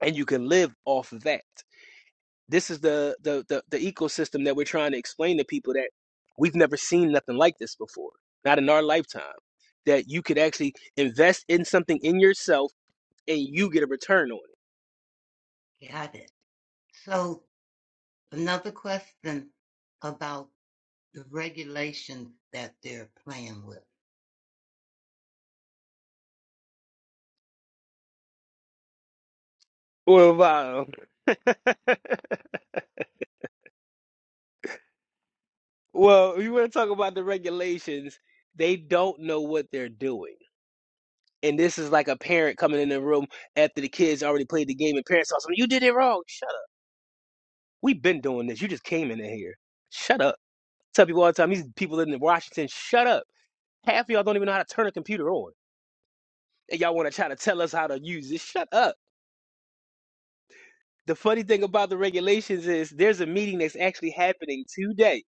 [SPEAKER 10] And you can live off of that. This is the the the, the ecosystem that we're trying to explain to people that we've never seen nothing like this before. Not in our lifetime. That you could actually invest in something in yourself and you get a return on it.
[SPEAKER 9] Got it. So another question about the regulations that they're playing with.
[SPEAKER 10] Well, wow. Well, you want to talk about the regulations, they don't know what they're doing. And this is like a parent coming in the room after the kids already played the game and parents saw something, you did it wrong. We've been doing this. You just came in here. Shut up. Tell people all the time, these people in Washington, shut up. Half of y'all don't even know how to turn a computer on. And y'all want to try to tell us how to use it. Shut up. The funny thing about the regulations is there's a meeting that's actually happening today.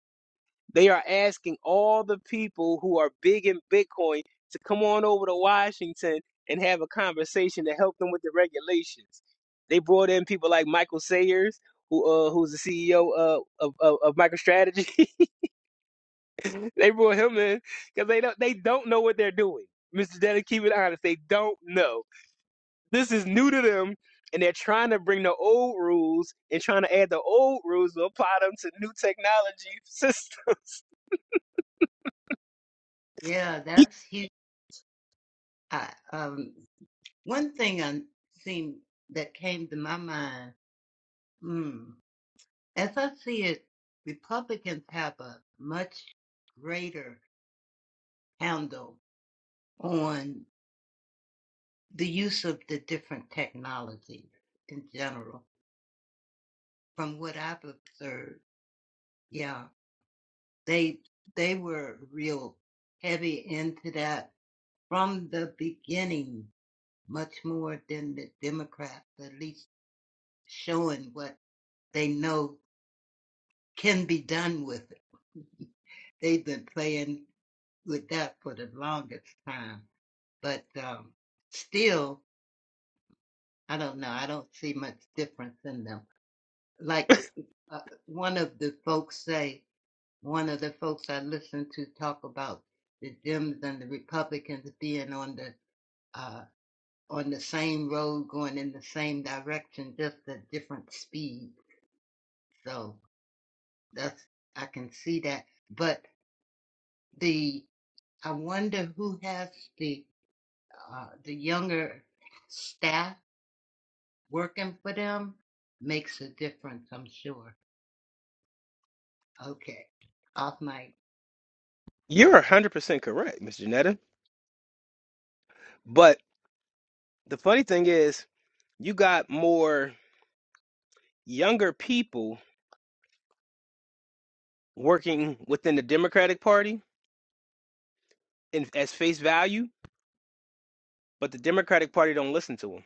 [SPEAKER 10] They are asking all the people who are big in Bitcoin to come on over to Washington and have a conversation to help them with the regulations. They brought in people like Michael Sayers, who uh, who's the CEO uh, of, of of MicroStrategy. They brought him in because they don't they don't know what they're doing. Mr. Dennis, keep it honest. They don't know. This is new to them, and they're trying to bring the old rules and trying to add the old rules to apply them to new technology systems.
[SPEAKER 9] Yeah,
[SPEAKER 10] Y-
[SPEAKER 9] that's huge. I, um, one thing I seen that came to my mind, hmm, as I see it, Republicans have a much greater handle on the use of the different technology in general from what i've observed yeah they they were real heavy into that from the beginning much more than the democrats at least showing what they know can be done with it they've been playing with that for the longest time but um still i don't know i don't see much difference in them like uh, one of the folks say one of the folks I listened to talk about the Dems and the Republicans being on the uh, on the same road, going in the same direction, just at different speeds. So that's I can see that. But the I wonder who has the uh, the younger staff working for them makes a difference. I'm sure. Okay, off mic.
[SPEAKER 10] You're one hundred percent correct, Mr. Janetta. But the funny thing is, you got more younger people working within the Democratic Party in, as face value, but the Democratic Party don't listen to them.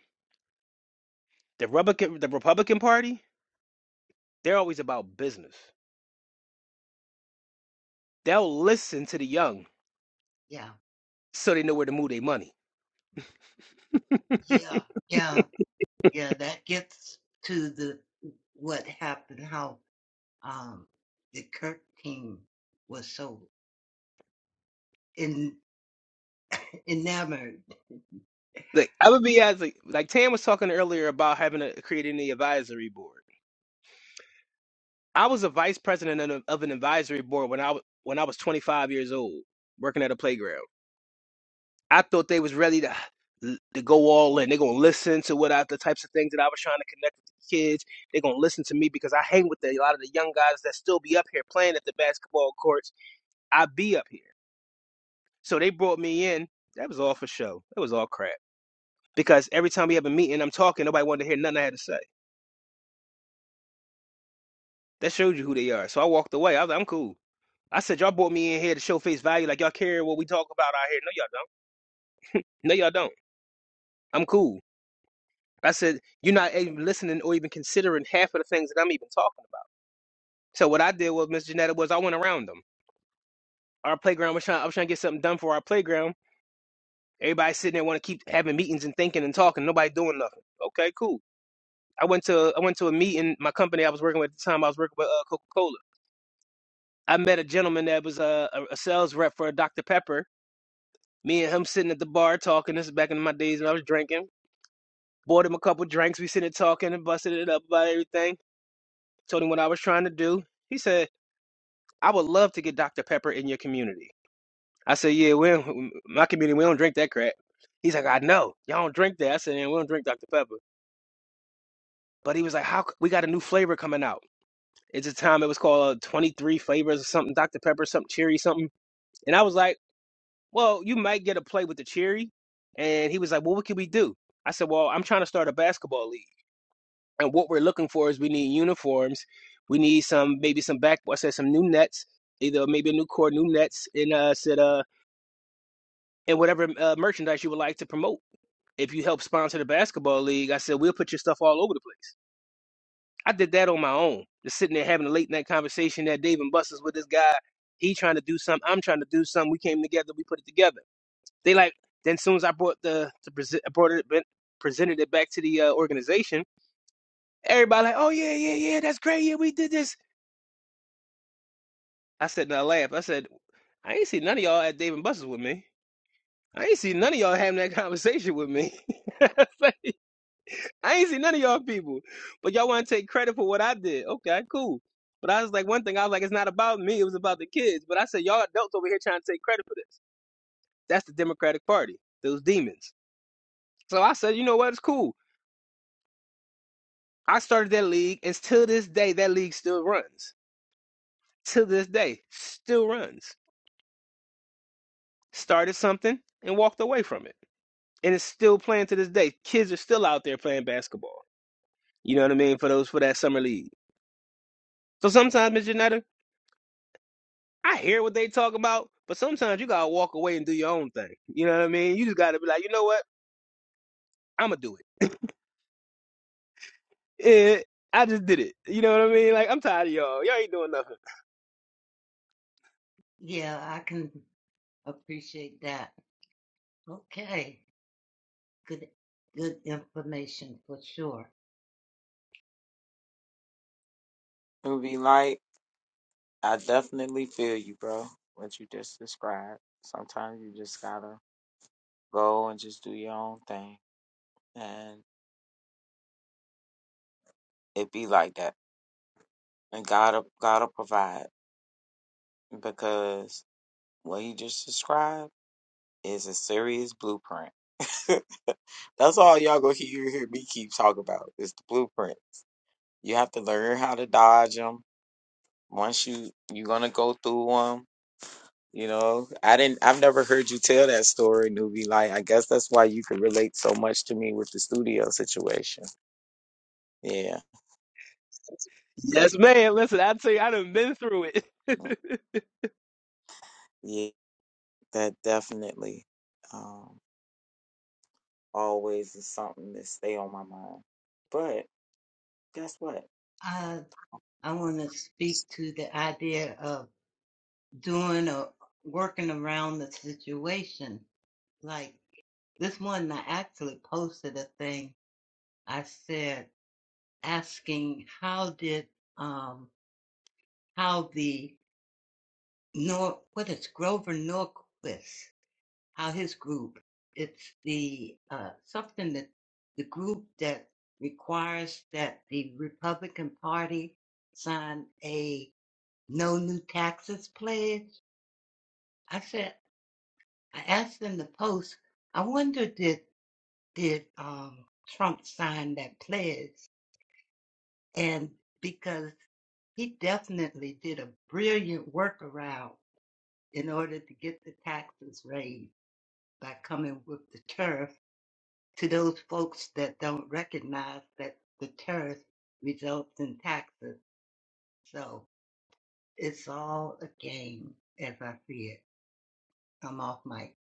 [SPEAKER 10] The Republican, the Republican Party They're always about business. They'll listen to the young
[SPEAKER 9] Yeah,
[SPEAKER 10] so they know where to move their money.
[SPEAKER 9] yeah, yeah. yeah, that gets to the what happened, how um, the Kirk team was so in, enamored.
[SPEAKER 10] Like I would be as like, like Tam was talking earlier about having a creating the advisory board. I was a vice president of, of an advisory board when I was when I was 25 years old, working at a playground. I thought they was ready to to go all in. They're gonna listen to what I, the types of things that I was trying to connect with the kids. They're gonna listen to me because I hang with the, a lot of the young guys that still be up here playing at the basketball courts. I be up here. So they brought me in. That was all for show. That was all crap. Because every time we have a meeting, I'm talking, nobody wanted to hear nothing I had to say. That showed you who they are. So I walked away. I was like, I'm cool. I said, y'all brought me in here to show face value, like y'all care what we talk about out here. No, y'all don't. No, y'all don't. I'm cool. I said, you're not even listening or even considering half of the things that I'm even talking about. So what I did was, Miss Janetta, was I went around them. Our playground was trying, I was trying to get something done for our playground. Everybody sitting there want to keep having meetings and thinking and talking. Nobody doing nothing. Okay, cool. I went to I went to a meeting. My company I was working with at the time, I was working with uh, Coca Cola. I met a gentleman that was uh, a, a sales rep for Dr Pepper. Me and him sitting at the bar talking. This is back in my days when I was drinking. Bought him a couple drinks. We sitting there talking and busted it up about everything. Told him what I was trying to do. He said, "I would love to get Dr Pepper in your community." I said, "Yeah, we don't- my community we don't drink that crap." He's like, "I know y'all don't drink that." I said, "Yeah, we don't drink Dr Pepper." But he was like, "How we got a new flavor coming out?" It's a time it was called uh, 23 flavors or something, Dr. Pepper, something cherry, something. And I was like, well, you might get a play with the cherry. And he was like, well, what can we do? I said, well, I'm trying to start a basketball league. And what we're looking for is we need uniforms. We need some, maybe some back, I said, some new nets, either maybe a new court, new nets, and uh, I said, uh, and whatever uh, merchandise you would like to promote. If you help sponsor the basketball league, I said, we'll put your stuff all over the place. I did that on my own. Just sitting there having a late night conversation at Dave and Buster's with this guy. He trying to do something. I'm trying to do something. We came together. We put it together. They like. Then soon as I brought the, the presi- I brought it, presented it back to the uh, organization. Everybody like, oh yeah, yeah, yeah, that's great. Yeah, we did this. I said, and I laughed. I said, I ain't see none of y'all at Dave and Buster's with me. I ain't see none of y'all having that conversation with me. I ain't seen none of y'all people, but y'all want to take credit for what I did. Okay, cool. But I was like, one thing I was like, it's not about me. It was about the kids. But I said, y'all adults over here trying to take credit for this. That's the Democratic Party. Those demons. So I said, you know what? It's cool. I started that league, and till this day, that league still runs. To this day, still runs. Started something and walked away from it, and it's still playing to this day. Kids are still out there playing basketball. You know what I mean? For those for that summer league. So sometimes, Miss Janetta, I hear what they talk about, but sometimes you gotta walk away and do your own thing. You know what I mean? You just gotta be like, you know what? I'ma do it. Eh, I just did it. You know what I mean? Like I'm tired of y'all. Y'all ain't doing nothing.
[SPEAKER 9] Yeah, I can appreciate that. Okay, good, good information for sure.
[SPEAKER 7] Ruby Light, I definitely feel you, bro. What you just described. Sometimes you just gotta Go and just do your own thing, and it be like that. And God'll God'll provide because what He just described is a serious blueprint. That's all y'all gonna hear, hear me keep talking about is the blueprint. You have to learn how to dodge them. Once you you're gonna go through them. You know, I didn't. I've never heard you tell that story, newbie. Like, I guess that's why you could relate so much to me with the studio situation. Yeah,
[SPEAKER 10] Yes, man. Listen, I tell you, I done been through
[SPEAKER 7] Mm.
[SPEAKER 10] it.
[SPEAKER 7] yeah. that definitely um, always is something that stay on my mind. But guess what?
[SPEAKER 9] I I want to speak to the idea of doing or working around the situation. Like this one, I actually posted a thing. I said asking how did um how the Nor what is Grover Norquist, how his group, it's the uh, something that the group that requires that the Republican Party sign a no new taxes pledge. I said I asked in the post. I wonder did did um, Trump sign that pledge? And because he definitely did a brilliant workaround in order to get the taxes raised by coming with the tariff to those folks that don't recognize that the tariff results in taxes. So it's all a game as I see it. I'm off mic.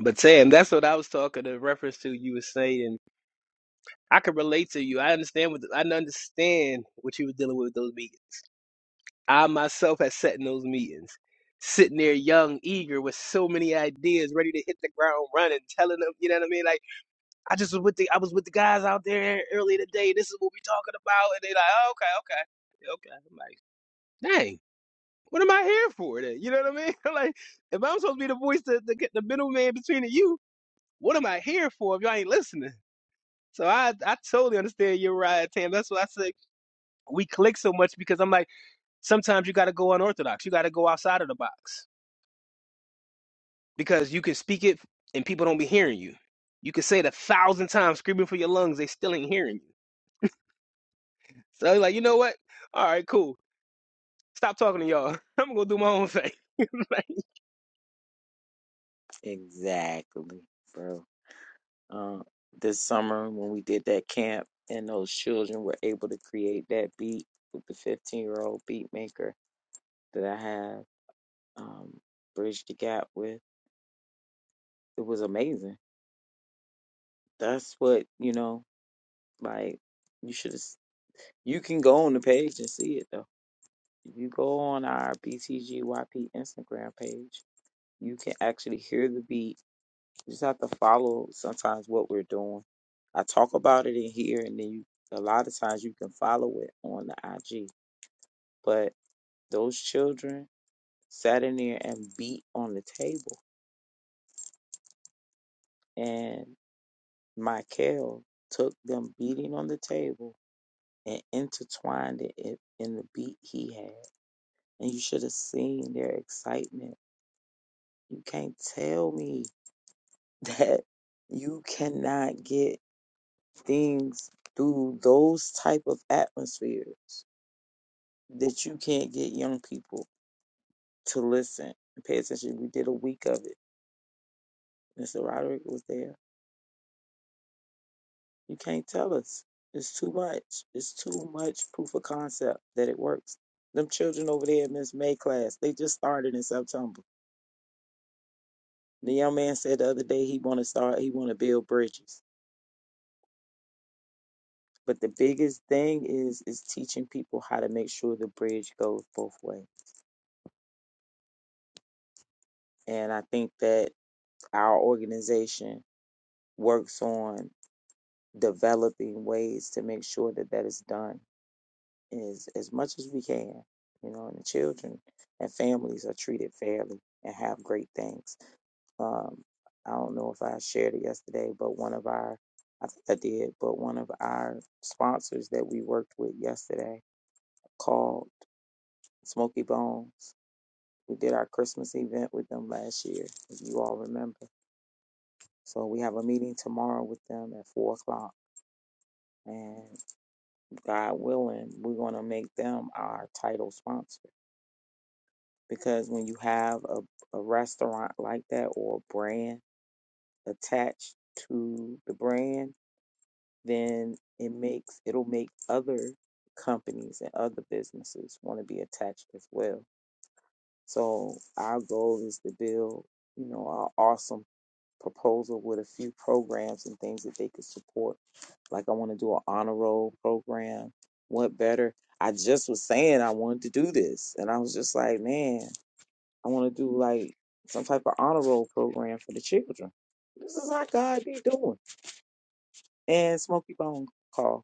[SPEAKER 10] But Sam, that's what I was talking in reference to. You were saying I could relate to you. I understand what I understand what you were dealing with, with those meetings. I myself had sat in those meetings, sitting there young, eager, with so many ideas, ready to hit the ground running, telling them, you know what I mean? Like I just was with the I was with the guys out there earlier today. This is what we talking about, and they like, oh, okay, okay, okay. I'm like, dang, what am I here for? Then you know what I mean? I'm like, if I'm supposed to be the voice, the the, the middleman between the you, what am I here for if y'all ain't listening? So I I totally understand your right, Tam. That's why I say we click so much because I'm like, sometimes you got to go unorthodox. You got to go outside of the box because you can speak it and people don't be hearing you. You can say it a thousand times, screaming for your lungs, they still ain't hearing you So I was like, you know what? All right, cool. Stop talking to y'all. I'm gonna go do my own thing. Like,
[SPEAKER 7] Exactly, bro. Uh, this summer when we did that camp and those children were able to create that beat with the 15 year old beat maker that I have um, bridged the gap with, it was amazing. That's what, you know, like you should you can go on the page and see it though. If you go on our BTGYP Instagram page, You can actually hear the beat. You just have to follow sometimes what we're doing. I talk about it in here, and then you, a lot of times you can follow it on the IG. But those children sat in there and beat on the table, and Michael took them beating on the table and intertwined it in, in the beat he had. And you should have seen their excitement. You can't tell me that you cannot get things through those type of atmospheres that you can't get young people to listen and pay attention. We did a week of it. Mr. Roderick was there. You can't tell us. It's too much. It's too much proof of concept that it works. Them children over there in Miss May class, they just started in September. The young man said the other day he wanna start he wanna build bridges. But the biggest thing is is teaching people how to make sure the bridge goes both ways. And I think that our organization works on developing ways to make sure that that is done is as much as we can, you know, and the children and families are treated fairly and have great things. Um, I don't know if I shared it yesterday, but one of our, I think I did, but one of our sponsors that we worked with yesterday called Smoky Bones. We did our Christmas event with them last year, if you all remember. So we have a meeting tomorrow with them at four o'clock And God willing, we're going to make them our title sponsor. Because when you have a, a restaurant like that or a brand attached to the brand, then it makes it'll make other companies and other businesses want to be attached as well. So our goal is to build, you know, an awesome proposal with a few programs and things that they could support. Like I want to do an honor roll program. What better? I just was saying I wanted to do this, and I was just like, man, I want to do like some type of honor roll program for the children. This is how God be doing. And Smokey Bone called.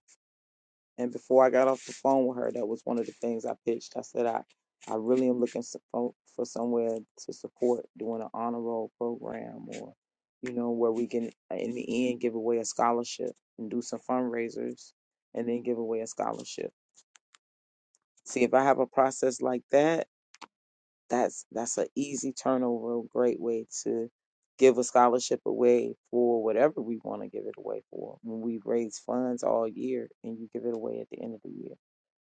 [SPEAKER 7] And before I got off the phone with her, that was one of the things I pitched. I said, I, I really am looking so- for somewhere to support doing an honor roll program or, you know, where we can, uh, in the end, give away a scholarship and do some fundraisers and then give away a scholarship. See, if I have a process like that, that's that's an easy turnover, a great way to give a scholarship away for whatever we want to give it away for. When we raise funds all year and you give it away at the end of the year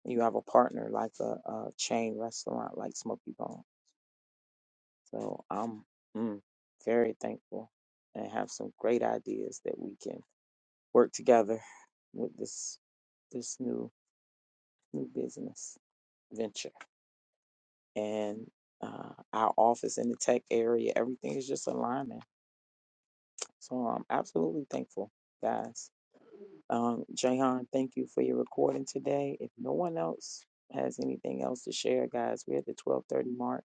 [SPEAKER 7] you have a partner like a, a chain restaurant like Smoky Bone. So I'm mm, very thankful and have some great ideas that we can work together with this this new new business venture and uh, our office in the tech area. Everything is just aligning. So I'm absolutely thankful, guys. Um, Jahan, thank you for your recording today. If no one else has anything else to share, guys, we're at the 12:30 mark.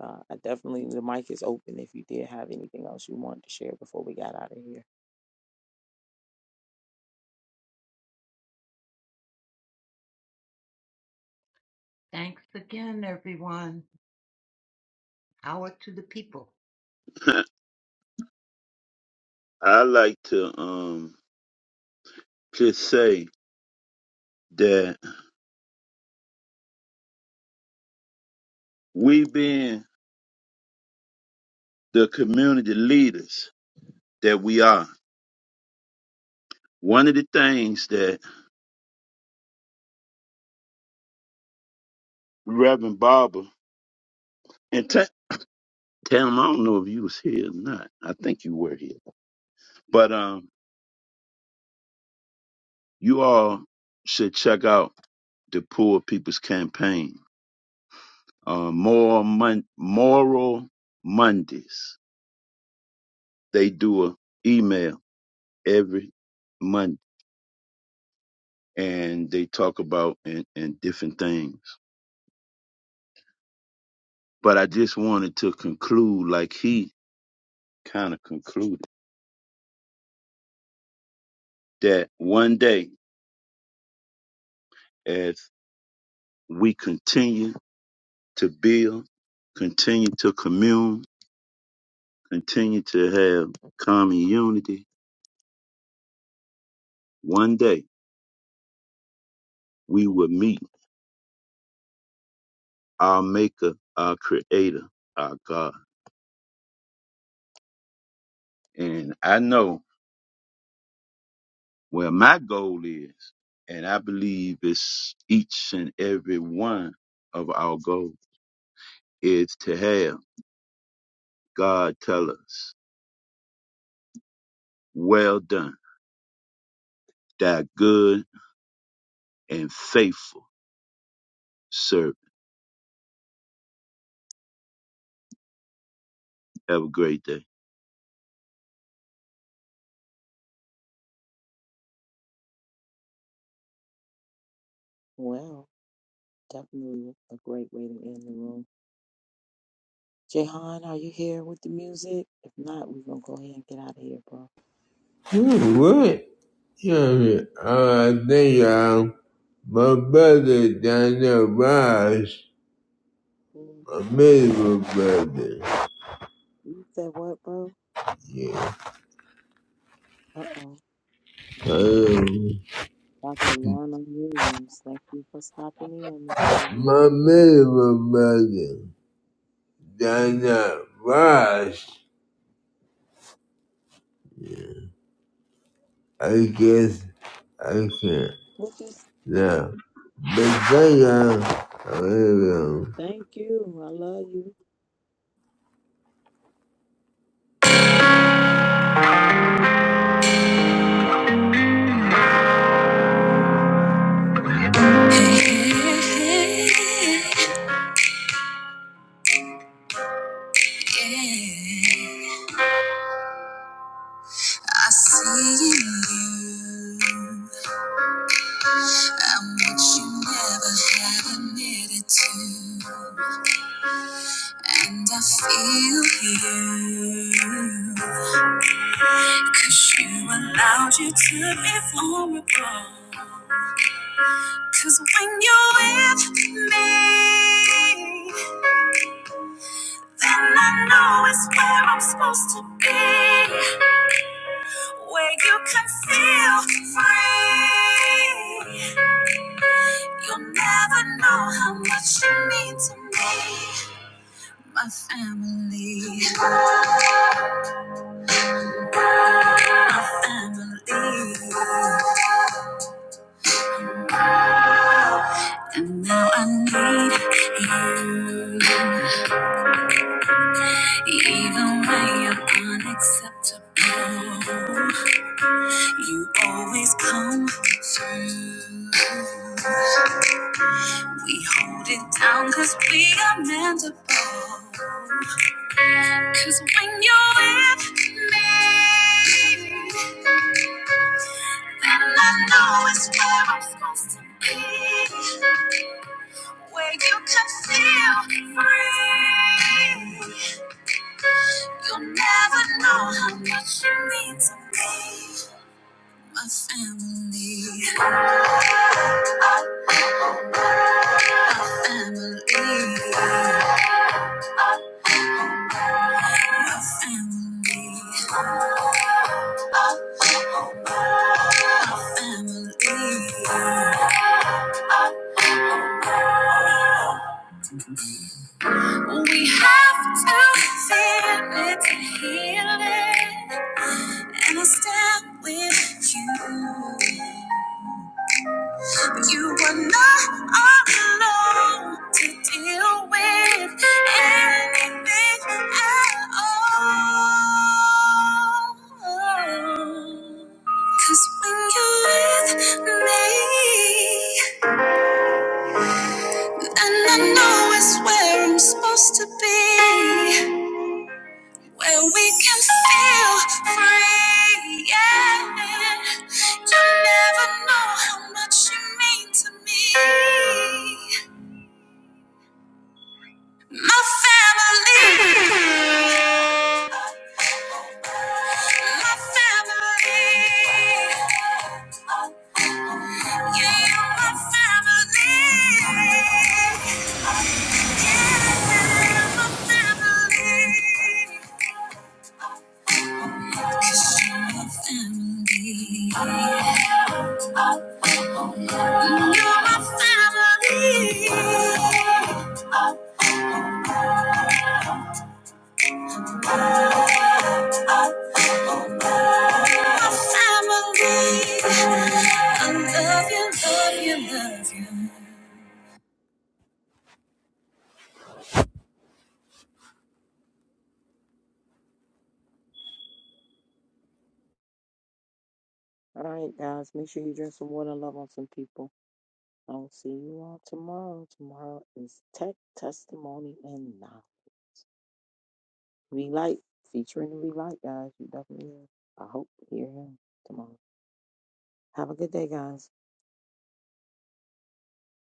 [SPEAKER 7] Uh, I definitely, the mic is open if you did have anything else you wanted to share before we got out of here.
[SPEAKER 9] Thanks again, everyone. Power to the people.
[SPEAKER 5] I like to um just say that we being the community leaders that we are. One of the things that Reverend Barber and Ta- Tam, I don't know if you was here or not. I think you were here, but um, you all should check out the Poor People's Campaign. Uh, Moral, Mon- Moral Mondays. They do a email every month and they talk about and, and different things. But I just wanted to conclude like he kind of concluded that one day as we continue to build, continue to commune, continue to have common unity, one day we will meet our maker, our creator, our God. And I know Well, my goal is, and I believe it's each and every one of our goal, is to have God tell us, Well done, thy good and faithful servant. Have a great day.
[SPEAKER 7] Well, definitely a great way to end the room. Jahan, are you here with the music? If not, we're going to go ahead and get out of here, bro.
[SPEAKER 1] Hmm, What? Yeah, uh, I think uh, my brother down there, Ross,
[SPEAKER 7] Mm,
[SPEAKER 1] my middle brother.
[SPEAKER 7] You said what, bro?
[SPEAKER 1] Yeah.
[SPEAKER 7] Uh oh.
[SPEAKER 1] Um,
[SPEAKER 7] Dr. Lorna Williams, thank you for stopping in, Miss Williams.
[SPEAKER 1] my middle brother down there, Ross. Yeah, I guess I can.
[SPEAKER 7] What you say?
[SPEAKER 1] now. Big J, uh, I
[SPEAKER 7] Thank you. I love you.
[SPEAKER 1] see in you what you never have admitted to, and I feel you. 'Cause you allowed you to be vulnerable. 'Cause when you're with me, then I know it's where I'm supposed to be. I Can feel free. You'll never know how much you mean to me. My family, my family. And now I need you. Even when you're unacceptable, you always come through. We hold it down cause we are mendable. Cause when you're with me, And I know it's where I'm supposed to be, where you can feel free. You'll never know how much you mean to me. My family, family, my family, my family. We have to feel it to heal it, and I stand with you. You are not alone to deal with anything at all. Cause when you're with me, and I know it's where I'm supposed to be, where we can feel free. Yeah. You never know how much you mean to me. My family. My family. Yeah, you're my family. you're my family, 'cause you're my family. You're my family. My family. I love you, love you, love you.
[SPEAKER 7] All right, guys, make sure you drink some water and love on some people. I'll see you all tomorrow. Tomorrow is Tech Testimony and Now. Relight, featuring the Relight, guys. You definitely, I hope, hear him tomorrow. Have a good day, guys.